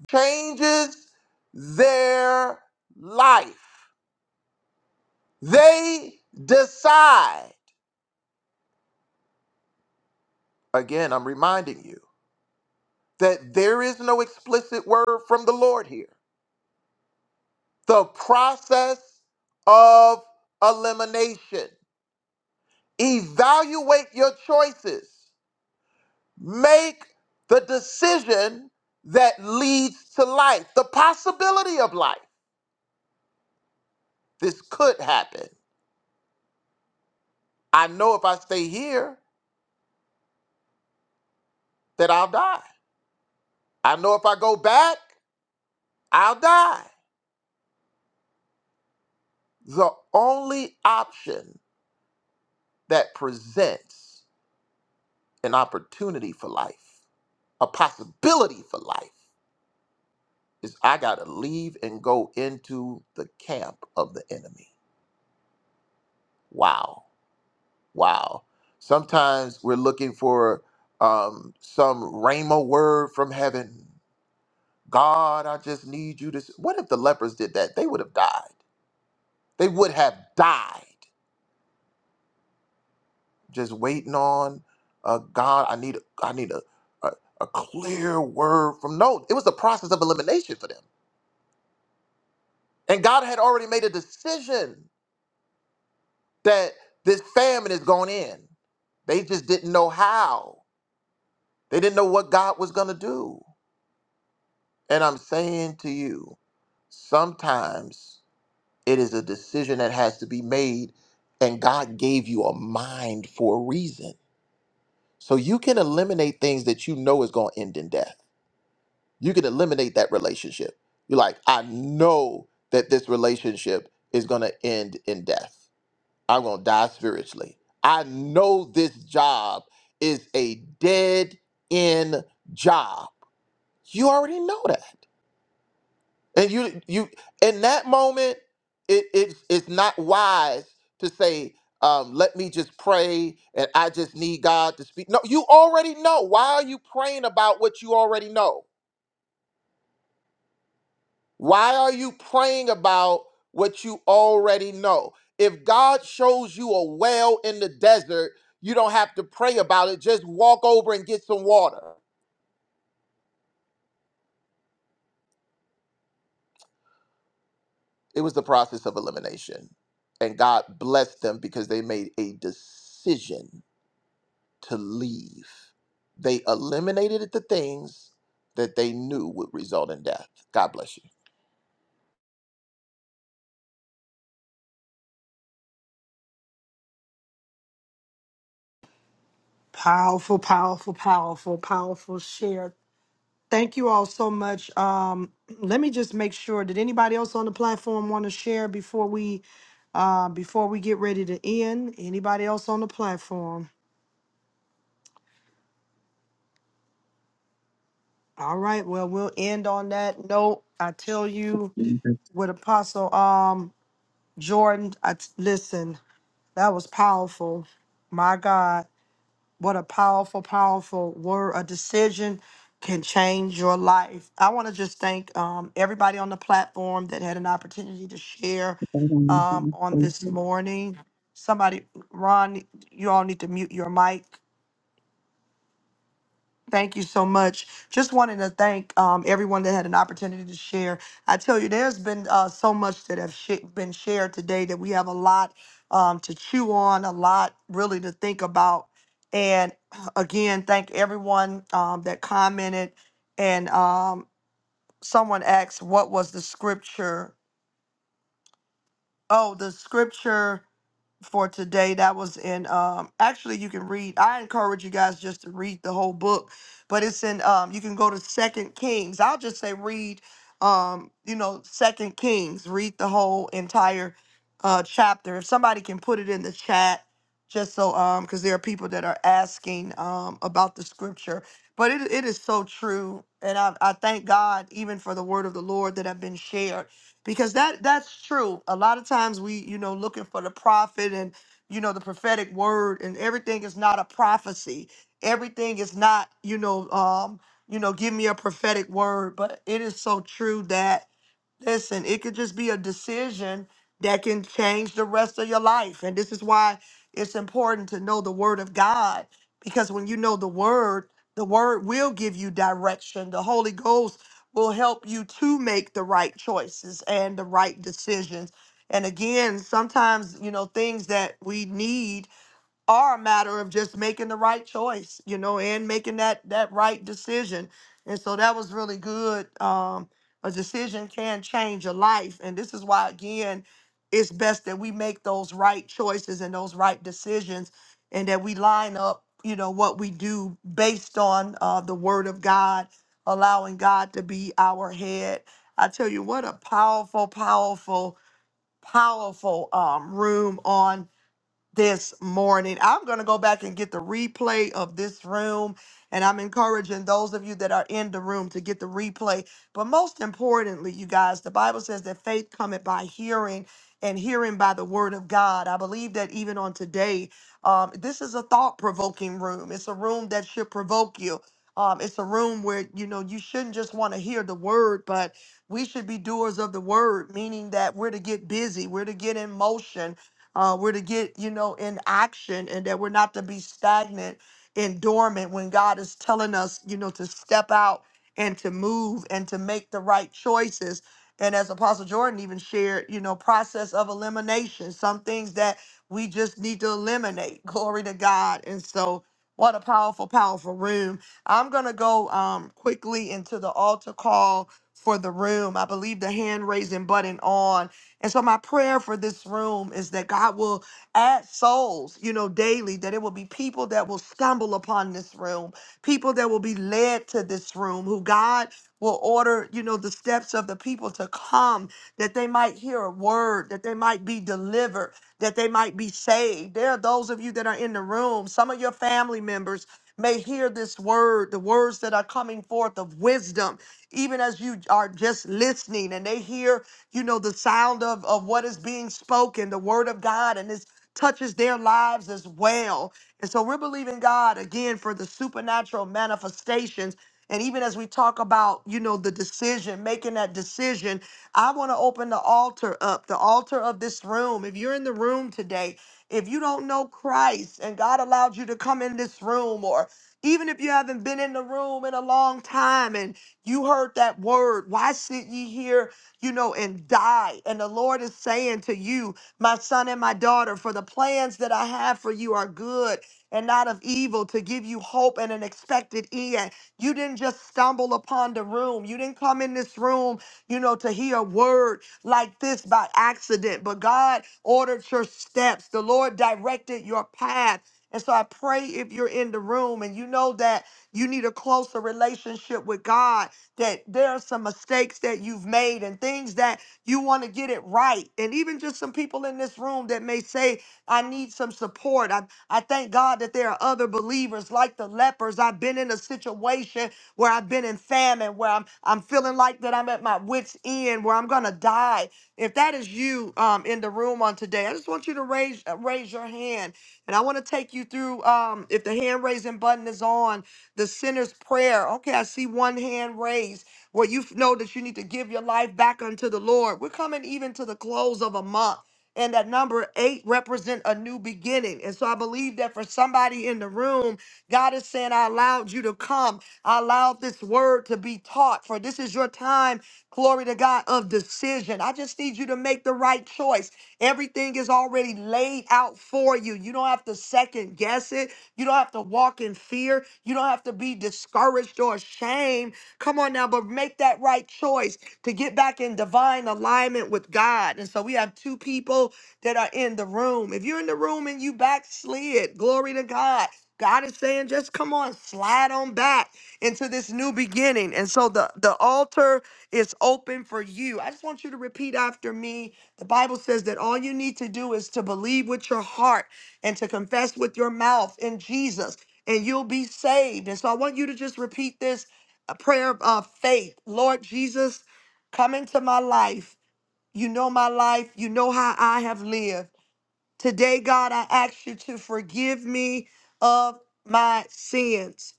Speaker 11: changes their life. They decide, again, I'm reminding you, that there is no explicit word from the Lord here. The process of elimination. Evaluate your choices. Make the decision that leads to life, the possibility of life. This could happen. I know if I stay here that I'll die. I know if I go back, I'll die. The only option that presents an opportunity for life, a possibility for life, is I got to leave and go into the camp of the enemy. Wow. Wow. Sometimes we're looking for um, some rhema word from heaven. God, I just need you to. s-" What if the lepers did that? They would have died. They would have died just waiting on uh, God. I need I need a, a a clear word from no. It was the process of elimination for them, and God had already made a decision that this famine is going in. They just didn't know how. They didn't know what God was going to do. And I'm saying to you, sometimes it is a decision that has to be made, and God gave you a mind for a reason. So you can eliminate things that you know is going to end in death you can eliminate that relationship. You're like, I know that this relationship is going to end in death. I'm going to die spiritually. I know this job is a dead end job. You already know that. And you you in that moment, it, it's it's not wise to say, um, let me just pray and I just need God to speak. No, you already know. Why are you praying about what you already know? Why are you praying about what you already know? If God shows you a well in the desert, you don't have to pray about it. Just walk over and get some water. It was the process of elimination. And God blessed them because they made a decision to leave. They eliminated the things that they knew would result in death. God bless you.
Speaker 1: Powerful, powerful, powerful, powerful share. Thank you all so much. Um, (clears throat) let me just make sure. Did anybody else on the platform want to share before we uh, before we get ready to end? Anybody else on the platform? All right. Well, we'll end on that note. I tell you,
Speaker 3: I'll
Speaker 1: with Apostle um, Jordan, I t- listen. That was powerful. My God. What a powerful, powerful word. A decision can change your life. I want to just thank um, everybody on the platform that had an opportunity to share um, on this morning. Somebody, Ron, you all need to mute your mic. Thank you so much. Just wanted to thank um, everyone that had an opportunity to share. I tell you, there's been uh, so much that have sh- been shared today that we have a lot um, to chew on, a lot really to think about. And (clears throat) again, thank everyone um, that commented. And um, someone asked, "What was the scripture?" Oh, the scripture for today that was in um actually you can read i encourage you guys just to read the whole book but it's in um you can go to second kings i'll just say read um you know second kings read the whole entire uh chapter if somebody can put it in the chat just so um because there are people that are asking um about the scripture but it, it is so true and I, I thank god even for the word of the lord that have been shared because that that's true a lot of times we you know looking for the prophet and you know the prophetic word and everything is not a prophecy everything is not you know um you know give me a prophetic word but it is so true that Listen, it could just be a decision that can change the rest of your life. And this is why it's important to know the word of God. Because when you know the word, the word will give you direction. The Holy Ghost will help you to make the right choices and the right decisions. And again, sometimes, you know, things that we need are a matter of just making the right choice, you know, and making that that right decision. And so that was really good. Um, a decision can change a life, and this is why again, it's best that we make those right choices and those right decisions, and that we line up, you know, what we do based on uh, the Word of God, allowing God to be our head. I tell you what, a powerful, powerful, powerful um, room on this morning. I'm going to go back and get the replay of this room. And I'm encouraging those of you that are in the room to get the replay. But most importantly, you guys, the Bible says that faith cometh by hearing and hearing by the word of God. I believe that even on today, um, this is a thought provoking room. It's a room that should provoke you. Um, it's a room where you know you shouldn't just want to hear the word, but we should be doers of the word, meaning that we're to get busy, we're to get in motion, uh, we're to get, you know, in action and that we're not to be stagnant and dormant when God is telling us, you know, to step out and to move and to make the right choices. And as Apostle Jordan even shared, you know, process of elimination, some things that we just need to eliminate. (laughs) Glory to God. And so, what a powerful, powerful room. I'm going to go um, quickly into the altar call for the room. I believe the hand raising button on. And so my prayer for this room is that God will add souls, you know, daily, that it will be people that will stumble upon this room, people that will be led to this room, who God will order, you know, the steps of the people to come, that they might hear a word, that they might be delivered, that they might be saved. There are those of you that are in the room, some of your family members may hear this word, the words that are coming forth of wisdom, even as you are just listening and they hear you know, the sound of, of what is being spoken, the word of God, and this touches their lives as well. And so we're believing God again for the supernatural manifestations. And even as we talk about, you know, the decision, making that decision, I want to open the altar up, the altar of this room. If you're in the room today, if you don't know Christ and God allowed you to come in this room, or even if you haven't been in the room in a long time and you heard that word, why sit ye here you know, and die. And the Lord is saying to you, my son and my daughter, for the plans that I have for you are good and not of evil to give you hope and an expected end. You didn't just stumble upon the room. You didn't come in this room, you know, to hear a word like this by accident, but God ordered your steps. The Lord directed your path. And so I pray if you're in the room and you know that you need a closer relationship with God that there are some mistakes that you've made and things that you want to get it right. And even just some people in this room that may say, I need some support. I, I thank God that there are other believers like the lepers. I've been in a situation where I've been in famine, where I'm I'm feeling like that I'm at my wits' end, where I'm gonna die. If that is you um, in the room on today, I just want you to raise uh, raise your hand, and I want to take you through. Um, if the hand raising button is on, the sinner's prayer. Okay, I see one hand raised where you know that you need to give your life back unto the Lord. We're coming even to the close of a month. And that number eight represent a new beginning. And so I believe that for somebody in the room, God is saying, I allowed you to come. I allowed this word to be taught. For this is your time, glory to God, of decision. I just need you to make the right choice. Everything is already laid out for you. You don't have to second guess it. You don't have to walk in fear. You don't have to be discouraged or ashamed. Come on now, but make that right choice to get back in divine alignment with God. And so we have two people that are in the room. If you're in the room and you backslid, glory to God. God is saying, just come on, slide on back into this new beginning. And so the, the altar is open for you. I just want you to repeat after me. The Bible says that all you need to do is to believe with your heart and to confess with your mouth in Jesus, and you'll be saved. And so I want you to just repeat this uh, prayer of uh, faith Lord Jesus, come into my life. You know my life, you know how I have lived. Today, God, I ask you to forgive me of my sins.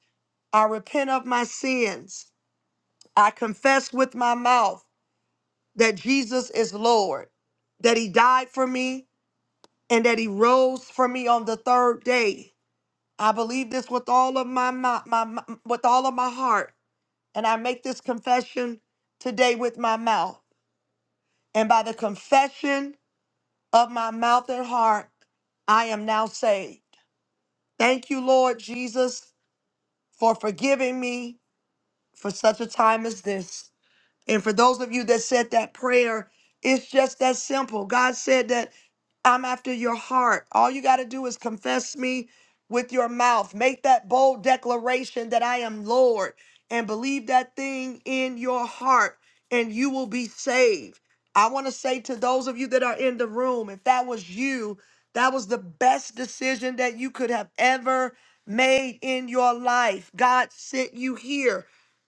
Speaker 1: I repent of my sins. I confess with my mouth that Jesus is Lord, that He died for me, and that He rose for me on the third day. I believe this with all of my, my, my, my with all of my heart, and I make this confession today with my mouth. And by the confession of my mouth and heart, I am now saved. Thank you, Lord Jesus, for forgiving me for such a time as this. And for those of you that said that prayer, it's just that simple. God said that I'm after your heart. All you got to do is confess me with your mouth. Make that bold declaration that I am Lord and believe that thing in your heart, and you will be saved. I want to say to those of you that are in the room, if that was you, that was the best decision that you could have ever made in your life. God sent you here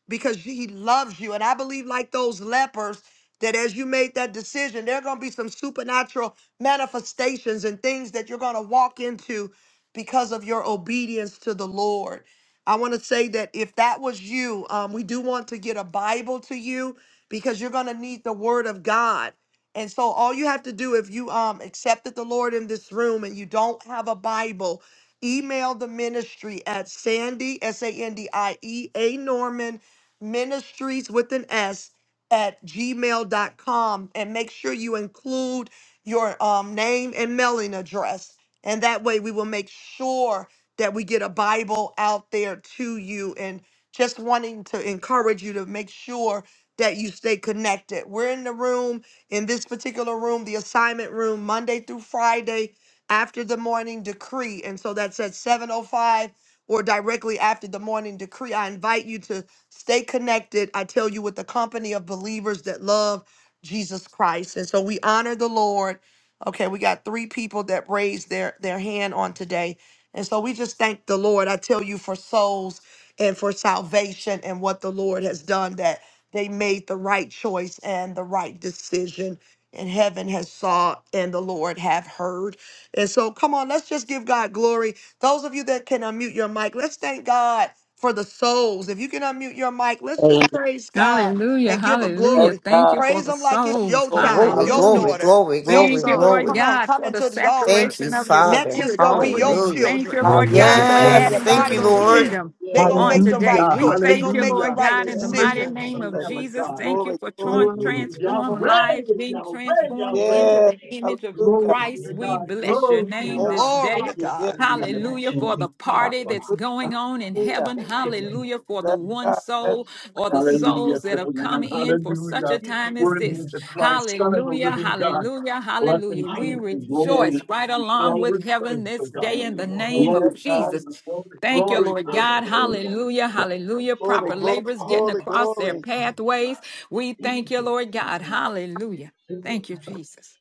Speaker 1: because he loves you. And I believe, like those lepers, that as you made that decision, there are going to be some supernatural manifestations and things that you're going to walk into because of your obedience to the Lord. I want to say that if that was you, um, we do want to get a Bible to you because you're going to need the Word of God. And so, all you have to do if you um, accepted the Lord in this room and you don't have a Bible, email the ministry at Sandy, S A N D I E A Norman ministries with an S at gmail dot com, and make sure you include your um, name and mailing address. And that way we will make sure that we get a Bible out there to you and just wanting to encourage you to make sure that you stay connected. We're in the room, in this particular room, the assignment room, Monday through Friday after the morning decree. And so that's at 705 or directly after the morning decree. I invite you to Stay connected. I tell you, with the company of believers that love Jesus Christ. And so we honor the Lord. Okay, we got three people that raised their, their hand on today. And so we just thank the Lord. I tell you for souls and for salvation and what the Lord has done that they made the right choice and the right decision. And heaven has saw and the Lord have heard. And so come on, let's just give God glory. Those of you that can unmute your mic, let's thank God for the souls. If you can unmute your mic, let's
Speaker 5: Amen.
Speaker 1: just praise God
Speaker 7: Hallelujah.
Speaker 1: and give him
Speaker 5: That's
Speaker 7: Hallelujah.
Speaker 1: glory.
Speaker 7: Thank
Speaker 5: God.
Speaker 7: you for
Speaker 1: Praise
Speaker 7: the
Speaker 1: him like it's
Speaker 5: That's
Speaker 7: souls.
Speaker 1: your
Speaker 5: Lord.
Speaker 1: child,
Speaker 12: Glory,
Speaker 1: your
Speaker 7: Hallelujah.
Speaker 12: glory,
Speaker 1: daughter,
Speaker 12: glory,
Speaker 1: your
Speaker 7: Thank
Speaker 12: glory,
Speaker 7: you,
Speaker 1: son.
Speaker 7: Lord
Speaker 12: glory.
Speaker 1: Come on,
Speaker 7: God,
Speaker 1: come
Speaker 7: for the
Speaker 1: into the altar.
Speaker 12: Thank you,
Speaker 7: saturation of your
Speaker 5: Hallelujah.
Speaker 1: Next
Speaker 12: Father.
Speaker 1: is
Speaker 7: spirit
Speaker 1: gonna
Speaker 5: Glory.
Speaker 1: be
Speaker 7: over
Speaker 1: your
Speaker 7: them.
Speaker 12: Hallelujah.
Speaker 7: Thank you,
Speaker 1: children,
Speaker 7: Lord
Speaker 1: your
Speaker 7: God,
Speaker 3: Hallelujah.
Speaker 7: for
Speaker 5: Hallelujah.
Speaker 1: family
Speaker 12: Yes,
Speaker 3: Glory
Speaker 1: that
Speaker 7: adding
Speaker 3: to
Speaker 7: to
Speaker 12: thank
Speaker 1: God
Speaker 7: the
Speaker 12: you,
Speaker 3: the
Speaker 1: gonna
Speaker 12: Lord.
Speaker 3: Lord.
Speaker 1: send.
Speaker 7: kingdom
Speaker 1: They gonna
Speaker 7: on
Speaker 5: Yes.
Speaker 1: make the
Speaker 13: Thank
Speaker 7: today.
Speaker 1: right
Speaker 13: you,
Speaker 3: Hallelujah.
Speaker 7: We
Speaker 1: choice.
Speaker 13: Father.
Speaker 1: They
Speaker 7: thank
Speaker 1: gonna
Speaker 7: you,
Speaker 1: make the
Speaker 7: Lord
Speaker 3: Hallelujah.
Speaker 1: right
Speaker 7: God, in
Speaker 5: Thank
Speaker 7: the
Speaker 13: Thank
Speaker 5: you,
Speaker 13: you
Speaker 7: mighty
Speaker 3: Hallelujah
Speaker 13: for
Speaker 1: decision.
Speaker 3: to the
Speaker 7: name
Speaker 13: having
Speaker 7: of
Speaker 13: to
Speaker 5: Jesus.
Speaker 3: Lamb
Speaker 13: go
Speaker 3: of
Speaker 7: Jesus.
Speaker 13: even.
Speaker 3: God.
Speaker 7: Thank you
Speaker 5: Glory,
Speaker 7: for
Speaker 5: glory,
Speaker 13: And
Speaker 7: tran-
Speaker 3: Glory
Speaker 13: many
Speaker 3: to
Speaker 13: of us can
Speaker 5: glory.
Speaker 7: transformed
Speaker 3: Yahweh,
Speaker 13: call
Speaker 7: lives being
Speaker 3: Yahweh,
Speaker 13: such
Speaker 7: transformed
Speaker 13: your
Speaker 3: Yahweh.
Speaker 7: into
Speaker 5: Yes.
Speaker 7: the
Speaker 13: birthday.
Speaker 7: image of
Speaker 5: Hallelujah.
Speaker 3: Glory
Speaker 13: And
Speaker 3: to
Speaker 7: Christ.
Speaker 13: many
Speaker 7: We
Speaker 13: of
Speaker 3: God.
Speaker 13: us, oh
Speaker 7: bless your
Speaker 13: my
Speaker 3: Glory to
Speaker 7: name
Speaker 13: God,
Speaker 5: Thank
Speaker 7: this
Speaker 13: that
Speaker 3: God.
Speaker 1: Glory
Speaker 7: day.
Speaker 13: call.
Speaker 1: to
Speaker 5: you, dear.
Speaker 1: God.
Speaker 13: We
Speaker 3: Hallelujah.
Speaker 13: bless
Speaker 7: Hallelujah
Speaker 13: you
Speaker 7: for
Speaker 13: and
Speaker 7: the
Speaker 13: we praise
Speaker 7: party
Speaker 13: you,
Speaker 7: that's
Speaker 13: Father
Speaker 5: Hallelujah.
Speaker 7: going
Speaker 13: God.
Speaker 7: on in
Speaker 5: Hallelujah.
Speaker 7: heaven.
Speaker 13: Thank you for your
Speaker 7: Hallelujah for the
Speaker 5: Bless
Speaker 13: goodness and
Speaker 7: one
Speaker 5: God.
Speaker 13: your
Speaker 5: Bless,
Speaker 7: soul
Speaker 13: mercy.
Speaker 7: or the
Speaker 5: bless,
Speaker 13: Thank you
Speaker 3: Hallelujah
Speaker 13: for
Speaker 7: souls
Speaker 3: to
Speaker 7: that
Speaker 3: the
Speaker 7: have
Speaker 13: bringing us
Speaker 7: come
Speaker 3: Lamb.
Speaker 13: in.
Speaker 7: in for such
Speaker 3: Hallelujah.
Speaker 7: a
Speaker 13: Thank you
Speaker 7: time
Speaker 13: for
Speaker 7: as
Speaker 3: Worthy
Speaker 13: bringing
Speaker 7: this.
Speaker 3: is
Speaker 13: us
Speaker 3: the
Speaker 13: from out of
Speaker 3: Christ, Son of the
Speaker 13: darkness and
Speaker 7: Hallelujah,
Speaker 3: living
Speaker 13: saving
Speaker 3: God.
Speaker 7: hallelujah,
Speaker 13: us.
Speaker 3: Blessing,
Speaker 7: hallelujah. We
Speaker 3: peace, and
Speaker 13: Hallelujah.
Speaker 5: yes,
Speaker 3: glory, and
Speaker 7: rejoice
Speaker 13: Thank you
Speaker 3: honor,
Speaker 7: right
Speaker 13: for
Speaker 3: and
Speaker 13: what
Speaker 5: yes,
Speaker 7: along
Speaker 3: power,
Speaker 7: with
Speaker 3: and
Speaker 7: heaven
Speaker 3: praise, O
Speaker 7: this day
Speaker 3: God.
Speaker 13: Thank
Speaker 7: in
Speaker 13: you,
Speaker 7: the
Speaker 13: Lord
Speaker 7: name of
Speaker 5: yes,
Speaker 3: Glory,
Speaker 13: Jesus, for
Speaker 5: God.
Speaker 13: your
Speaker 7: Jesus.
Speaker 3: glory, glory,
Speaker 7: Thank you,
Speaker 5: Bless,
Speaker 3: glory,
Speaker 7: Lord
Speaker 3: glory,
Speaker 13: goodness.
Speaker 7: God.
Speaker 3: glory.
Speaker 13: Hallelujah.
Speaker 7: Hallelujah.
Speaker 3: Yeah.
Speaker 13: It
Speaker 7: Hallelujah.
Speaker 13: should go
Speaker 5: glory,
Speaker 7: Proper
Speaker 13: off the
Speaker 5: glory,
Speaker 7: laborers
Speaker 13: call
Speaker 7: getting
Speaker 5: glory,
Speaker 13: and the
Speaker 7: across their
Speaker 5: glory,
Speaker 13: transformation.
Speaker 7: pathways. We
Speaker 13: People
Speaker 7: thank you,
Speaker 13: should
Speaker 7: Lord
Speaker 13: get
Speaker 7: God.
Speaker 13: it.
Speaker 7: Hallelujah.
Speaker 13: People
Speaker 7: Thank you,
Speaker 13: are
Speaker 7: Jesus.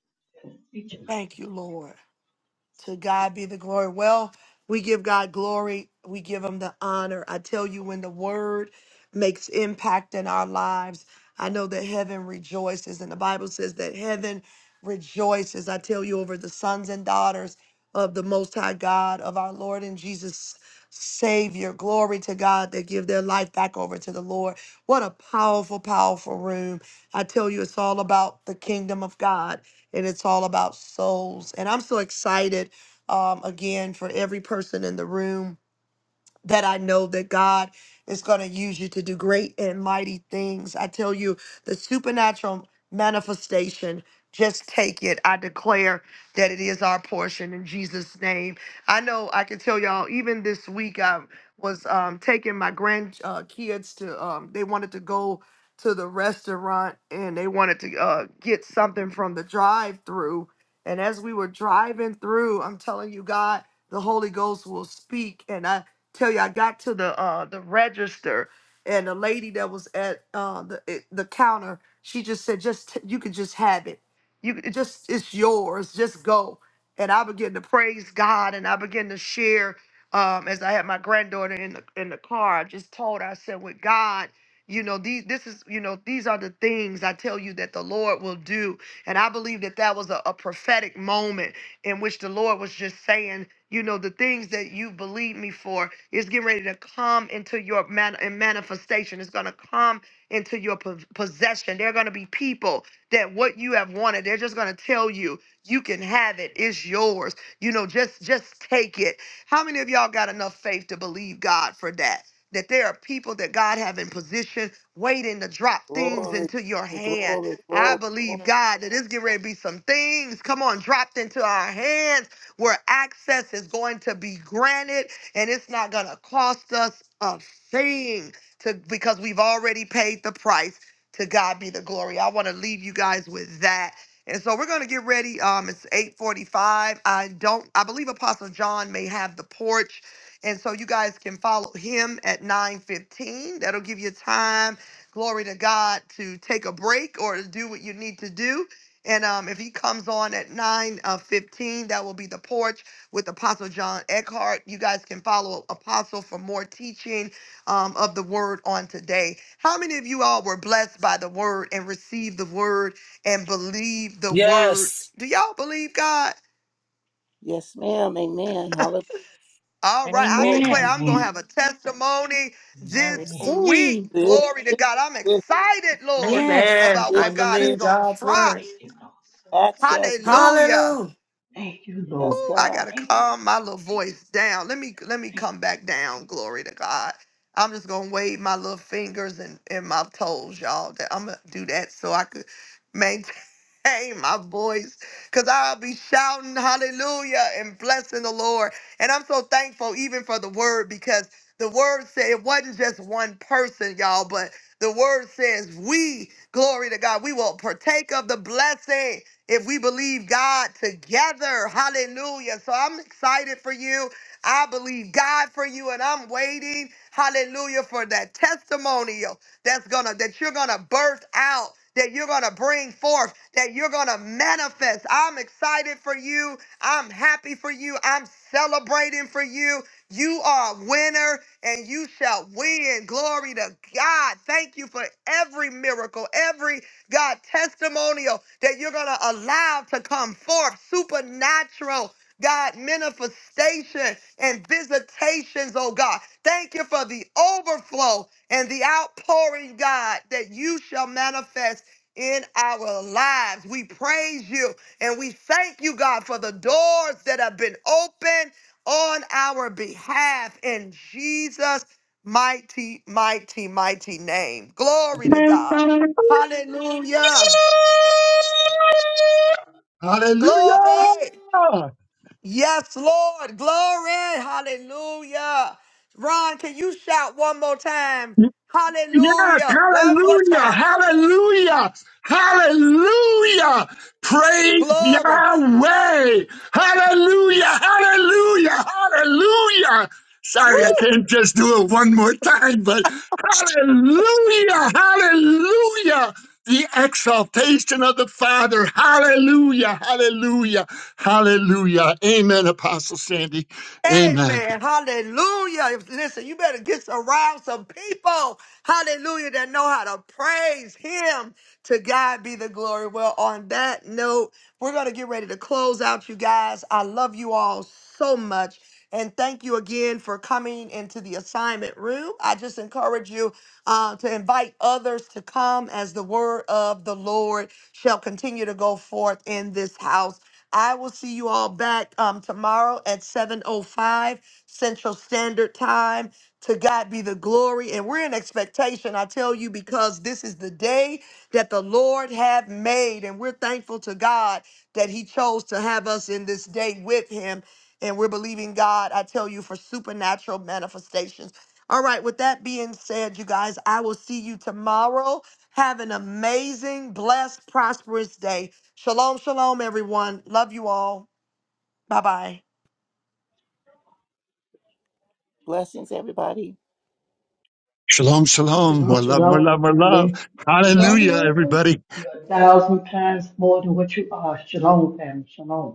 Speaker 13: teaching.
Speaker 1: Thank you, Lord. To God be the glory. Well, we give God glory. We give him the honor. I tell you, when the word makes impact in our lives, I know that heaven rejoices. And the Bible says that heaven rejoices. I tell you, over the sons and daughters of the Most High God, of our Lord and Jesus Savior. Glory to God that give their life back over to the Lord. What a powerful, powerful room. I tell you, it's all about the kingdom of God and it's all about souls. And I'm so excited um, again for every person in the room that I know that God is going to use you to do great and mighty things. I tell you, the supernatural manifestation, just take it. I declare that it is our portion in Jesus' name. I know I can tell y'all, even this week, I was um, taking my grandkids uh, kids to, um, they wanted to go to the restaurant and they wanted to uh, get something from the drive through. And as we were driving through, I'm telling you, God, the Holy Ghost will speak. And I tell you, I got to the uh the register, and the lady that was at uh the it- the counter, she just said, "Just t- you can just have it. You could- it just it's yours. Just go." And I began to praise God, and I began to share. Um, as I had my granddaughter in the in the car, I just told her, I said, "With God." You know these. This is you know these are the things I tell you that the Lord will do, and I believe that that was a, a prophetic moment in which the Lord was just saying you know, the things that you believe me for is getting ready to come into your man- in manifestation. It's going to come into your po- possession. There are going to be people that what you have wanted, they're just going to tell you, you can have it. It's yours. You know, just just take it. How many of y'all got enough faith to believe God for that? That there are people that God have in position waiting to drop things
Speaker 5: glory,
Speaker 1: into your
Speaker 5: glory,
Speaker 1: hand.
Speaker 5: glory,
Speaker 1: I
Speaker 5: glory. glory.
Speaker 1: believe God that it's getting ready to be some things. Come on, dropped into our hands where access is going to be granted and it's not going to cost us a thing to because we've already paid the price. To God be the glory. I want to leave you guys with that. And so we're going to get ready. Um, it's 8:45. I don't. I believe Apostle John may have the porch, and so you guys can follow him at 9:15. That'll give you time. Glory to God to take a break or to do what you need to do. And um, if he comes on at nine uh, 15, that will be the porch with Apostle John Eckhart. You guys can follow Apostle for more teaching um, of the word on today. How many of you all were blessed by the word and received the word and believe the word?
Speaker 10: Yes.
Speaker 1: Do y'all believe God?
Speaker 5: Yes, ma'am. Amen. Hallelujah.
Speaker 1: All right, I
Speaker 5: Glory.
Speaker 1: declare
Speaker 7: Amen.
Speaker 1: I'm going to
Speaker 13: Amen.
Speaker 1: have a testimony
Speaker 7: I
Speaker 1: this
Speaker 13: Amen.
Speaker 1: week.
Speaker 7: receive.
Speaker 5: Yes,
Speaker 1: Glory to
Speaker 5: yes,
Speaker 1: God. I'm
Speaker 5: yes,
Speaker 1: excited, Lord,
Speaker 7: Yes.
Speaker 12: Amen.
Speaker 1: about
Speaker 5: yes.
Speaker 12: I
Speaker 1: what God is
Speaker 5: yes.
Speaker 12: believe
Speaker 1: going to
Speaker 12: God's
Speaker 1: try.
Speaker 12: word.
Speaker 13: Thank you, Lord. Thank
Speaker 5: Access,
Speaker 13: you,
Speaker 5: grant.
Speaker 13: Father.
Speaker 1: Hallelujah.
Speaker 12: Hallelujah.
Speaker 13: Thank you, Lord.
Speaker 5: Yes,
Speaker 1: Ooh, I
Speaker 5: God.
Speaker 1: gotta
Speaker 13: Thank you.
Speaker 1: calm my little voice down. Let me let me
Speaker 13: Thank
Speaker 1: come back down. Glory to God. I'm just gonna wave my little fingers and, and my toes, y'all. That I'm gonna do that so I could maintain (laughs) my voice. Cause I'll be shouting hallelujah and blessing the Lord. And I'm so thankful even for the word because the word said it wasn't just one person, y'all, but the word says we, glory to God, we will partake of the blessing if we believe God together. Hallelujah. So I'm excited for you. I believe God for you and I'm waiting, hallelujah, for that testimonial that's gonna that you're gonna birth out, that you're gonna bring forth, that you're gonna manifest. I'm excited for you. I'm happy for you. I'm celebrating for you. You are a winner and you shall win. Glory to God. Thank you for every miracle, every God, testimonial that you're going to allow to come forth, supernatural. God, manifestation and visitations, oh God. Thank you for the overflow and the outpouring, God, that you shall manifest in our lives. We praise you and we thank you, God, for the doors that have been opened on our behalf in Jesus' mighty, mighty, mighty name. Glory to God. Hallelujah.
Speaker 3: Hallelujah.
Speaker 1: Glory. Yes, Lord. Glory. Hallelujah. Ron, can you shout one more time?
Speaker 3: Yes,
Speaker 1: Hallelujah. One more
Speaker 3: hallelujah,
Speaker 1: time.
Speaker 3: hallelujah, hallelujah. Praise
Speaker 1: Glory.
Speaker 3: Yahweh. Hallelujah, hallelujah, hallelujah. Sorry, I can't just do it one more time, but hallelujah, hallelujah. The exaltation of the Father. Hallelujah, hallelujah, hallelujah. Amen, Apostle Sandy. Amen.
Speaker 1: Amen. Hallelujah. Listen, you better get around some people. Hallelujah. That know how to praise him. To God be the glory. Well, on that note, we're going to get ready to close out, you guys. I love you all so much. And thank you again for coming into the assignment room. I just encourage you uh, to invite others to come as the word of the Lord shall continue to go forth in this house. I will see you all back um, tomorrow at 7.05 Central Standard Time. To God be the glory. And we're in expectation, I tell you, because this is the day that the Lord have made. And we're thankful to God that he chose to have us in this day with him. And we're believing God, I tell you, for supernatural manifestations. All right, with that being said, you guys, I will see you tomorrow. Have an amazing, blessed, prosperous day. Shalom, shalom, everyone. Love you all. Bye bye.
Speaker 5: Blessings, everybody.
Speaker 3: Shalom,
Speaker 13: you.
Speaker 3: shalom. More
Speaker 13: Shalom,
Speaker 3: love, more
Speaker 13: shalom,
Speaker 3: love, more love.
Speaker 13: family. Love you
Speaker 7: Love
Speaker 13: all.
Speaker 3: Hallelujah,
Speaker 7: you.
Speaker 3: everybody.
Speaker 13: You're a thousand times more than what you are. Shalom, family. Shalom.